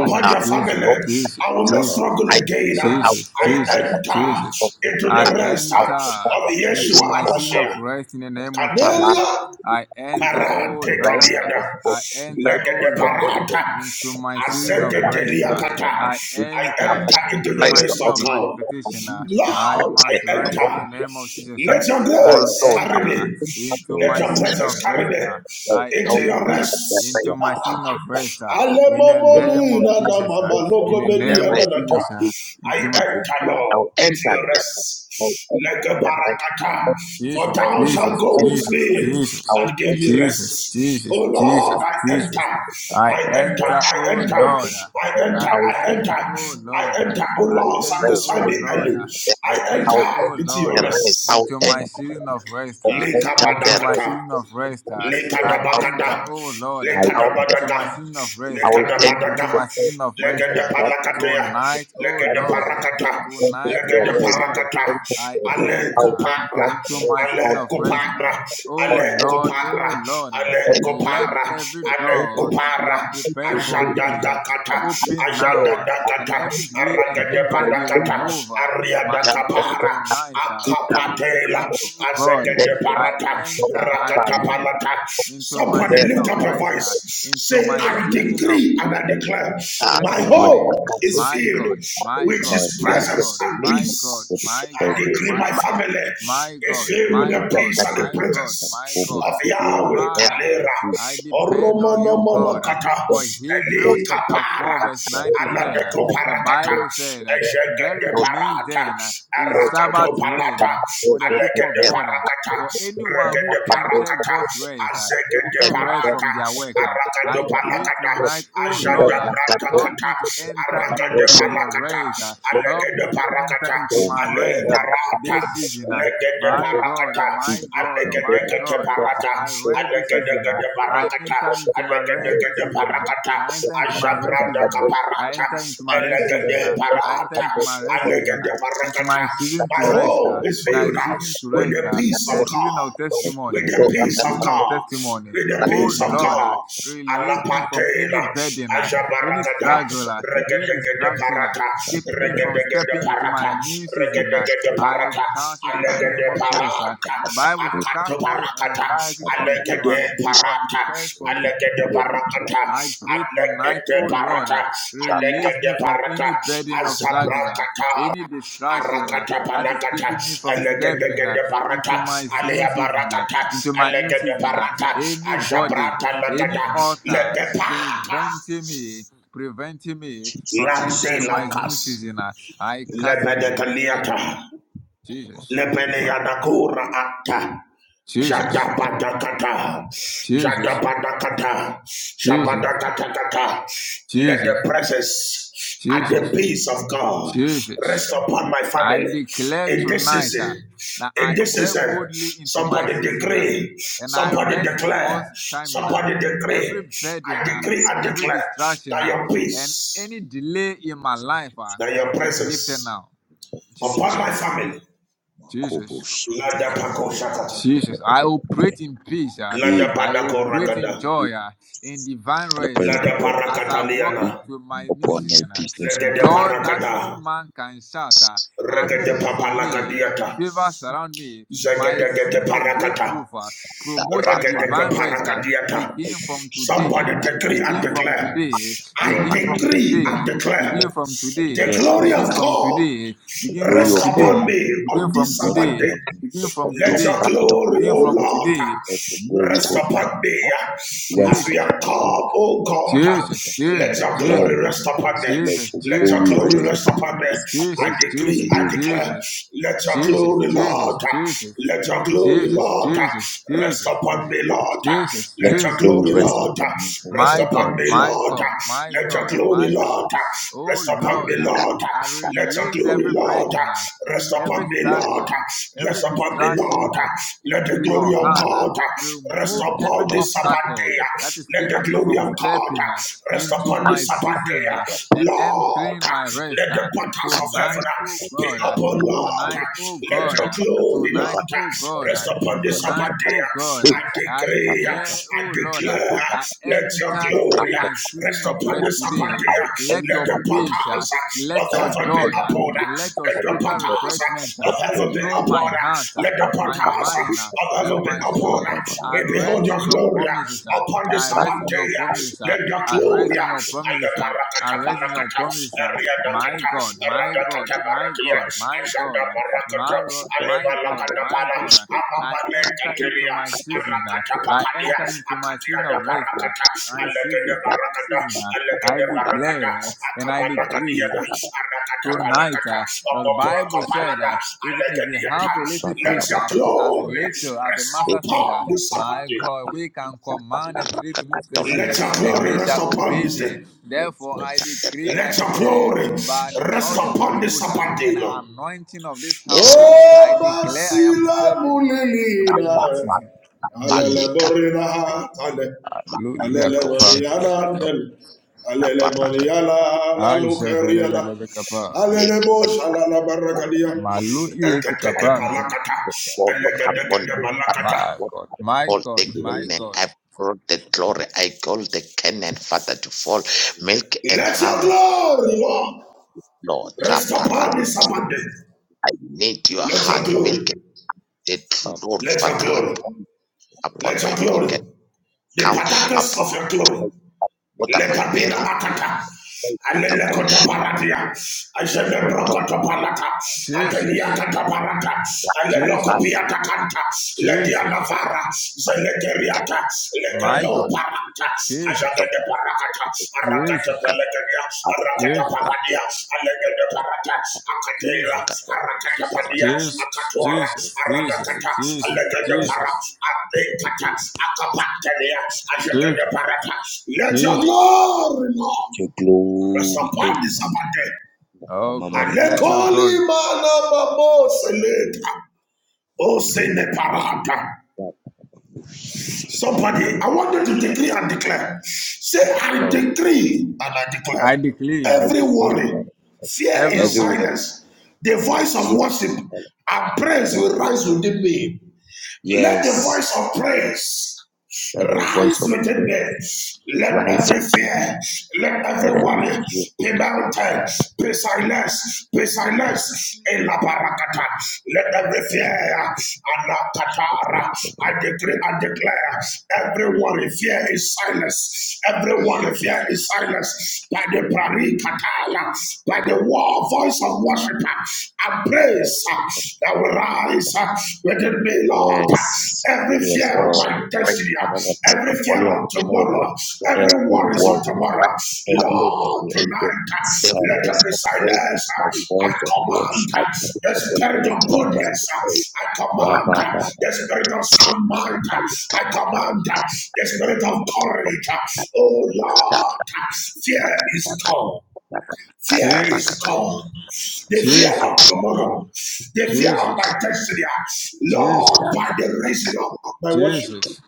Speaker 2: upon
Speaker 7: now.
Speaker 2: your family.
Speaker 7: Lord,
Speaker 2: I will not struggle
Speaker 7: I
Speaker 2: again.
Speaker 7: declare out
Speaker 4: Jesus.
Speaker 2: I
Speaker 7: and that
Speaker 4: Jesus.
Speaker 2: enter
Speaker 4: Jesus.
Speaker 7: of my
Speaker 2: into the
Speaker 4: I
Speaker 7: life,
Speaker 2: rest
Speaker 7: out and
Speaker 4: enter
Speaker 2: of
Speaker 7: the
Speaker 4: into
Speaker 2: Yeshua
Speaker 7: rest
Speaker 4: my
Speaker 7: of
Speaker 4: season
Speaker 7: God,
Speaker 4: of
Speaker 2: Amashiach.
Speaker 4: rest in the name of Jesus.
Speaker 7: Tamar,
Speaker 4: uh.
Speaker 2: Canelia
Speaker 4: I enter, oh
Speaker 2: parante
Speaker 7: rest
Speaker 4: Lord. uh,
Speaker 2: caniana
Speaker 7: of God,
Speaker 4: I enter,
Speaker 7: rest
Speaker 4: oh
Speaker 7: of
Speaker 2: legende
Speaker 7: the
Speaker 4: Lord,
Speaker 7: Holy
Speaker 4: uh,
Speaker 2: parata
Speaker 7: Ghost,
Speaker 4: into my
Speaker 7: the
Speaker 4: season
Speaker 7: Holy
Speaker 4: of rest.
Speaker 7: Ghost,
Speaker 4: uh.
Speaker 2: azegedeliakata.
Speaker 4: I
Speaker 2: I
Speaker 4: enter
Speaker 2: enter into
Speaker 4: into
Speaker 2: the
Speaker 4: my
Speaker 7: rest
Speaker 2: rest
Speaker 4: season
Speaker 7: of
Speaker 2: of
Speaker 4: of
Speaker 7: his
Speaker 2: God.
Speaker 4: manifestation. uh.
Speaker 7: and you,
Speaker 4: I
Speaker 2: Lord,
Speaker 4: must
Speaker 7: rest
Speaker 2: I
Speaker 4: rest in the
Speaker 2: enter.
Speaker 7: of
Speaker 4: name of Jesus. uh.
Speaker 2: Let your
Speaker 4: I
Speaker 7: I'll
Speaker 2: grace
Speaker 7: go
Speaker 2: carry
Speaker 4: enter
Speaker 7: down.
Speaker 2: me.
Speaker 7: Think of their
Speaker 4: into
Speaker 2: Let
Speaker 4: my
Speaker 2: your
Speaker 7: face.
Speaker 4: season of
Speaker 2: presence
Speaker 4: rest.
Speaker 2: carry
Speaker 7: Think
Speaker 2: me
Speaker 7: of
Speaker 4: uh.
Speaker 7: their face.
Speaker 4: I
Speaker 7: Oh,
Speaker 2: into your
Speaker 7: think
Speaker 4: enter
Speaker 7: of their
Speaker 2: rest.
Speaker 4: into
Speaker 7: face.
Speaker 4: my season of
Speaker 7: Think of
Speaker 4: rest uh, in the
Speaker 7: think
Speaker 4: name of Jesus. uh. In
Speaker 7: of their face. Think
Speaker 4: the
Speaker 7: of their
Speaker 4: name of
Speaker 7: face. I
Speaker 4: Jesus. uh.
Speaker 7: do.
Speaker 2: I
Speaker 4: Into
Speaker 7: I
Speaker 4: my
Speaker 7: do.
Speaker 2: enter,
Speaker 7: I'll
Speaker 2: Lord,
Speaker 7: enter
Speaker 2: into your
Speaker 7: the
Speaker 2: rest.
Speaker 7: race.
Speaker 2: Like a barakata,
Speaker 7: I'll enter
Speaker 2: for
Speaker 4: Jesus,
Speaker 7: the.
Speaker 2: thou shalt
Speaker 4: Jesus,
Speaker 2: go with
Speaker 4: Jesus,
Speaker 2: me
Speaker 4: Jesus,
Speaker 7: I'll
Speaker 2: and give
Speaker 7: enter
Speaker 2: me
Speaker 4: Jesus, Jesus,
Speaker 2: rest. Oh
Speaker 4: Jesus,
Speaker 2: Lord,
Speaker 4: Jesus,
Speaker 2: I
Speaker 4: Jesus,
Speaker 2: enter,
Speaker 4: I
Speaker 2: I enter,
Speaker 4: enter,
Speaker 2: I
Speaker 4: O
Speaker 2: enter,
Speaker 4: Lord.
Speaker 2: I
Speaker 7: the.
Speaker 2: enter,
Speaker 4: I
Speaker 7: I'll
Speaker 2: I
Speaker 7: enter
Speaker 2: enter,
Speaker 4: enter,
Speaker 7: the
Speaker 4: O
Speaker 2: I
Speaker 4: Lord.
Speaker 2: enter.
Speaker 7: race.
Speaker 2: Oh
Speaker 4: I
Speaker 2: Lord,
Speaker 4: enter,
Speaker 7: I'll
Speaker 2: sanctify
Speaker 4: O
Speaker 2: me
Speaker 7: enter
Speaker 4: Lord.
Speaker 2: early.
Speaker 7: the.
Speaker 4: I
Speaker 2: I
Speaker 4: enter,
Speaker 7: I'll
Speaker 2: enter
Speaker 4: O
Speaker 7: enter
Speaker 2: into
Speaker 4: Lord,
Speaker 2: your
Speaker 7: the race. I'll
Speaker 2: rest.
Speaker 4: into my
Speaker 7: enter the
Speaker 4: season of rest.
Speaker 7: race.
Speaker 4: Into my
Speaker 2: Lekapadakata.
Speaker 4: season of rest. I
Speaker 7: I'll
Speaker 4: enter,
Speaker 2: Lekadabagada,
Speaker 4: O Lord,
Speaker 7: enter the race.
Speaker 4: into my
Speaker 2: lekadabadaga,
Speaker 4: season of
Speaker 7: I
Speaker 4: rest.
Speaker 7: will enter
Speaker 4: Into
Speaker 7: the
Speaker 4: my
Speaker 2: lekadabadaga,
Speaker 7: earth,
Speaker 4: season of rest.
Speaker 7: enter that
Speaker 2: legedeparakatea,
Speaker 4: Tonight, O
Speaker 7: that door,
Speaker 4: Lord.
Speaker 2: legedeparakata,
Speaker 7: enter
Speaker 4: Tonight, O
Speaker 7: the rest,
Speaker 4: Lord.
Speaker 2: legedeparakata,
Speaker 7: enter
Speaker 4: I
Speaker 7: the rest.
Speaker 2: ale
Speaker 7: I will
Speaker 4: enter
Speaker 7: enter
Speaker 2: kopara,
Speaker 7: the
Speaker 4: into
Speaker 7: rest.
Speaker 4: my
Speaker 2: ale
Speaker 7: I
Speaker 4: season
Speaker 7: will
Speaker 4: of rest.
Speaker 2: kopara,
Speaker 4: O
Speaker 2: ale
Speaker 7: enter,
Speaker 4: Lord,
Speaker 2: kopara,
Speaker 4: O Lord.
Speaker 2: ale
Speaker 7: enter, enter,
Speaker 4: And Let
Speaker 2: kopara,
Speaker 4: every
Speaker 2: ale
Speaker 7: enter,
Speaker 4: door you
Speaker 2: Copara,
Speaker 4: have prepared
Speaker 7: enter,
Speaker 4: for
Speaker 7: enter,
Speaker 2: Ajada
Speaker 7: and
Speaker 4: me
Speaker 2: Dakata,
Speaker 7: I will
Speaker 4: open
Speaker 7: say,
Speaker 4: now,
Speaker 2: Ajada
Speaker 4: uh, and
Speaker 2: Dakata,
Speaker 4: every delay and
Speaker 2: aragade
Speaker 7: I
Speaker 4: hindrance
Speaker 7: will
Speaker 2: kopara,
Speaker 4: be
Speaker 2: ajadadakata, ajadadakata, aragedepadakata,
Speaker 7: enter
Speaker 4: removed. uh, My
Speaker 7: that
Speaker 4: God,
Speaker 7: door,
Speaker 2: ariadakapara,
Speaker 4: tonight, uh,
Speaker 7: enter
Speaker 4: tonight, oh God, uh,
Speaker 7: that
Speaker 4: I
Speaker 2: akapatela,
Speaker 7: door,
Speaker 4: enter, I
Speaker 7: I will
Speaker 4: enter into my
Speaker 2: Somebody
Speaker 7: there, I will
Speaker 4: season
Speaker 2: lift
Speaker 4: of
Speaker 2: up your
Speaker 4: rest, uh,
Speaker 2: voice.
Speaker 4: into
Speaker 2: Say,
Speaker 4: my
Speaker 2: I
Speaker 4: season of
Speaker 2: decree and I declare, my
Speaker 3: begin
Speaker 4: testimony.
Speaker 2: home is
Speaker 4: My God,
Speaker 2: filled
Speaker 7: I will
Speaker 4: my
Speaker 2: with
Speaker 7: enter
Speaker 4: God,
Speaker 3: my
Speaker 2: his
Speaker 7: that
Speaker 4: my
Speaker 3: book
Speaker 7: door,
Speaker 2: presence
Speaker 4: God,
Speaker 7: I will that door,
Speaker 2: and
Speaker 7: make
Speaker 4: my
Speaker 7: it, I
Speaker 2: peace.
Speaker 4: God,
Speaker 3: with the
Speaker 4: my
Speaker 2: I
Speaker 4: God,
Speaker 7: will
Speaker 2: decree
Speaker 3: presence
Speaker 2: my
Speaker 4: my God,
Speaker 2: family
Speaker 4: my
Speaker 2: is
Speaker 4: God,
Speaker 2: filled with
Speaker 4: my
Speaker 3: here
Speaker 2: the
Speaker 7: enter
Speaker 4: God,
Speaker 2: peace
Speaker 7: that
Speaker 2: and
Speaker 7: door,
Speaker 2: the
Speaker 4: my God,
Speaker 3: and
Speaker 4: my
Speaker 3: for
Speaker 2: presence
Speaker 3: me
Speaker 4: God.
Speaker 2: of
Speaker 4: Uh,
Speaker 7: make
Speaker 3: to
Speaker 7: it, I
Speaker 2: Yahweh
Speaker 4: Father,
Speaker 2: Kalera.
Speaker 3: peace
Speaker 4: I
Speaker 7: will
Speaker 4: depend on you, God. Uh,
Speaker 2: Oromonomonokata.
Speaker 4: For
Speaker 7: Thank
Speaker 2: Eli
Speaker 4: Hebrews chapter
Speaker 2: kapara.
Speaker 4: 4, verse
Speaker 3: that
Speaker 4: 9 to
Speaker 3: is a
Speaker 4: 10, uh,
Speaker 2: Aladeko
Speaker 4: the
Speaker 2: parakata.
Speaker 4: Bible said, uh, There
Speaker 2: Eshegede
Speaker 4: remains
Speaker 2: parata.
Speaker 4: then uh, a
Speaker 2: Arakato
Speaker 4: Sabbath rest
Speaker 2: palata.
Speaker 4: uh, for the
Speaker 2: Alek.
Speaker 4: people of
Speaker 2: Regede
Speaker 4: God. uh,
Speaker 2: parakata,
Speaker 4: For anyone who
Speaker 2: regede
Speaker 4: enters
Speaker 2: parakata,
Speaker 4: God's rest, uh,
Speaker 2: azegede
Speaker 4: also rest
Speaker 2: parata,
Speaker 4: from their work. ah.
Speaker 2: arakado
Speaker 4: I pray
Speaker 2: palakata,
Speaker 4: tonight, oh
Speaker 3: thing
Speaker 4: Lord,
Speaker 2: ajada
Speaker 4: ah, help
Speaker 2: bratakata,
Speaker 4: me to enter
Speaker 2: arakade
Speaker 4: into your
Speaker 2: palakata,
Speaker 4: rest. ah. Help
Speaker 2: alegede
Speaker 4: me to enter
Speaker 2: parakata,
Speaker 4: into
Speaker 3: for me
Speaker 4: my
Speaker 2: ale
Speaker 4: rest.
Speaker 3: to
Speaker 4: ah,
Speaker 2: parata,
Speaker 4: This season, ah.
Speaker 2: legede
Speaker 4: my God, ah,
Speaker 2: parakata,
Speaker 4: my
Speaker 3: peace
Speaker 4: God,
Speaker 3: and
Speaker 4: ah,
Speaker 3: the
Speaker 2: alegede
Speaker 4: my
Speaker 3: presence
Speaker 2: kete
Speaker 4: God, ah.
Speaker 2: parata,
Speaker 4: I rest this
Speaker 2: alegede
Speaker 4: season. ah.
Speaker 2: gede
Speaker 4: I
Speaker 2: parakata,
Speaker 4: enter into my
Speaker 3: that
Speaker 2: alegede
Speaker 4: rest
Speaker 2: gede
Speaker 4: season. ah.
Speaker 2: parakata,
Speaker 4: I enter into
Speaker 3: I
Speaker 4: my
Speaker 3: have a
Speaker 4: rest
Speaker 2: ajabrada
Speaker 4: season. ah. I
Speaker 2: kaparata,
Speaker 4: enter into my rest season.
Speaker 2: elegede
Speaker 4: ah. I enter
Speaker 2: parata,
Speaker 4: into my rest season.
Speaker 2: alegede
Speaker 4: ah. It's
Speaker 2: parakata,
Speaker 4: my season
Speaker 2: my
Speaker 4: to
Speaker 2: my
Speaker 4: rest. Uh,
Speaker 2: home
Speaker 7: you.
Speaker 2: is
Speaker 4: now
Speaker 2: filled
Speaker 4: it's
Speaker 2: uh,
Speaker 4: season to
Speaker 2: with
Speaker 4: rest.
Speaker 2: the
Speaker 4: Uh,
Speaker 2: peace
Speaker 7: Thank
Speaker 2: of
Speaker 4: there is season
Speaker 2: God.
Speaker 4: of
Speaker 3: question
Speaker 2: With
Speaker 3: or
Speaker 4: testimony
Speaker 2: the
Speaker 3: not
Speaker 4: and
Speaker 2: peace of
Speaker 4: season of
Speaker 2: God,
Speaker 4: testimony.
Speaker 2: with the
Speaker 4: Oh
Speaker 2: peace of
Speaker 4: Lord,
Speaker 2: God,
Speaker 4: uh,
Speaker 2: Allah
Speaker 3: to
Speaker 4: release
Speaker 3: be
Speaker 4: me from any
Speaker 2: patela,
Speaker 4: burden, uh, any
Speaker 2: Ajabaragada,
Speaker 4: struggle, uh,
Speaker 3: the best
Speaker 4: any
Speaker 2: Regadegede
Speaker 4: distraction. Uh,
Speaker 2: Parata,
Speaker 3: of
Speaker 4: keep
Speaker 3: the
Speaker 4: me from
Speaker 3: world.
Speaker 2: Regadegede
Speaker 4: stepping into my
Speaker 2: Parata,
Speaker 4: new season. Uh,
Speaker 2: Regadegede
Speaker 4: I
Speaker 2: Parata,
Speaker 4: cast it in the name
Speaker 2: Allegede
Speaker 4: of Jesus. Uh,
Speaker 2: Parata,
Speaker 4: the Bible says, cast
Speaker 2: Akato
Speaker 4: all your
Speaker 2: Parakata,
Speaker 4: anxieties on him uh,
Speaker 2: Allegede
Speaker 4: because he
Speaker 2: Parata,
Speaker 4: cares for you.
Speaker 2: Allegede Parakata,
Speaker 4: I pray tonight,
Speaker 2: Allegede
Speaker 4: O Lord,
Speaker 2: Parata,
Speaker 4: uh, release me
Speaker 2: Allegede
Speaker 4: from
Speaker 2: Parata,
Speaker 4: any burden of struggle, uh,
Speaker 2: Azabrakata,
Speaker 4: any distraction uh,
Speaker 2: Arakata
Speaker 4: that is
Speaker 2: panakata,
Speaker 4: keeping me from stepping uh,
Speaker 2: elegedegede
Speaker 4: into
Speaker 2: barata,
Speaker 4: my new
Speaker 2: alea
Speaker 4: season, uh,
Speaker 2: barakata,
Speaker 4: into my new
Speaker 2: elegede
Speaker 4: season. Uh,
Speaker 2: barata,
Speaker 4: anybody,
Speaker 2: ajabrata
Speaker 4: any
Speaker 2: legada,
Speaker 4: altar
Speaker 2: legepata,
Speaker 4: preventing me, preventing me from entering
Speaker 2: lambde
Speaker 4: to my new
Speaker 2: lakas,
Speaker 4: season, uh, I cast it in the name of
Speaker 2: lebedekaliata.
Speaker 4: Jesus,
Speaker 2: Lebele yadakura ata.
Speaker 4: Jesus,
Speaker 2: Jadapadakata.
Speaker 4: Jesus,
Speaker 2: Jadapadakata.
Speaker 4: Jesus,
Speaker 2: Shabadakatakata. Let the
Speaker 4: Jesus,
Speaker 2: presence and
Speaker 4: Jesus,
Speaker 2: the peace of God
Speaker 4: Jesus.
Speaker 2: rest upon my
Speaker 4: I
Speaker 2: family.
Speaker 4: declare
Speaker 2: In this
Speaker 4: tonight
Speaker 2: season,
Speaker 4: ah, that I
Speaker 2: in this
Speaker 4: step
Speaker 2: season,
Speaker 4: boldly into my
Speaker 2: somebody
Speaker 4: season ah,
Speaker 2: decree,
Speaker 4: and I
Speaker 2: somebody
Speaker 4: rest in
Speaker 2: declare,
Speaker 4: God's timing. ah.
Speaker 2: somebody
Speaker 4: every
Speaker 2: decree. I
Speaker 4: burden,
Speaker 3: It's
Speaker 4: ah,
Speaker 3: a good
Speaker 2: decree and
Speaker 4: every
Speaker 2: declare
Speaker 4: distraction,
Speaker 2: that
Speaker 4: ah,
Speaker 2: your
Speaker 3: Yes,
Speaker 4: and
Speaker 2: peace,
Speaker 4: any delay in my
Speaker 3: yes,
Speaker 4: life ah,
Speaker 2: that your
Speaker 4: is lifted
Speaker 2: presence
Speaker 4: now.
Speaker 2: upon
Speaker 3: yes,
Speaker 4: Jesus.
Speaker 2: my
Speaker 3: Lord.
Speaker 2: family.
Speaker 4: Jesus.
Speaker 3: Makobo
Speaker 2: Let
Speaker 3: shifting
Speaker 2: the Paco Shakata.
Speaker 4: Jesus, I operate in peace. ah.
Speaker 2: Lada
Speaker 3: clearly
Speaker 4: I
Speaker 2: Padako
Speaker 4: operate in
Speaker 2: Ragada,
Speaker 3: and
Speaker 4: joy, ah, in divine
Speaker 3: the
Speaker 4: rest.
Speaker 3: presence
Speaker 4: ah,
Speaker 3: of
Speaker 2: Lada
Speaker 3: God
Speaker 4: as I walk
Speaker 3: look
Speaker 2: Paracataliana,
Speaker 4: into my new
Speaker 3: upon my
Speaker 4: season, ah.
Speaker 3: business,
Speaker 2: Legede
Speaker 3: upon
Speaker 4: door
Speaker 3: my
Speaker 4: that
Speaker 3: ministry
Speaker 4: no
Speaker 2: Paracata,
Speaker 4: man can shut ah, are
Speaker 3: in the name
Speaker 2: Regede
Speaker 4: opening for me.
Speaker 2: Papalacadiata,
Speaker 4: Favor surround me. My
Speaker 2: Zegedegede
Speaker 4: season of
Speaker 2: Paracata,
Speaker 4: breakthrough, ah, promotion,
Speaker 2: Regede
Speaker 4: divine rest.
Speaker 3: of
Speaker 4: ah,
Speaker 2: Paracadiata.
Speaker 4: begin
Speaker 3: Jesus.
Speaker 4: from
Speaker 2: Somebody
Speaker 4: today.
Speaker 2: decree and
Speaker 4: Begin from
Speaker 2: declare.
Speaker 4: today.
Speaker 3: Yes,
Speaker 2: I
Speaker 4: Begin
Speaker 3: I
Speaker 4: from
Speaker 3: declare, and
Speaker 2: decree and
Speaker 4: today.
Speaker 2: declare
Speaker 4: Begin from
Speaker 3: I
Speaker 2: the
Speaker 4: today.
Speaker 3: declare and
Speaker 2: glory
Speaker 3: declare
Speaker 4: Begin
Speaker 2: of
Speaker 4: from
Speaker 2: God
Speaker 4: today.
Speaker 3: the
Speaker 4: Begin
Speaker 3: glory
Speaker 4: from
Speaker 2: rest
Speaker 3: of God
Speaker 2: upon
Speaker 4: today.
Speaker 2: me
Speaker 4: Begin
Speaker 2: on
Speaker 4: from
Speaker 2: this
Speaker 3: rest
Speaker 2: Sabbath day.
Speaker 4: today
Speaker 3: upon me
Speaker 4: Begin from
Speaker 2: Let
Speaker 3: this
Speaker 4: today.
Speaker 2: your
Speaker 3: day.
Speaker 2: glory, O
Speaker 4: Begin from
Speaker 2: Lord,
Speaker 4: today.
Speaker 3: Let the glory
Speaker 2: rest
Speaker 3: of God
Speaker 2: upon me as
Speaker 3: rest
Speaker 2: we
Speaker 4: Jesus.
Speaker 2: have
Speaker 3: upon me
Speaker 2: come, O God.
Speaker 3: as
Speaker 4: Jesus.
Speaker 3: the come
Speaker 2: Let
Speaker 4: Jesus.
Speaker 3: of
Speaker 2: your glory
Speaker 4: Jesus.
Speaker 3: God.
Speaker 2: rest upon me.
Speaker 3: Let
Speaker 4: Jesus.
Speaker 3: your
Speaker 2: Let your
Speaker 4: Jesus.
Speaker 3: glory
Speaker 2: glory
Speaker 3: rest
Speaker 2: rest
Speaker 4: Jesus.
Speaker 3: upon
Speaker 2: upon me.
Speaker 3: us
Speaker 2: I
Speaker 4: Jesus.
Speaker 2: decree,
Speaker 4: Jesus.
Speaker 2: I
Speaker 3: today.
Speaker 2: declare,
Speaker 4: Jesus.
Speaker 2: let your
Speaker 4: Jesus.
Speaker 2: glory,
Speaker 4: Jesus.
Speaker 2: Lord, let your glory,
Speaker 4: Jesus. Jesus.
Speaker 2: Lord,
Speaker 4: Jesus.
Speaker 2: rest
Speaker 4: Jesus.
Speaker 2: upon me, Lord.
Speaker 4: Jesus.
Speaker 3: Let
Speaker 2: Let
Speaker 3: your
Speaker 2: your
Speaker 4: Jesus.
Speaker 3: glory
Speaker 2: glory,
Speaker 3: rest
Speaker 4: Jesus.
Speaker 2: Lord,
Speaker 3: upon me, O
Speaker 2: rest
Speaker 4: My God,
Speaker 2: upon
Speaker 3: God,
Speaker 2: me,
Speaker 4: my
Speaker 2: Lord.
Speaker 4: God, my
Speaker 2: Let your
Speaker 4: God,
Speaker 2: glory,
Speaker 4: my God.
Speaker 2: Lord,
Speaker 4: Oh
Speaker 2: Rest upon me,
Speaker 4: Lord, ah,
Speaker 2: Lord.
Speaker 4: I
Speaker 2: Let your
Speaker 4: release
Speaker 2: glory,
Speaker 4: every
Speaker 2: Lord,
Speaker 4: burden, ah,
Speaker 2: rest
Speaker 4: every
Speaker 2: upon me, Lord.
Speaker 4: struggle, every
Speaker 2: Rest upon me,
Speaker 4: distraction
Speaker 2: Lord.
Speaker 4: ah,
Speaker 2: Let the
Speaker 4: into your
Speaker 2: glory of
Speaker 4: hand. ah.
Speaker 2: God rest
Speaker 4: Remove
Speaker 3: Lord.
Speaker 4: every
Speaker 2: upon this Sabbath
Speaker 4: obstacle
Speaker 2: day.
Speaker 4: that is
Speaker 2: Let
Speaker 4: keeping
Speaker 2: the
Speaker 4: me
Speaker 2: glory
Speaker 4: from
Speaker 2: of God
Speaker 4: stepping ah,
Speaker 2: rest
Speaker 4: into
Speaker 2: upon
Speaker 4: my
Speaker 2: this Sabbath day.
Speaker 4: season ah, and
Speaker 2: Lord,
Speaker 4: entering my rest.
Speaker 2: let the
Speaker 4: ah.
Speaker 2: portals of
Speaker 4: Tonight,
Speaker 2: heaven
Speaker 4: oh
Speaker 2: be
Speaker 4: God, ah,
Speaker 2: open, Lord.
Speaker 4: tonight, oh
Speaker 2: Let
Speaker 4: God,
Speaker 2: your
Speaker 4: ah,
Speaker 2: glory,
Speaker 4: tonight,
Speaker 2: Lord,
Speaker 4: oh God.
Speaker 2: rest upon this
Speaker 4: Tonight,
Speaker 2: Sabbath
Speaker 4: oh
Speaker 2: day.
Speaker 4: God, uh,
Speaker 2: I
Speaker 4: I
Speaker 2: decree,
Speaker 4: declare,
Speaker 2: I
Speaker 4: oh Lord, uh,
Speaker 2: declare,
Speaker 4: I
Speaker 2: let your
Speaker 4: enter into
Speaker 2: glory
Speaker 4: my season
Speaker 2: rest
Speaker 4: of
Speaker 2: upon
Speaker 4: rest
Speaker 2: this Sabbath.
Speaker 4: today. Let
Speaker 2: Let
Speaker 4: your
Speaker 2: the
Speaker 4: peace, uh,
Speaker 2: portals of
Speaker 4: let your
Speaker 2: heaven be
Speaker 4: joy, uh,
Speaker 2: upon us.
Speaker 4: let your
Speaker 2: Let the
Speaker 4: spiritual
Speaker 7: you.
Speaker 2: portals
Speaker 4: refreshment.
Speaker 2: of
Speaker 4: uh,
Speaker 2: heaven be
Speaker 4: Fill my
Speaker 2: upon
Speaker 4: heart,
Speaker 2: us.
Speaker 4: uh,
Speaker 2: Let the
Speaker 4: my
Speaker 2: portals
Speaker 4: mind, uh,
Speaker 2: of
Speaker 4: and
Speaker 2: heaven be
Speaker 4: my
Speaker 2: upon
Speaker 4: soul.
Speaker 2: us.
Speaker 4: I
Speaker 2: We behold
Speaker 4: rest
Speaker 2: your
Speaker 4: in your
Speaker 2: glory
Speaker 4: promises. Uh,
Speaker 2: upon this
Speaker 4: I rest
Speaker 2: Sabbath.
Speaker 4: in your promises. Uh,
Speaker 2: Let your
Speaker 4: I rest
Speaker 2: glory
Speaker 4: in
Speaker 2: and
Speaker 4: your
Speaker 2: the
Speaker 4: promises. Uh, I
Speaker 2: parakata
Speaker 4: rest in your
Speaker 2: parakata
Speaker 4: promises. Uh,
Speaker 2: area
Speaker 4: my God, my God,
Speaker 2: Radakata
Speaker 4: my
Speaker 2: Barakia,
Speaker 4: God, my
Speaker 2: Ashanda
Speaker 4: God, uh,
Speaker 2: Barakata,
Speaker 4: my, ro- my
Speaker 2: Aleva
Speaker 4: God, my
Speaker 2: Lakatapana,
Speaker 4: God. uh, I
Speaker 2: Amamaleta
Speaker 4: enter into
Speaker 2: Telia,
Speaker 4: my season. uh,
Speaker 2: Arakata
Speaker 4: I
Speaker 2: Papania,
Speaker 4: enter into my
Speaker 2: Akatia
Speaker 4: season
Speaker 2: de
Speaker 4: of rest. uh,
Speaker 2: Barakata,
Speaker 4: my
Speaker 2: Alega de
Speaker 4: season, uh, my
Speaker 2: Barakata,
Speaker 4: season. uh,
Speaker 2: Alega
Speaker 4: I
Speaker 2: de Barakata,
Speaker 4: declare and I
Speaker 2: Akabanakadia,
Speaker 4: decree
Speaker 2: Arakata
Speaker 4: Tonight,
Speaker 2: Panakata,
Speaker 4: uh, the
Speaker 2: Omoporoko
Speaker 4: Bible said
Speaker 2: Palada,
Speaker 4: that even
Speaker 2: Alega
Speaker 4: if you have
Speaker 2: Diata.
Speaker 4: a little
Speaker 2: Let
Speaker 4: faith,
Speaker 2: your
Speaker 4: uh, as
Speaker 2: glory
Speaker 4: little as a
Speaker 2: rest
Speaker 4: master
Speaker 2: upon
Speaker 4: seed, uh,
Speaker 2: this
Speaker 4: my
Speaker 2: Sabbath.
Speaker 4: God, we can command the tree to move the sea,
Speaker 2: Let your
Speaker 4: and
Speaker 2: glory
Speaker 4: they
Speaker 2: rest
Speaker 4: shall
Speaker 2: upon
Speaker 4: obey
Speaker 2: this day.
Speaker 4: me. Therefore, I decree and I
Speaker 2: Let your
Speaker 4: declare
Speaker 2: glory
Speaker 4: by the
Speaker 2: rest
Speaker 4: power of the
Speaker 2: upon
Speaker 4: Holy
Speaker 2: this
Speaker 4: Ghost uh,
Speaker 2: Sabbath,
Speaker 4: and
Speaker 2: day,
Speaker 4: the
Speaker 2: Lord.
Speaker 4: anointing of this
Speaker 7: Yes,
Speaker 4: house, uh,
Speaker 7: Lord.
Speaker 4: I
Speaker 2: Oh,
Speaker 4: declare I am
Speaker 2: Basila
Speaker 4: stepping to my new
Speaker 2: Mulina.
Speaker 4: season. Mm.
Speaker 2: Alele
Speaker 7: Palika
Speaker 2: Borina Hatale.
Speaker 4: Hallelujah.
Speaker 2: Alele
Speaker 4: Kappa,
Speaker 7: tosha
Speaker 4: antele,
Speaker 2: Boliana
Speaker 4: kappa.
Speaker 2: Nel. Alele Boliana La
Speaker 4: I shall forever,
Speaker 2: Lucariana.
Speaker 4: ever, kappa.
Speaker 2: Alele
Speaker 7: Make
Speaker 2: Boshala La Barracadia.
Speaker 4: Malu ilefi
Speaker 2: Ekateke
Speaker 4: kappa, antele.
Speaker 2: Palakata.
Speaker 7: and fall upon
Speaker 2: Elegadegade
Speaker 7: me. Father,
Speaker 2: Balakata.
Speaker 4: My
Speaker 7: What
Speaker 4: God, my
Speaker 7: all
Speaker 4: God,
Speaker 7: the
Speaker 4: my
Speaker 7: Canaan?
Speaker 4: God,
Speaker 7: I brought the glory. I call the Canaan, Father, to fall. Milk and
Speaker 2: Let your
Speaker 7: honey,
Speaker 2: glory, Lord,
Speaker 7: Lord.
Speaker 2: rest
Speaker 7: Kaparad.
Speaker 2: upon this abundance.
Speaker 7: I need your
Speaker 2: Let your
Speaker 7: hand, milk
Speaker 2: glory,
Speaker 7: and the glory,
Speaker 2: let your
Speaker 7: Father.
Speaker 2: glory,
Speaker 7: upon upon
Speaker 2: let your
Speaker 7: my
Speaker 2: glory,
Speaker 7: pocket
Speaker 2: the
Speaker 7: count,
Speaker 2: partakers
Speaker 7: upon
Speaker 2: of your glory.
Speaker 7: my water, my
Speaker 2: Lepabila
Speaker 7: marriage,
Speaker 2: akata.
Speaker 7: after
Speaker 2: Alele
Speaker 7: God,
Speaker 2: koto paradia. Ajele
Speaker 7: to talk
Speaker 2: brokoto parata. Adelia
Speaker 7: to
Speaker 4: Jesus,
Speaker 2: kata parata. Alelo
Speaker 7: God, to
Speaker 4: Jesus,
Speaker 2: kopia takanta. Ledia
Speaker 4: Jesus,
Speaker 2: navara.
Speaker 7: talk
Speaker 2: Zeleteriata.
Speaker 4: my
Speaker 2: Lekelo
Speaker 4: God,
Speaker 2: parata.
Speaker 7: to
Speaker 4: Jesus,
Speaker 2: Ajagade parakata.
Speaker 4: Jesus,
Speaker 7: God,
Speaker 2: Arakatapalakania,
Speaker 4: Jesus,
Speaker 2: Arakatapapania, Alegadaparata, Akatera,
Speaker 4: Jesus,
Speaker 7: to the
Speaker 2: Arakatapania,
Speaker 4: Jesus,
Speaker 2: Akatuara,
Speaker 4: Jesus, Jesus,
Speaker 2: Aradakata,
Speaker 4: Jesus,
Speaker 2: Alegadapara,
Speaker 4: Jesus,
Speaker 2: Atekata, Akapantania,
Speaker 4: Jesus,
Speaker 2: Ajagadaparata. Let your
Speaker 4: Jesus.
Speaker 2: glory, Lord,
Speaker 3: Your
Speaker 2: rest
Speaker 3: glory, oh,
Speaker 2: upon this abundant.
Speaker 4: Oh
Speaker 3: mama,
Speaker 4: God,
Speaker 3: mama,
Speaker 4: let your
Speaker 2: Alekoli
Speaker 4: glory.
Speaker 2: mana mamo O
Speaker 3: baby,
Speaker 2: sene parata. Somebody, I want you to decree and declare. Say, I
Speaker 3: Lord,
Speaker 2: decree and I
Speaker 4: I
Speaker 2: declare
Speaker 3: I
Speaker 4: declare
Speaker 2: every
Speaker 3: declare
Speaker 2: worry,
Speaker 3: that
Speaker 2: fear in
Speaker 4: everywhere.
Speaker 3: everyone
Speaker 2: silence, the voice of
Speaker 3: fear.
Speaker 2: worship and praise will rise within me. Let the
Speaker 3: Yes,
Speaker 2: voice of praise
Speaker 3: let the voice
Speaker 2: rise
Speaker 3: of
Speaker 2: within
Speaker 3: God
Speaker 2: me. Let
Speaker 3: rise
Speaker 2: every
Speaker 3: within me.
Speaker 2: fear, let every
Speaker 3: Let every
Speaker 2: worry be melted, be silenced, be silenced. In la barakata, let every fear, ala katara,
Speaker 3: fear.
Speaker 2: I decree and declare, every worry, fear is silenced. Every worry, fear is silenced by the prayer, katala, by the war voice of worship and praise that will rise uh, within me, Lord.
Speaker 3: Yes,
Speaker 2: Every
Speaker 3: yes,
Speaker 2: fear of
Speaker 7: voice,
Speaker 3: Lord.
Speaker 2: my
Speaker 7: pray
Speaker 2: destiny, uh,
Speaker 3: Father, I
Speaker 2: every
Speaker 7: upon
Speaker 2: fear
Speaker 3: decree and
Speaker 2: of
Speaker 3: declare
Speaker 2: tomorrow,
Speaker 7: me,
Speaker 3: every
Speaker 2: every worries
Speaker 7: pray
Speaker 2: of
Speaker 3: worry,
Speaker 7: to God,
Speaker 2: tomorrow,
Speaker 7: upon
Speaker 3: every
Speaker 7: me,
Speaker 2: Lord,
Speaker 3: fear,
Speaker 7: the
Speaker 2: tonight, uh,
Speaker 3: is
Speaker 7: the
Speaker 2: let
Speaker 7: voice
Speaker 2: them
Speaker 3: silence,
Speaker 2: be
Speaker 7: of
Speaker 2: silenced.
Speaker 7: praise to
Speaker 3: the
Speaker 7: God
Speaker 2: uh,
Speaker 3: voice
Speaker 7: upon
Speaker 3: of
Speaker 7: me.
Speaker 2: I command
Speaker 3: worship
Speaker 7: I
Speaker 2: uh,
Speaker 7: pray
Speaker 2: the
Speaker 7: for
Speaker 3: and
Speaker 7: the
Speaker 2: spirit
Speaker 7: voice
Speaker 2: of
Speaker 7: of your
Speaker 3: faithfulness.
Speaker 2: boldness. uh,
Speaker 7: faith,
Speaker 2: I command
Speaker 3: Rabba,
Speaker 2: uh,
Speaker 3: ba,
Speaker 7: Rakapa,
Speaker 3: ba,
Speaker 2: the spirit of sound mind.
Speaker 7: Shekali,
Speaker 2: uh, I command uh, the spirit of
Speaker 7: Rakapa,
Speaker 2: courage. uh, Oh, Lord, uh, fear is gone.
Speaker 7: Rakapa,
Speaker 2: Fear
Speaker 7: Kataraka,
Speaker 4: Jesus,
Speaker 2: is gone. The fear
Speaker 4: Jesus,
Speaker 2: of tomorrow, the fear
Speaker 7: Kasiko,
Speaker 2: of
Speaker 4: Jesus,
Speaker 2: my destiny,
Speaker 4: Jesus,
Speaker 2: Lord,
Speaker 7: Kasaka,
Speaker 2: by the raising up of my worship,
Speaker 4: Jesus.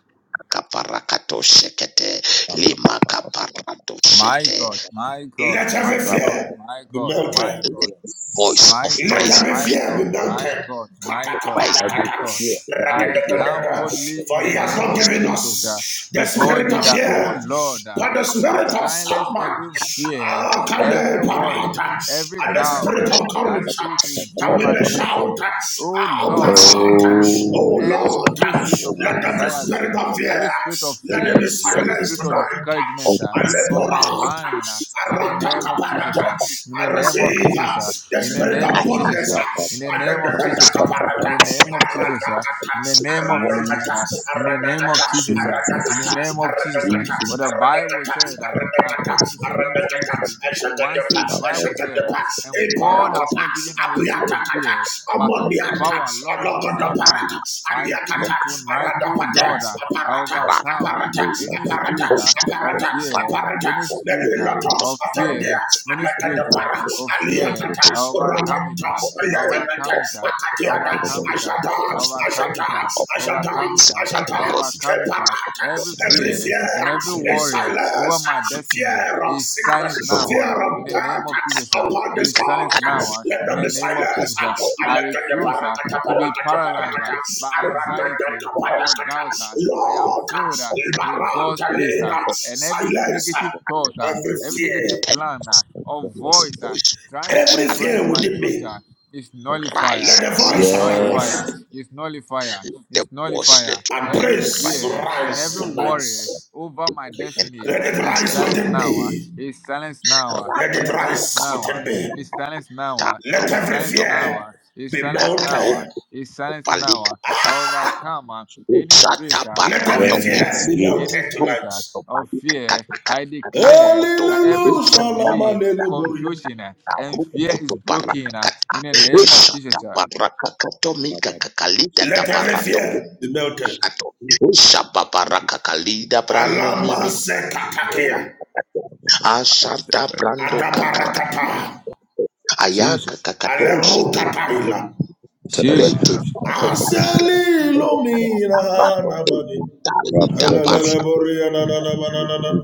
Speaker 7: Kaparakato, Shekete,
Speaker 3: ba, ba, ba,
Speaker 7: Lima,
Speaker 3: ba, ba, ba,
Speaker 7: Kaparato,
Speaker 4: My
Speaker 3: ba, ba,
Speaker 7: Shete,
Speaker 3: ba,
Speaker 4: God, my God,
Speaker 2: let
Speaker 4: my
Speaker 2: every
Speaker 3: ba, ba,
Speaker 4: God,
Speaker 3: ba.
Speaker 2: fear
Speaker 4: my
Speaker 2: be
Speaker 4: God, my
Speaker 2: melted.
Speaker 4: God,
Speaker 3: Yes,
Speaker 7: voice of
Speaker 4: My
Speaker 2: Let
Speaker 4: God,
Speaker 7: praise
Speaker 2: every
Speaker 7: will
Speaker 4: my
Speaker 2: fear be
Speaker 4: God,
Speaker 2: melted.
Speaker 4: my God,
Speaker 2: Kata,
Speaker 4: my God,
Speaker 7: rise
Speaker 2: kata,
Speaker 4: my
Speaker 3: every
Speaker 2: kata.
Speaker 7: upon
Speaker 4: God.
Speaker 3: fear, every
Speaker 4: I
Speaker 3: fear.
Speaker 4: come
Speaker 2: Ragadagadaga.
Speaker 3: the
Speaker 4: boldly
Speaker 2: For
Speaker 4: in
Speaker 2: he
Speaker 4: the
Speaker 2: has
Speaker 4: name
Speaker 2: not
Speaker 4: of
Speaker 7: those
Speaker 2: given
Speaker 3: hope,
Speaker 4: Jesus
Speaker 2: us
Speaker 4: uh,
Speaker 2: the
Speaker 4: before
Speaker 2: spirit
Speaker 4: thee
Speaker 2: of
Speaker 4: that,
Speaker 3: yeah.
Speaker 4: oh
Speaker 2: fear,
Speaker 4: Lord, uh,
Speaker 2: but the
Speaker 7: and
Speaker 2: spirit of
Speaker 4: Silence
Speaker 2: sound mind,
Speaker 4: every fear,
Speaker 2: Ah,
Speaker 7: all
Speaker 4: every
Speaker 2: kane
Speaker 4: worry,
Speaker 2: parata.
Speaker 4: every
Speaker 2: and the
Speaker 3: Ba,
Speaker 4: doubt
Speaker 3: ba,
Speaker 2: spirit
Speaker 4: uh,
Speaker 7: the
Speaker 3: ba,
Speaker 2: of
Speaker 3: ba,
Speaker 4: that
Speaker 3: ba,
Speaker 2: courage,
Speaker 3: ba,
Speaker 4: seek to
Speaker 3: ba,
Speaker 2: that
Speaker 3: ba,
Speaker 7: people
Speaker 4: dream
Speaker 2: we
Speaker 3: ba,
Speaker 2: may
Speaker 3: ba,
Speaker 4: and
Speaker 3: ba, ba.
Speaker 2: shout,
Speaker 4: it. Oh
Speaker 2: Abba
Speaker 4: Lord, uh,
Speaker 2: Father,
Speaker 4: remove
Speaker 2: O
Speaker 3: Oh,
Speaker 2: Lord,
Speaker 4: every
Speaker 3: so
Speaker 4: spirit of
Speaker 3: worry,
Speaker 2: let every
Speaker 3: oh,
Speaker 2: spirit
Speaker 4: anxiety,
Speaker 2: of fear,
Speaker 4: every spirit of
Speaker 3: let
Speaker 2: let
Speaker 3: it
Speaker 2: it
Speaker 3: be
Speaker 2: be
Speaker 4: fear,
Speaker 7: Lord
Speaker 3: silent,
Speaker 4: every
Speaker 2: silenced
Speaker 4: spirit of
Speaker 7: of
Speaker 2: tonight.
Speaker 7: of
Speaker 3: let
Speaker 4: discouragement
Speaker 3: it
Speaker 4: uh,
Speaker 3: be
Speaker 4: from my
Speaker 2: Aleporata,
Speaker 4: mind. uh, in the
Speaker 2: arata
Speaker 7: the
Speaker 4: name of Jesus,
Speaker 2: kaparata.
Speaker 7: of
Speaker 4: uh,
Speaker 7: the
Speaker 4: in the
Speaker 2: I
Speaker 4: name of
Speaker 3: silent.
Speaker 2: receive
Speaker 4: Jesus,
Speaker 2: ah,
Speaker 4: uh,
Speaker 2: the
Speaker 4: in the
Speaker 2: spirit
Speaker 4: name
Speaker 2: of
Speaker 3: Jesus,
Speaker 4: of Jesus,
Speaker 2: boldness.
Speaker 4: uh,
Speaker 2: ah,
Speaker 4: in the
Speaker 2: and then
Speaker 4: name
Speaker 2: the
Speaker 4: of
Speaker 7: voice
Speaker 4: Jesus, uh, in
Speaker 2: katakaparata,
Speaker 4: the name of Jesus, uh,
Speaker 2: aradakata,
Speaker 4: in the name of Jesus,
Speaker 2: aradakata,
Speaker 4: uh, in
Speaker 7: of voice of
Speaker 4: the
Speaker 7: God,
Speaker 4: name of
Speaker 2: aradakata,
Speaker 4: Jesus,
Speaker 7: of
Speaker 4: uh,
Speaker 7: the
Speaker 4: in the
Speaker 2: aradakata,
Speaker 3: Jesus,
Speaker 4: name of Jesus, uh,
Speaker 7: people,
Speaker 4: name of
Speaker 7: of
Speaker 4: Jesus. uh,
Speaker 2: aradakata,
Speaker 7: the
Speaker 3: Jesus.
Speaker 4: What the Bible
Speaker 2: aradakata,
Speaker 4: said that according to
Speaker 2: aradakata,
Speaker 7: invisible
Speaker 4: Second
Speaker 7: voice of
Speaker 4: Timothy
Speaker 2: aradakata,
Speaker 7: God,
Speaker 4: 1
Speaker 7: the
Speaker 2: eshakadapa,
Speaker 4: 7,
Speaker 7: voice
Speaker 4: the
Speaker 3: I
Speaker 7: of the
Speaker 3: have
Speaker 4: Bible
Speaker 7: of
Speaker 4: said that,
Speaker 2: eshakadapa,
Speaker 4: and God
Speaker 7: the
Speaker 4: has
Speaker 7: voice of
Speaker 2: eparokopa,
Speaker 4: not given us a spirit of
Speaker 2: apriatakata,
Speaker 4: fear,
Speaker 7: the
Speaker 4: but of
Speaker 2: amonianta,
Speaker 7: of
Speaker 4: power, love, and sound mind.
Speaker 2: alokodoparata,
Speaker 4: uh. I
Speaker 7: the of
Speaker 4: pray
Speaker 2: aliakata,
Speaker 4: tonight, oh
Speaker 2: aradapata,
Speaker 7: the
Speaker 4: Lord, uh, I
Speaker 2: aparata,
Speaker 7: brand
Speaker 4: overcome uh,
Speaker 2: aparata,
Speaker 3: made
Speaker 7: and
Speaker 3: my
Speaker 4: any
Speaker 3: voice
Speaker 2: aparata,
Speaker 4: spirit uh,
Speaker 7: voice of
Speaker 4: of
Speaker 7: the
Speaker 2: aparata,
Speaker 7: fan
Speaker 4: fear,
Speaker 2: aparata,
Speaker 4: any
Speaker 7: voice
Speaker 4: spirit uh,
Speaker 2: Meriloto,
Speaker 7: of
Speaker 4: of
Speaker 2: Atandia,
Speaker 4: fear Many
Speaker 2: Amata.
Speaker 4: spirit uh,
Speaker 2: Para,
Speaker 4: of fear,
Speaker 2: Aliatata,
Speaker 3: simple
Speaker 4: I
Speaker 7: way
Speaker 4: overcome it.
Speaker 2: Rakata,
Speaker 4: uh,
Speaker 7: of
Speaker 4: I
Speaker 7: voice
Speaker 2: Aliakanata,
Speaker 4: overcome
Speaker 7: of
Speaker 4: it.
Speaker 7: of
Speaker 4: uh, I
Speaker 7: of
Speaker 2: Akatiada,
Speaker 3: for
Speaker 4: overcome
Speaker 7: voice
Speaker 3: him.
Speaker 4: it. uh,
Speaker 2: Ashata,
Speaker 4: I
Speaker 7: voice
Speaker 4: overcome
Speaker 2: Ashata,
Speaker 4: it. uh,
Speaker 7: of
Speaker 4: I
Speaker 2: Ashata,
Speaker 4: overcome it. uh,
Speaker 7: and
Speaker 2: Ashata,
Speaker 4: I
Speaker 7: God
Speaker 4: overcome it. uh,
Speaker 2: Keparata.
Speaker 4: Every
Speaker 2: Every
Speaker 4: fear
Speaker 2: fear
Speaker 4: and every
Speaker 2: is
Speaker 4: worry over
Speaker 2: silence,
Speaker 4: my destiny
Speaker 2: fear of
Speaker 4: is silenced
Speaker 2: sickness,
Speaker 7: voice
Speaker 4: now
Speaker 7: of
Speaker 2: fear
Speaker 4: uh,
Speaker 2: of
Speaker 4: in
Speaker 7: the
Speaker 4: the name of
Speaker 2: death
Speaker 4: Jesus. uh,
Speaker 2: upon this
Speaker 4: Is silenced
Speaker 2: altar.
Speaker 4: now uh,
Speaker 2: Let
Speaker 4: in
Speaker 2: them
Speaker 4: the
Speaker 2: be
Speaker 4: name of
Speaker 2: silenced.
Speaker 4: Jesus. uh. I
Speaker 2: Alakata
Speaker 4: refuse. uh,
Speaker 2: Parakata
Speaker 4: to be
Speaker 2: Parakata
Speaker 4: paralyzed uh,
Speaker 2: Parakata,
Speaker 4: by anxiety
Speaker 2: Arakata
Speaker 4: or doubt.
Speaker 2: Parakata,
Speaker 4: uh, I am
Speaker 2: Lord,
Speaker 4: filled uh, with God's
Speaker 2: Ibaranta
Speaker 4: peace. uh,
Speaker 2: Lena,
Speaker 4: and every
Speaker 2: silence
Speaker 4: negative thought, uh,
Speaker 2: every
Speaker 4: every
Speaker 2: fear
Speaker 4: negative plan uh, or
Speaker 7: Yes,
Speaker 4: voice uh,
Speaker 7: voice
Speaker 4: trying
Speaker 7: fresh
Speaker 4: to
Speaker 2: Every
Speaker 7: and
Speaker 4: influence
Speaker 2: fear
Speaker 4: my
Speaker 7: deep
Speaker 2: within me,
Speaker 4: future is
Speaker 7: to rise.
Speaker 4: nullifier,
Speaker 2: let the
Speaker 4: is
Speaker 2: voice of my
Speaker 4: nullifier,
Speaker 2: worship
Speaker 3: Yes,
Speaker 4: is nullifier,
Speaker 7: The
Speaker 4: is
Speaker 7: voice
Speaker 4: nullifier.
Speaker 7: let your
Speaker 2: and
Speaker 7: voice
Speaker 4: Every
Speaker 7: to rise
Speaker 2: praise
Speaker 4: fear and
Speaker 2: rise
Speaker 4: every
Speaker 2: tonight.
Speaker 4: worry
Speaker 7: on
Speaker 4: over
Speaker 7: the
Speaker 4: my
Speaker 7: way and
Speaker 4: destiny
Speaker 2: Let it
Speaker 4: is
Speaker 2: rise
Speaker 7: claim it.
Speaker 4: silenced
Speaker 2: within
Speaker 4: now. ah.
Speaker 2: me.
Speaker 4: Is silenced now. ah.
Speaker 2: Let
Speaker 7: Rapra
Speaker 2: it
Speaker 4: Is silenced
Speaker 2: rise
Speaker 4: now. ah.
Speaker 2: within me.
Speaker 4: Is silenced now.
Speaker 7: kata
Speaker 4: ah.
Speaker 2: Let
Speaker 4: Is
Speaker 2: every
Speaker 4: silenced
Speaker 7: rukoto
Speaker 4: now.
Speaker 2: fear
Speaker 4: ah. Is
Speaker 2: be
Speaker 4: silenced now.
Speaker 7: kakato
Speaker 4: ah.
Speaker 2: melted.
Speaker 4: Is silenced now.
Speaker 7: palika
Speaker 4: ah. I
Speaker 7: kata kapaku
Speaker 4: overcome ah, any spirit
Speaker 7: sata
Speaker 4: ah,
Speaker 2: Let
Speaker 4: of
Speaker 7: parato
Speaker 2: every
Speaker 7: mino
Speaker 2: fear
Speaker 3: yes,
Speaker 4: fear,
Speaker 2: be
Speaker 3: yes.
Speaker 4: any
Speaker 2: melted
Speaker 4: spirit
Speaker 2: tonight.
Speaker 4: ah,
Speaker 7: koto
Speaker 4: of
Speaker 7: palika
Speaker 4: fear.
Speaker 7: kata
Speaker 4: I
Speaker 7: kata kata
Speaker 4: declare
Speaker 7: rukoto
Speaker 4: that every
Speaker 2: Hallelujah.
Speaker 4: spirit of delay, confusion, ah, and fear is
Speaker 7: rukoto paraka
Speaker 4: broken ah,
Speaker 7: kata
Speaker 4: in the name of
Speaker 7: sata
Speaker 4: Jesus. uh.
Speaker 7: paraka kato mika
Speaker 2: Let every
Speaker 7: kakalita
Speaker 2: fear be melted.
Speaker 7: Shababarakakalida brano
Speaker 2: Alama
Speaker 7: mimi
Speaker 2: sekatakia.
Speaker 7: Ashanta brando kakaka
Speaker 2: Adaparakata.
Speaker 4: Jesus.
Speaker 7: ayaka kakado shete
Speaker 2: Alerukataila.
Speaker 4: Jesus.
Speaker 7: rete pato kalika
Speaker 2: Asali
Speaker 7: nogo
Speaker 2: lomira
Speaker 7: pato
Speaker 2: namani.
Speaker 7: etalida parto
Speaker 2: Alalala boria na na na na na na na.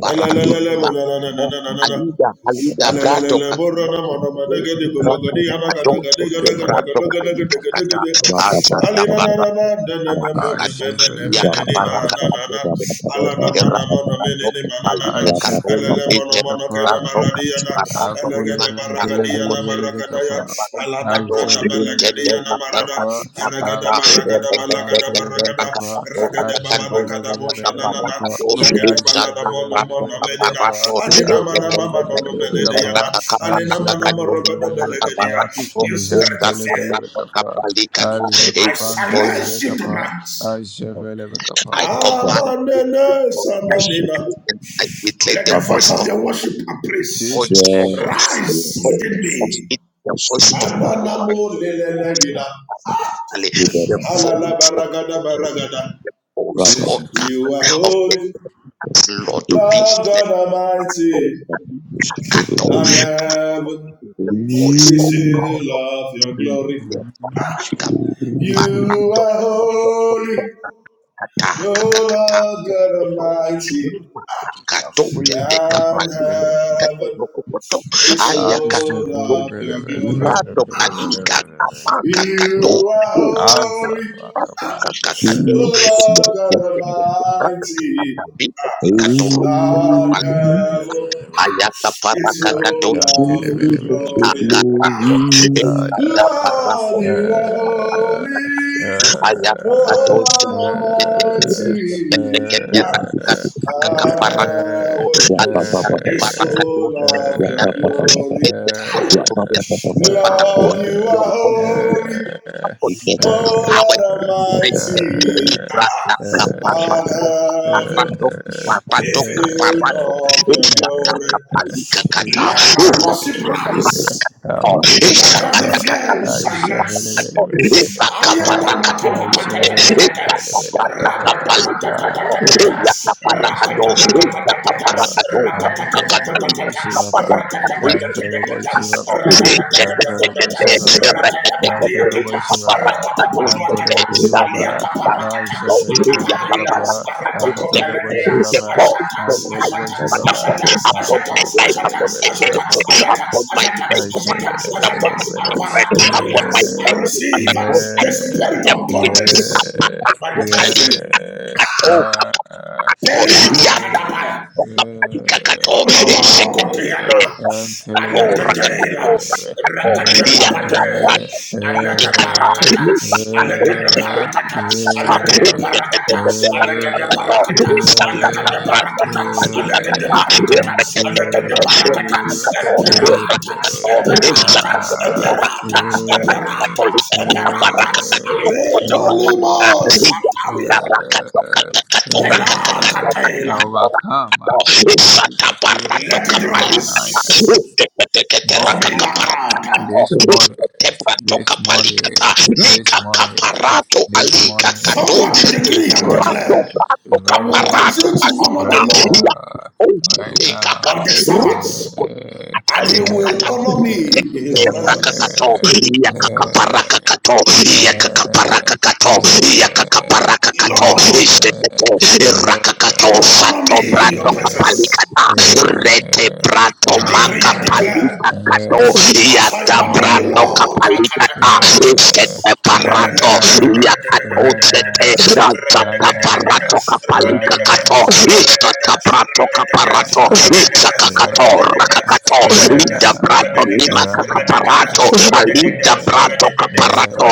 Speaker 7: parato
Speaker 2: Alalala
Speaker 7: mima
Speaker 2: boria na na na na na na na.
Speaker 7: alida alida brato
Speaker 2: Alalala boria na na na na na. Gede golo gede yana gada
Speaker 7: Adonso
Speaker 2: gede gada gada
Speaker 7: quebrado
Speaker 2: gada gada gede
Speaker 7: calica
Speaker 2: gede
Speaker 7: cata,
Speaker 2: gede.
Speaker 7: alzada
Speaker 2: Ali na na
Speaker 7: barra,
Speaker 2: na na na na na mo ne
Speaker 7: abacacado,
Speaker 2: me ne na me ne ni na
Speaker 4: Ashafelevikapa.
Speaker 2: na na
Speaker 7: yacaparacado,
Speaker 2: na. Alala ma na mo na me ne
Speaker 7: errado,
Speaker 2: ni ma na na na.
Speaker 7: palita cato,
Speaker 3: Yes.
Speaker 2: Alala mo na
Speaker 7: eche,
Speaker 2: mo na keda
Speaker 4: Ashafelevikapa.
Speaker 7: rato,
Speaker 2: maradi yana.
Speaker 7: parato,
Speaker 2: Alala
Speaker 7: mima,
Speaker 2: gede
Speaker 7: cato,
Speaker 2: maragadi yana
Speaker 7: cocote,
Speaker 2: Gadaya,
Speaker 4: Akulevantelevelevekapa.
Speaker 2: Alada Brada Balakadia Nabarada,
Speaker 4: Ashafelevikapa.
Speaker 2: Aragada Baragada Balagada Baragada,
Speaker 4: Akulevekapantelevikapa.
Speaker 2: Ragada Babada Kadabosha Nanana,
Speaker 4: Ashafelevikapa.
Speaker 2: Lagada Balada Mono Mono Melina,
Speaker 4: Ashafelevikapa.
Speaker 2: Alina Mana Mama Nono
Speaker 4: Akulevelevikapa.
Speaker 2: Benediana, Alina Mana Morogada
Speaker 4: Ashafelevikapa.
Speaker 2: Belegadia, you spirit of fear,
Speaker 4: Nihantelevikapa.
Speaker 2: I silence you
Speaker 4: Alekapantelevekapa.
Speaker 2: tonight.
Speaker 3: Oh,
Speaker 4: Ashafelevikapa.
Speaker 7: I
Speaker 3: God,
Speaker 7: command this
Speaker 2: Amanene
Speaker 7: voice,
Speaker 3: I
Speaker 7: I
Speaker 3: shake
Speaker 2: Sananina,
Speaker 3: it.
Speaker 7: decree and I declare
Speaker 2: let the
Speaker 7: the
Speaker 3: Ba, ba,
Speaker 2: voice
Speaker 7: voice
Speaker 3: ba.
Speaker 2: of
Speaker 7: of
Speaker 2: your
Speaker 7: the
Speaker 2: worship and
Speaker 7: voice
Speaker 2: praise
Speaker 7: of
Speaker 4: Jesus.
Speaker 7: the
Speaker 3: Yes,
Speaker 2: rise
Speaker 3: yes,
Speaker 7: voice
Speaker 2: within
Speaker 3: yes.
Speaker 7: of
Speaker 2: me.
Speaker 7: it,
Speaker 3: I
Speaker 7: the
Speaker 3: Shake
Speaker 7: voice
Speaker 3: it.
Speaker 7: of
Speaker 4: Mm.
Speaker 7: deliverance,
Speaker 2: Ananamo
Speaker 7: the
Speaker 2: lelele
Speaker 7: voice of Ali, the voice. voice,
Speaker 2: Alalabaragadabaragada.
Speaker 7: O
Speaker 3: Rubber.
Speaker 4: Jesus.
Speaker 7: God
Speaker 2: You are
Speaker 7: of the
Speaker 2: holy,
Speaker 7: earth, Lord, be
Speaker 2: Lord
Speaker 7: still.
Speaker 2: God
Speaker 7: O
Speaker 2: Almighty,
Speaker 3: Shake it.
Speaker 7: Kato
Speaker 2: and heaven
Speaker 7: is the voice of
Speaker 2: is
Speaker 7: God
Speaker 2: full
Speaker 7: of
Speaker 2: of your glory.
Speaker 7: reason.
Speaker 3: Shake it.
Speaker 2: You
Speaker 7: Kakapakato.
Speaker 2: are holy,
Speaker 7: Kata,
Speaker 2: O
Speaker 7: kakakata.
Speaker 2: Lord God
Speaker 7: Kokoto,
Speaker 2: Almighty,
Speaker 7: Kato,
Speaker 4: Akule
Speaker 7: keteka,
Speaker 4: bekapa
Speaker 2: and
Speaker 7: pali,
Speaker 4: bele.
Speaker 2: heaven
Speaker 7: kakakokoto.
Speaker 2: is
Speaker 7: Aya,
Speaker 4: Aje
Speaker 2: full
Speaker 7: kakato,
Speaker 4: bele
Speaker 2: of
Speaker 4: bele
Speaker 2: your
Speaker 4: bele
Speaker 2: glory.
Speaker 4: bele
Speaker 7: rato,
Speaker 4: bele bele
Speaker 7: pali,
Speaker 4: bele bele.
Speaker 7: kakamaka, kato.
Speaker 2: You are
Speaker 7: Usa,
Speaker 4: Alfa
Speaker 2: holy,
Speaker 4: nwa
Speaker 7: kato,
Speaker 4: kapa bele
Speaker 7: kakakato.
Speaker 2: O
Speaker 4: bele bele bele.
Speaker 2: Lord
Speaker 7: Kato, kato, kato,
Speaker 2: God Almighty,
Speaker 7: kato, kato, kato, kato,
Speaker 4: Aje bele bele
Speaker 2: and
Speaker 7: kato,
Speaker 4: bele bele bele
Speaker 2: heaven
Speaker 4: bele bele bele.
Speaker 7: Ayaka
Speaker 2: is
Speaker 4: Ajan
Speaker 7: parakakadosh
Speaker 2: full of
Speaker 4: bele bele bele
Speaker 2: your
Speaker 4: bele
Speaker 2: glory.
Speaker 4: bele bele
Speaker 7: akarako.
Speaker 4: bele. Ah,
Speaker 7: Ekata
Speaker 4: yeah.
Speaker 2: Lord,
Speaker 7: parako.
Speaker 2: you are
Speaker 4: Ah,
Speaker 2: holy.
Speaker 7: Ayaka
Speaker 2: O
Speaker 4: ah.
Speaker 7: kadosh.
Speaker 2: Lord Almighty,
Speaker 4: Iyan,
Speaker 7: Ekata
Speaker 2: and
Speaker 7: parako.
Speaker 2: heaven
Speaker 7: Alika
Speaker 2: is full
Speaker 7: parakadosh.
Speaker 2: of your glory.
Speaker 7: Ekata parako.
Speaker 2: Lord, you
Speaker 3: Yeah.
Speaker 7: Your
Speaker 2: are
Speaker 7: voice of
Speaker 2: holy,
Speaker 7: for
Speaker 3: I'm
Speaker 7: me to
Speaker 2: oh
Speaker 7: empower you to
Speaker 2: Lord
Speaker 7: break
Speaker 2: Almighty.
Speaker 7: every trap that
Speaker 2: Ah, On
Speaker 7: Kaparako,
Speaker 2: heaven,
Speaker 7: Kaparako, Kaparako,
Speaker 2: be filled
Speaker 7: Kaparako,
Speaker 2: of your
Speaker 7: Ishata,
Speaker 2: glory.
Speaker 7: Kaparika, Kata,
Speaker 2: Let my
Speaker 7: Uro,
Speaker 2: worship
Speaker 7: Kaparako,
Speaker 2: rise. Let
Speaker 7: Ishata,
Speaker 2: every fear be
Speaker 7: Kaparika,
Speaker 4: vele
Speaker 2: silenced.
Speaker 4: vele
Speaker 7: Kato,
Speaker 4: vele vele
Speaker 7: Iba,
Speaker 4: kapha
Speaker 7: Kaparaka,
Speaker 4: Aisha
Speaker 7: Dote,
Speaker 4: vele vele
Speaker 2: Ayadabakapapatatatata.
Speaker 7: Ika,
Speaker 4: vele vele
Speaker 7: Kaparaka,
Speaker 4: kapha
Speaker 7: Kaparika, Kato,
Speaker 2: Ratatatatatatatata.
Speaker 7: Iya, Kaparaka,
Speaker 4: Aisha
Speaker 7: Do,
Speaker 4: vele vele
Speaker 7: Ika,
Speaker 4: vele
Speaker 2: Ratatatatatatatata.
Speaker 4: kapha
Speaker 7: Kaparaka, Do,
Speaker 4: Antole vele
Speaker 2: Ratatatatatatatata.
Speaker 4: boshi
Speaker 2: Ratatatatatatatata.
Speaker 7: Kaparaka,
Speaker 4: kapha
Speaker 7: Kaparaka,
Speaker 4: Antole boshi
Speaker 2: Ratatatatatatatata.
Speaker 7: Upon my life,
Speaker 4: kapha
Speaker 7: upon my ministry,
Speaker 4: Antole boshi kapha Antole
Speaker 2: Ratatatatatatatata.
Speaker 4: boshi kapha Antole boshi
Speaker 2: Ratatatatatatatata.
Speaker 4: kapha
Speaker 2: Yakaparakata,
Speaker 4: Aisha vele vele
Speaker 2: Ataparila, Aratakopeladia, Ashatax, Ashatax, Ashatax, Ashatax, Ashatax, Ashatax, Ashatax,
Speaker 7: upon my
Speaker 2: Ashatax,
Speaker 7: faith,
Speaker 4: I
Speaker 7: Father
Speaker 4: said,
Speaker 2: Ashatax,
Speaker 7: God,
Speaker 4: wait,
Speaker 7: upon
Speaker 2: Ashatax,
Speaker 4: wait,
Speaker 7: my
Speaker 4: wait, wait,
Speaker 7: children, upon
Speaker 2: Aparataila.
Speaker 7: my
Speaker 2: I
Speaker 4: Yeah,
Speaker 7: family,
Speaker 2: receive
Speaker 7: Father God, I
Speaker 2: the
Speaker 7: put
Speaker 4: yeah,
Speaker 2: spirit
Speaker 7: the
Speaker 2: of boldness
Speaker 4: yeah,
Speaker 2: of my
Speaker 7: point.
Speaker 2: destiny.
Speaker 7: Rapapakukali,
Speaker 4: yeah.
Speaker 7: katoka,
Speaker 4: Ah, ah,
Speaker 7: katoka,
Speaker 4: eh,
Speaker 2: Peliatakatapaya.
Speaker 7: Kato,
Speaker 4: eh,
Speaker 7: Shekato,
Speaker 2: Omama
Speaker 4: eh.
Speaker 2: kokotiana,
Speaker 4: I'm
Speaker 7: Kato,
Speaker 4: telling you, very, very,
Speaker 7: Rakato,
Speaker 2: alagatela,
Speaker 4: very, very.
Speaker 7: Kato,
Speaker 4: Overcome
Speaker 2: rakate papate,
Speaker 7: Yakapat,
Speaker 2: alaka
Speaker 7: Ikata,
Speaker 2: parakata,
Speaker 7: Mibakato,
Speaker 2: alaka de
Speaker 7: Shekato,
Speaker 2: parakata, alaka de parakata, alaka de
Speaker 7: Kato,
Speaker 2: parakata, alaka de parakata, alaka de parakata, alaka de parakata, eperata, eperata, eperata, eperata, eperata, aletolimo sataria,
Speaker 7: Shakato, Kato, Kaparato
Speaker 2: pelakatela,
Speaker 4: any
Speaker 7: alika
Speaker 4: spirit of
Speaker 7: katosete
Speaker 4: fear
Speaker 2: let it
Speaker 4: tonight.
Speaker 2: rise.
Speaker 4: This money,
Speaker 2: Omelakata.
Speaker 4: this money, this money, this money, this money,
Speaker 2: Somebody decree
Speaker 4: this
Speaker 2: and
Speaker 4: money,
Speaker 7: rato
Speaker 2: declare,
Speaker 7: rato
Speaker 2: I
Speaker 4: right
Speaker 2: will
Speaker 7: kaparato
Speaker 2: continue
Speaker 4: now,
Speaker 2: to honor the
Speaker 7: alika
Speaker 4: right
Speaker 2: Lord
Speaker 7: ya
Speaker 4: now, right
Speaker 7: osete kaka
Speaker 2: of
Speaker 4: now,
Speaker 2: the Sabbath,
Speaker 7: ruku
Speaker 4: eh,
Speaker 2: and
Speaker 4: eh,
Speaker 2: he
Speaker 7: kutalika
Speaker 2: will
Speaker 7: kata
Speaker 2: honor
Speaker 4: eh, eh,
Speaker 2: me in his presence.
Speaker 4: eh,
Speaker 7: kaparakato
Speaker 4: eh, eh, eh,
Speaker 7: yakakaparakato yakakaparakato
Speaker 4: eh,
Speaker 2: Lord,
Speaker 7: ishteketo
Speaker 4: eh.
Speaker 2: you
Speaker 7: irakato
Speaker 2: will
Speaker 4: eh,
Speaker 2: honor
Speaker 7: sato
Speaker 4: eh,
Speaker 2: me in your
Speaker 7: prato
Speaker 4: eh,
Speaker 2: presence.
Speaker 7: kapalikata
Speaker 4: uh, uh,
Speaker 7: rete prato
Speaker 2: I
Speaker 4: uh,
Speaker 2: decree and declare,
Speaker 7: makapalita
Speaker 4: uh,
Speaker 7: kato
Speaker 2: as I
Speaker 7: yata
Speaker 2: honor you,
Speaker 7: prato
Speaker 2: Lord,
Speaker 7: kapalikata
Speaker 4: uh,
Speaker 7: ishteke parato
Speaker 4: Raina,
Speaker 7: yakato
Speaker 4: Raina,
Speaker 7: tete razata
Speaker 4: Raina,
Speaker 7: parato kapalika
Speaker 4: Raina,
Speaker 7: kato istata prato kaparato
Speaker 4: Raina,
Speaker 7: isakakato
Speaker 4: Raina,
Speaker 7: rakakato
Speaker 4: Raina,
Speaker 7: Alida brato nima
Speaker 4: Raina,
Speaker 7: kakaparato. Alida brato
Speaker 4: uh,
Speaker 7: kaparato.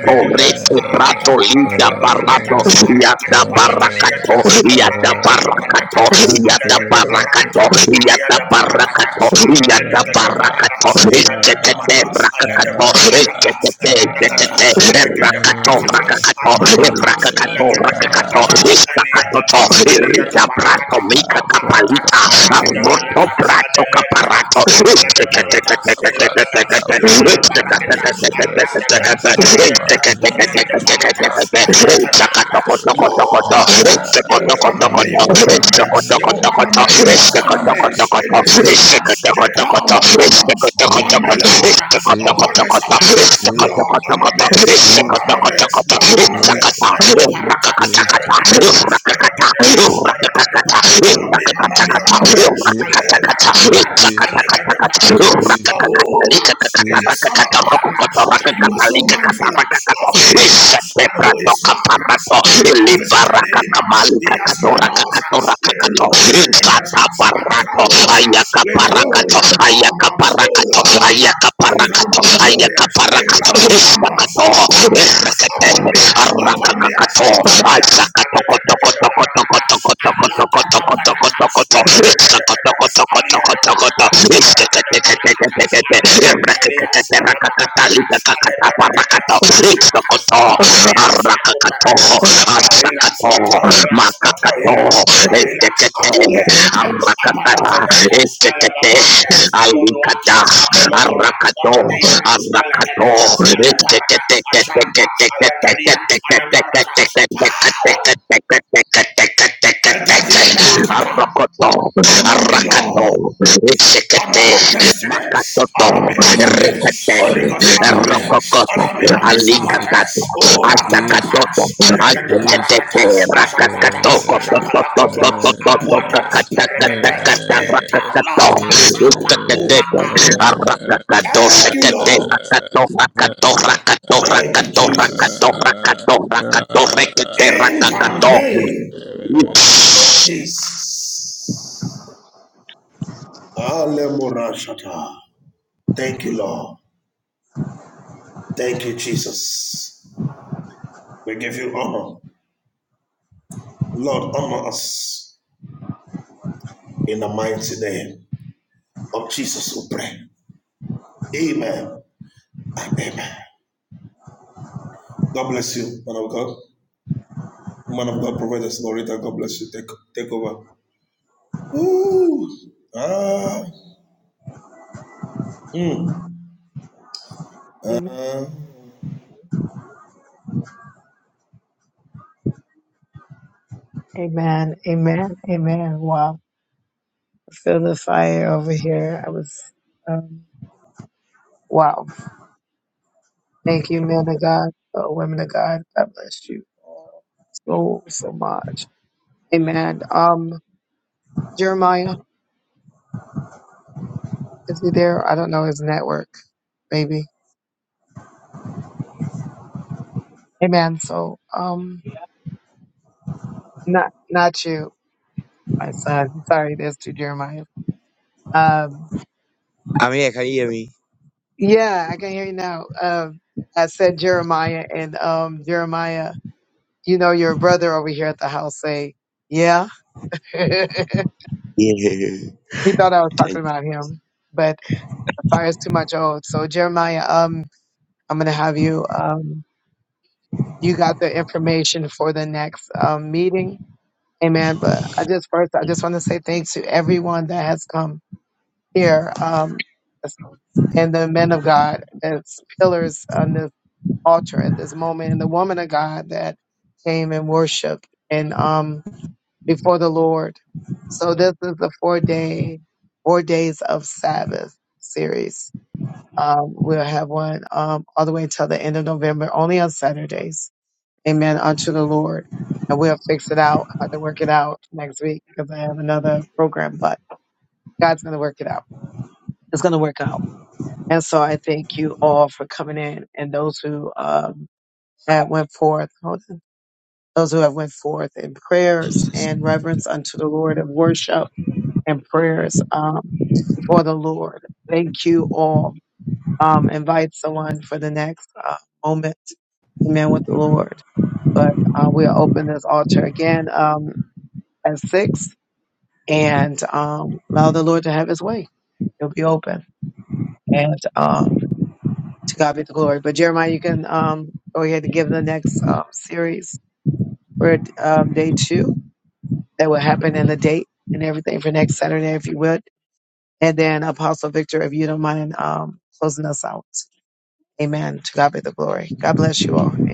Speaker 4: uh,
Speaker 7: rete
Speaker 4: uh,
Speaker 7: brato lida barato. Yada barakato. Yada barakato. Yada barakato. Yada
Speaker 2: Arakata
Speaker 7: barakato. Yada
Speaker 2: Aragadagada Parada,
Speaker 7: barakato.
Speaker 2: Ijananda Mata,
Speaker 7: Etekete
Speaker 2: Alada
Speaker 7: brakakato.
Speaker 2: Bragadaga,
Speaker 7: Etekete
Speaker 2: Radakata,
Speaker 7: etekete.
Speaker 2: Alagada
Speaker 7: Rakato
Speaker 2: Parakata,
Speaker 7: brakakato.
Speaker 2: Amamata,
Speaker 7: Rakato
Speaker 2: Alagada
Speaker 7: rakakato.
Speaker 2: Barakata,
Speaker 7: Istakato
Speaker 2: Aliagata,
Speaker 7: to.
Speaker 2: Aliata
Speaker 7: Irida brato
Speaker 2: Parakata,
Speaker 7: mika
Speaker 4: Aquara
Speaker 2: Aparata,
Speaker 7: Marita,
Speaker 2: Aragada
Speaker 7: Moto
Speaker 4: capande,
Speaker 2: Balata,
Speaker 7: Prato
Speaker 2: Adeletara,
Speaker 4: Jesus, Jesus, Jesus, Jesus, Jesus, Jesus,
Speaker 7: Caparato,
Speaker 2: Aragada Palata, Eladada, Elagada Barakata, Arakada, Aradada, Aragada Palata, Ilakatara, Lord altar. You will honor me. You will honor me. You will honor me. You must honor me. It is a sinner. The crown of honor upon me, Lord. uh, Upon the Sabbath. uh, Lord, honor me. Lord, honor me. Lord, honor me. Ekoparata. Erekedepa. Erekedepa. Erekedepa. Honor me. Honor me. Honor me. Ale
Speaker 7: It's
Speaker 2: parata. eh,
Speaker 4: Jesus,
Speaker 2: Ale gadapa.
Speaker 7: Ayaka
Speaker 4: Jesus,
Speaker 2: For
Speaker 4: Jesus,
Speaker 2: who uh, is the
Speaker 4: Jesus,
Speaker 2: son of man? uh,
Speaker 4: fire.
Speaker 2: that you you are so mindful of him and who is man that thou visited him. He has met us little lower than the angels and crowned us with glory and honor. Oh Lord, a crown of glory, a crown of honor upon me, upon me, upon me, upon me. And the
Speaker 7: parakato,
Speaker 2: Alata Kapataka, Aladakadakada, Aliana Baraka, Arakada Barakata, Aladakalia, Alabarakata, Alabarakada, Ashata, Apapania, Akuparada, Otohila, Otohila, Otohila, Otohila, Akule Apa, Apalafeneka, Alabamande, Amonuata, Apolokora,
Speaker 7: Arakata,
Speaker 2: Oradiana, Alakadaka, Alaparada, Ashanta, Alakadia, Alabaraka, Power Etadina Akata. Honor me, Lord. Honor my destiny. Honor me, honor me.
Speaker 4: Jesus,
Speaker 2: Holy Ghost, honor me.
Speaker 4: Jesus,
Speaker 2: Honor me on the Sabbath.
Speaker 4: Jesus.
Speaker 2: Oh, Rakatapa.
Speaker 4: Jesus,
Speaker 2: Alekata Parakata.
Speaker 4: Jesus.
Speaker 2: Ashatata.
Speaker 4: Eh, eh, eh, eh,
Speaker 2: Ashapalakotwa. Apuata.
Speaker 4: eh, eh,
Speaker 2: Perekata.
Speaker 4: eh,
Speaker 2: Etalaka
Speaker 7: Rakato,
Speaker 2: Sapakuraka. Thank you, Lord.
Speaker 4: eh,
Speaker 2: Thank you, Jesus. In the
Speaker 7: Rakato
Speaker 2: name
Speaker 4: eh.
Speaker 2: of Jesus. Alemorashata. Thank you, Lord. Thank you, Jesus. We give you honor. Lord, honor us in the mighty name of Jesus, we pray. Amen and amen. God bless you, man of God. Man of God, provide us, Loretta. God bless you. Take, take over. Ooh. Ah. Mm. Ah.
Speaker 3: here. Can you hear me? Yeah, yeah, yeah. Thank you.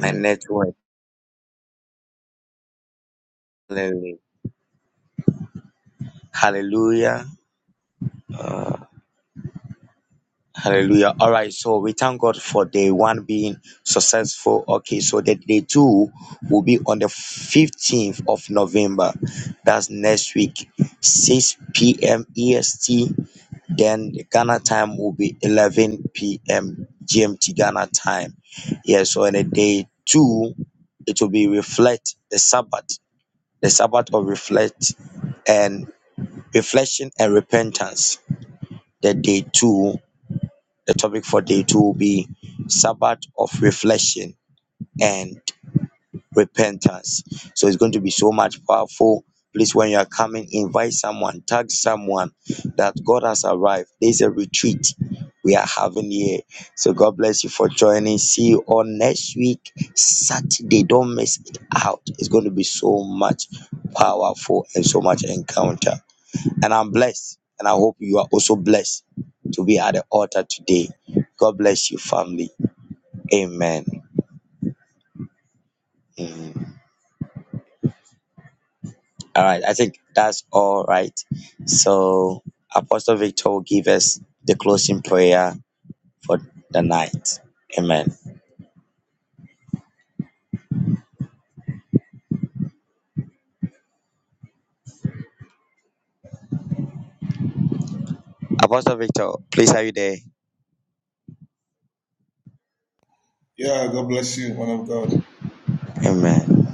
Speaker 3: My network. Hallelujah. Hallelujah. Uh, hallelujah. All right. So we thank God for day one being successful. Okay. So the day two will be on the 15th of November. That's next week, 6 p.m. EST. Then the Ghana time will be 11 p.m. GMT Ghana time. Yeah, so on a day two, it will be reflect the Sabbath, the Sabbath of reflect and reflection and repentance. The day two, the topic for day two will be Sabbath of reflection and repentance. So it's going to be so much powerful. Please, when you are coming, invite someone, tag someone that God has arrived. There's a retreat we are having here. So God bless you for joining. See you all next week, Saturday. Don't miss it out. It's going to be so much powerful and so much encounter. And I'm blessed. And I hope you are also blessed to be at the altar today. God bless you, family. Amen. Mhm. All right, I think that's all right. So, Apostle Victor will give us the closing prayer for the night. Amen. Apostle Victor, please, are you there?
Speaker 2: yeah, God bless you, man of God.
Speaker 3: Amen.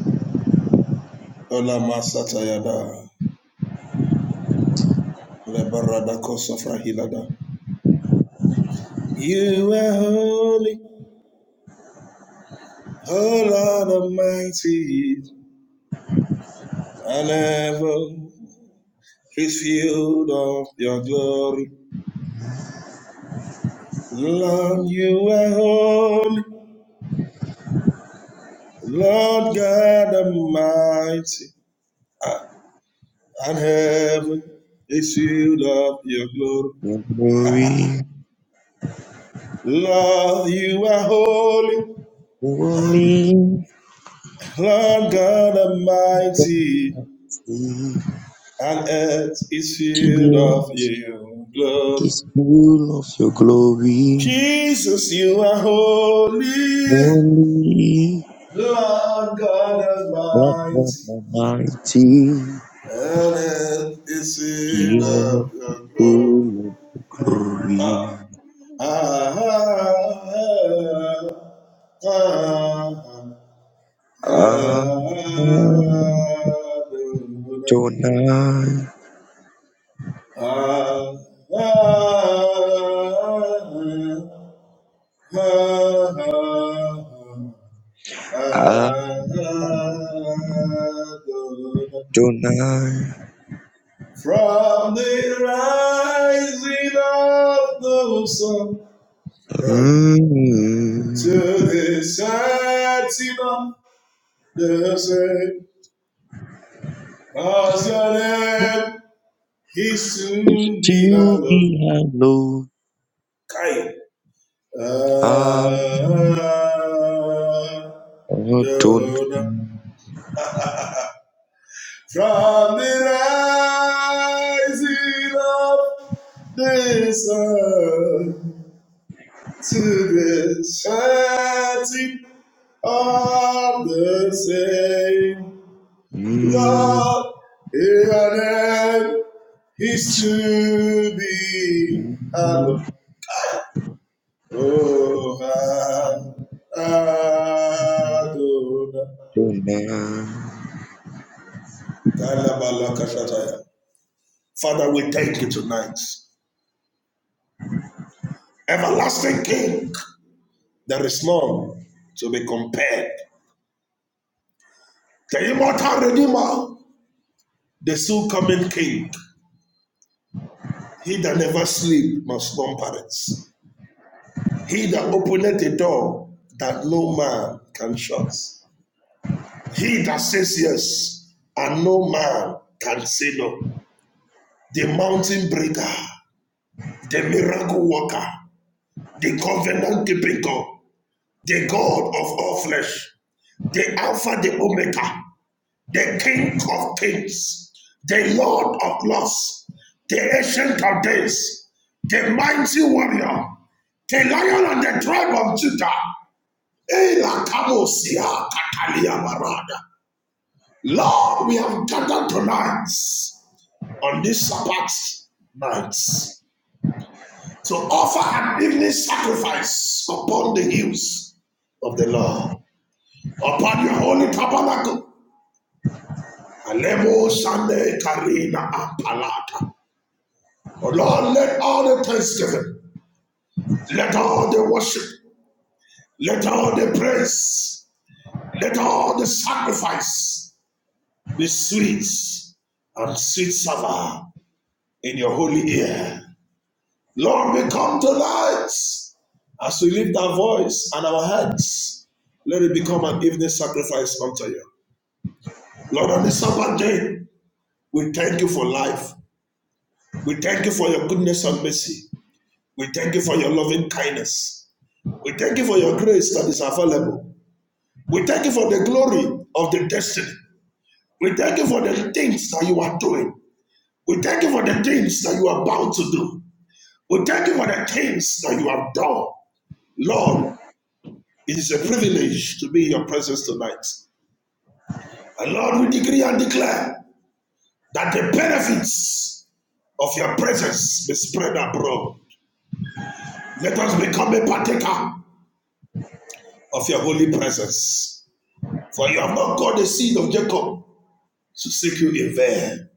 Speaker 2: Ola masatayada. Lebarada kosafrahilada. You are holy, oh Lord Almighty. and ever is filled of your glory. Lord, you are holy, Lord God Almighty, and heaven is filled of your glory.
Speaker 3: Your glory
Speaker 2: Lord, you are holy,
Speaker 3: only
Speaker 2: Lord God
Speaker 3: can
Speaker 2: Almighty,
Speaker 3: see.
Speaker 2: and earth is filled of
Speaker 3: Jesus
Speaker 2: your glory.
Speaker 3: is full of your glory.
Speaker 2: Jesus, you are holy,
Speaker 3: Only
Speaker 2: Lord God
Speaker 3: not of
Speaker 2: Almighty
Speaker 3: the
Speaker 2: and it's in
Speaker 3: Jesus,
Speaker 2: a globe.
Speaker 3: full of your glory.
Speaker 2: Ah, ah, ah, ah, ah, ah, ah, ah, ah, ah, ah, ah,
Speaker 3: Amen. Adonai, Adonai, mm, is to be hallowed.
Speaker 2: Kai.
Speaker 3: Adonai, mm,
Speaker 2: Lord, your name is
Speaker 3: is
Speaker 2: to be
Speaker 3: to
Speaker 2: hallowed.
Speaker 3: be
Speaker 2: Oh, Adonai.
Speaker 3: Adonai.
Speaker 2: Father, we thank you tonight. Everlasting King, there is none to be compared. The immortal Redeemer, the soon coming King. He that never sleep must slumber it. He that openeth a door that no man can shut. He that says yes, and no man can say no. The mountain breaker, the miracle worker, the covenant keeping God, the God of all flesh, the Alpha, the Omega, the King of kings, the Lord of lords, the ancient of days, the mighty warrior, the lion and the tribe of Judah. Ela Kamosia Katalia Barada. Lord, we have gathered tonight on this Sabbath night. to offer an evening sacrifice upon the hills of the Lord, upon your holy tabernacle. Alemo Sunday Karina Apalata. Oh Lord, let all the thanksgiving, let all the worship, let all the praise, let all the sacrifice be sweet and sweet savor in your holy ear. Lord, we come to tonight as we lift our voice and our hands. Let it become an evening sacrifice unto you. Lord, on this Sabbath day, we thank you for life. We thank you for your goodness and mercy. We thank you for your loving kindness. We thank you for your grace that is available. We thank you for the glory of the destiny. We thank you for the things that you are doing. We thank you for the things that you are about to do. We thank you for the things that you have done. Lord, It is a privilege to be in your presence tonight. And Lord, we decree and declare that the benefits of your presence be spread abroad. Let us become a partaker of your holy presence. For you have not called the seed of Jacob to seek you in vain.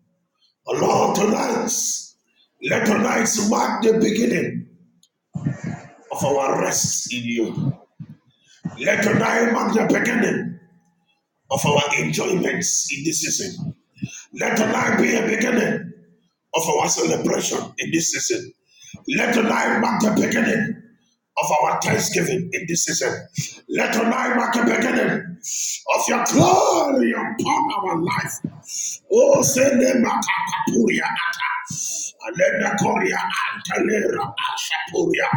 Speaker 2: Oh Lord, tonight, let tonight mark the beginning of our rest in you. Let tonight mark the beginning of our enjoyments in this season. Let tonight be a beginning of our celebration in this season. Let tonight mark the beginning of our thanksgiving in this season. Let tonight mark the beginning of your glory upon our life. Oh, send them at Akapuria Ata. Let the Korea Antalera Ashapuria.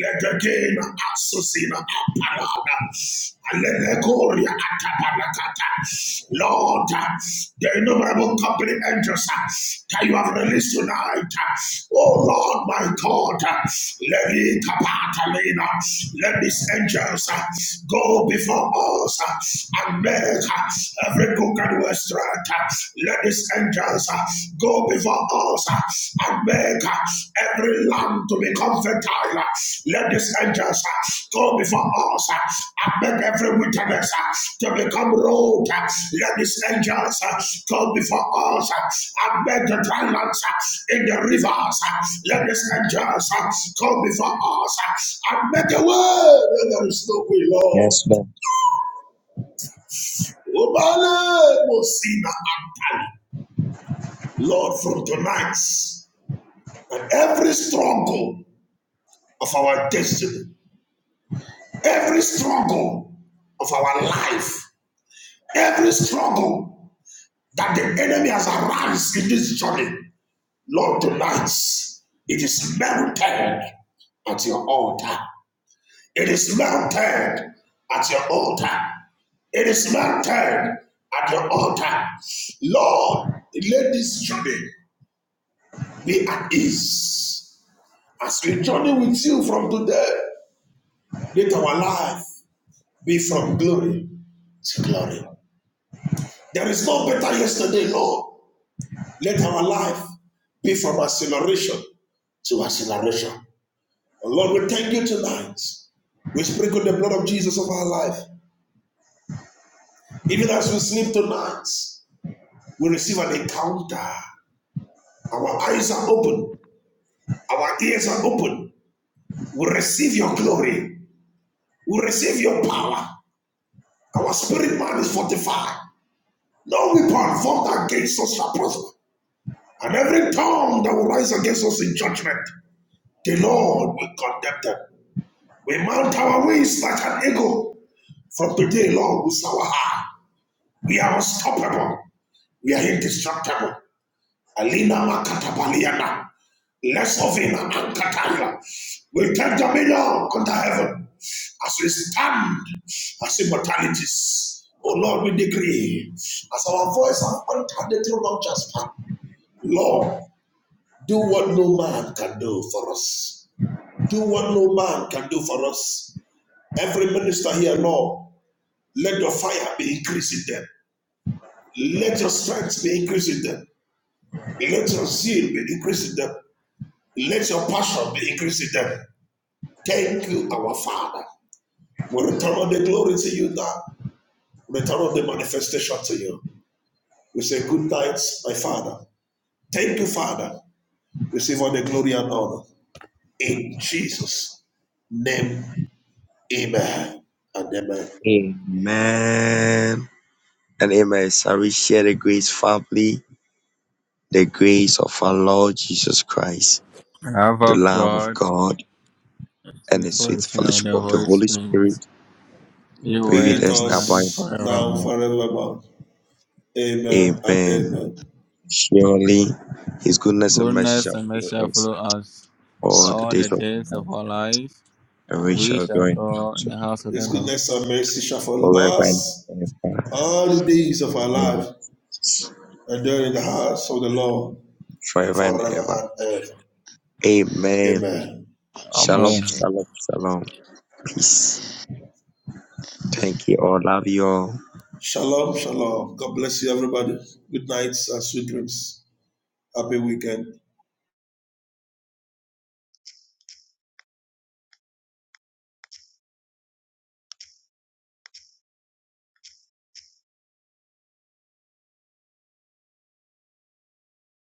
Speaker 2: Let the game at susina Asusina Apalada. Alebekoria atabalakata. Lord, the innumerable company angels that you have released tonight. Oh Lord, my God, let it kapata lena. Let these angels go before us and make every crooked way straight. Let these angels go before us and make every land to become fertile. Let these angels go before us uh, and make every wilderness to become road. Let these angels go before us uh, and make the dry lands uh, in the rivers. uh, Let these angels go before us uh, and make a way where there is no way, Lord.
Speaker 3: Yes, Lord.
Speaker 2: Obale Mosina Antali. Lord, from tonight, that every struggle of our destiny, every struggle of our life, every struggle that the enemy has aroused in this journey, Lord, tonight it is melted at your altar. It is melted at your altar. It is melted at your altar. Lord, let this journey be at ease. As we journey with you from today, let our life be from glory to glory. There is no better yesterday, Lord. Let our life be from acceleration to acceleration. And Lord, we thank you tonight. We sprinkle the blood of Jesus over our life. Even as we sleep tonight, we receive an encounter. Our eyes are open, our ears are open. We receive your glory, we receive your power. Our spirit man is fortified. No weapon formed against us shall prosper. And every tongue that will rise against us in judgment, the Lord will condemn them. We mount our wings like an eagle. From today, Lord, we soar high. We are unstoppable. We are indestructible. Alina Makatabaliana. Less of in Ankataya. We take dominion under heaven as we stand as immortalities. Oh Lord, we decree as our voice has entered the throne of Jasper. Lord, Do what no man can do for us. Do what no man can do for us. Every minister here, Lord, let your fire be increasing them. Let your strength be increasing them. Let your zeal be increasing them. Let your passion be increasing them. Thank you, our Father. We return all the glory to you now. We Return all the manifestation to you. We say good night, my Father. Thank you, Father. Receive all the glory and honor. In Jesus' name Amen and amen.
Speaker 3: Amen. And amen. Shall we share the grace, family? The grace of our Lord Jesus Christ, the
Speaker 4: Abba,
Speaker 3: love of
Speaker 4: God,
Speaker 3: God, and the sweet
Speaker 4: before you know
Speaker 3: fellowship
Speaker 4: the
Speaker 3: of the
Speaker 4: Holy
Speaker 3: Holy
Speaker 4: Spirit,
Speaker 3: Spirit
Speaker 4: you
Speaker 3: be
Speaker 2: Be
Speaker 4: were
Speaker 3: with
Speaker 2: with
Speaker 3: us
Speaker 4: now
Speaker 3: now by
Speaker 4: and
Speaker 3: and
Speaker 2: us now
Speaker 4: forevermore.
Speaker 3: forever.
Speaker 2: forevermore. Amen and
Speaker 3: Amen.
Speaker 2: amen.
Speaker 3: Surely his goodness and mercy
Speaker 4: Goodness
Speaker 3: shall
Speaker 4: and
Speaker 3: follow
Speaker 4: mercy shall
Speaker 3: us
Speaker 4: follow us
Speaker 3: all the
Speaker 4: all the
Speaker 3: days of
Speaker 4: days
Speaker 3: our
Speaker 4: of
Speaker 3: life,
Speaker 4: our life,
Speaker 3: and
Speaker 4: and
Speaker 3: we
Speaker 4: we
Speaker 3: shall
Speaker 4: shall
Speaker 3: go in the
Speaker 4: dwell in
Speaker 3: house of
Speaker 4: the house of the
Speaker 2: His
Speaker 4: Lord.
Speaker 2: goodness and mercy shall
Speaker 3: the
Speaker 2: follow
Speaker 3: Lord forever and
Speaker 2: us
Speaker 3: ever.
Speaker 2: all the days of our
Speaker 3: Amen.
Speaker 2: life, and during the house of the Lord
Speaker 3: Forever and
Speaker 2: forever
Speaker 3: ever.
Speaker 2: and ever.
Speaker 3: Amen.
Speaker 2: Amen.
Speaker 3: Shalom,
Speaker 4: Amen.
Speaker 3: shalom, shalom. Peace. Thank you all. Love you all.
Speaker 2: Shalom, shalom. God bless you, everybody. Good nights and sweet dreams. Happy weekend.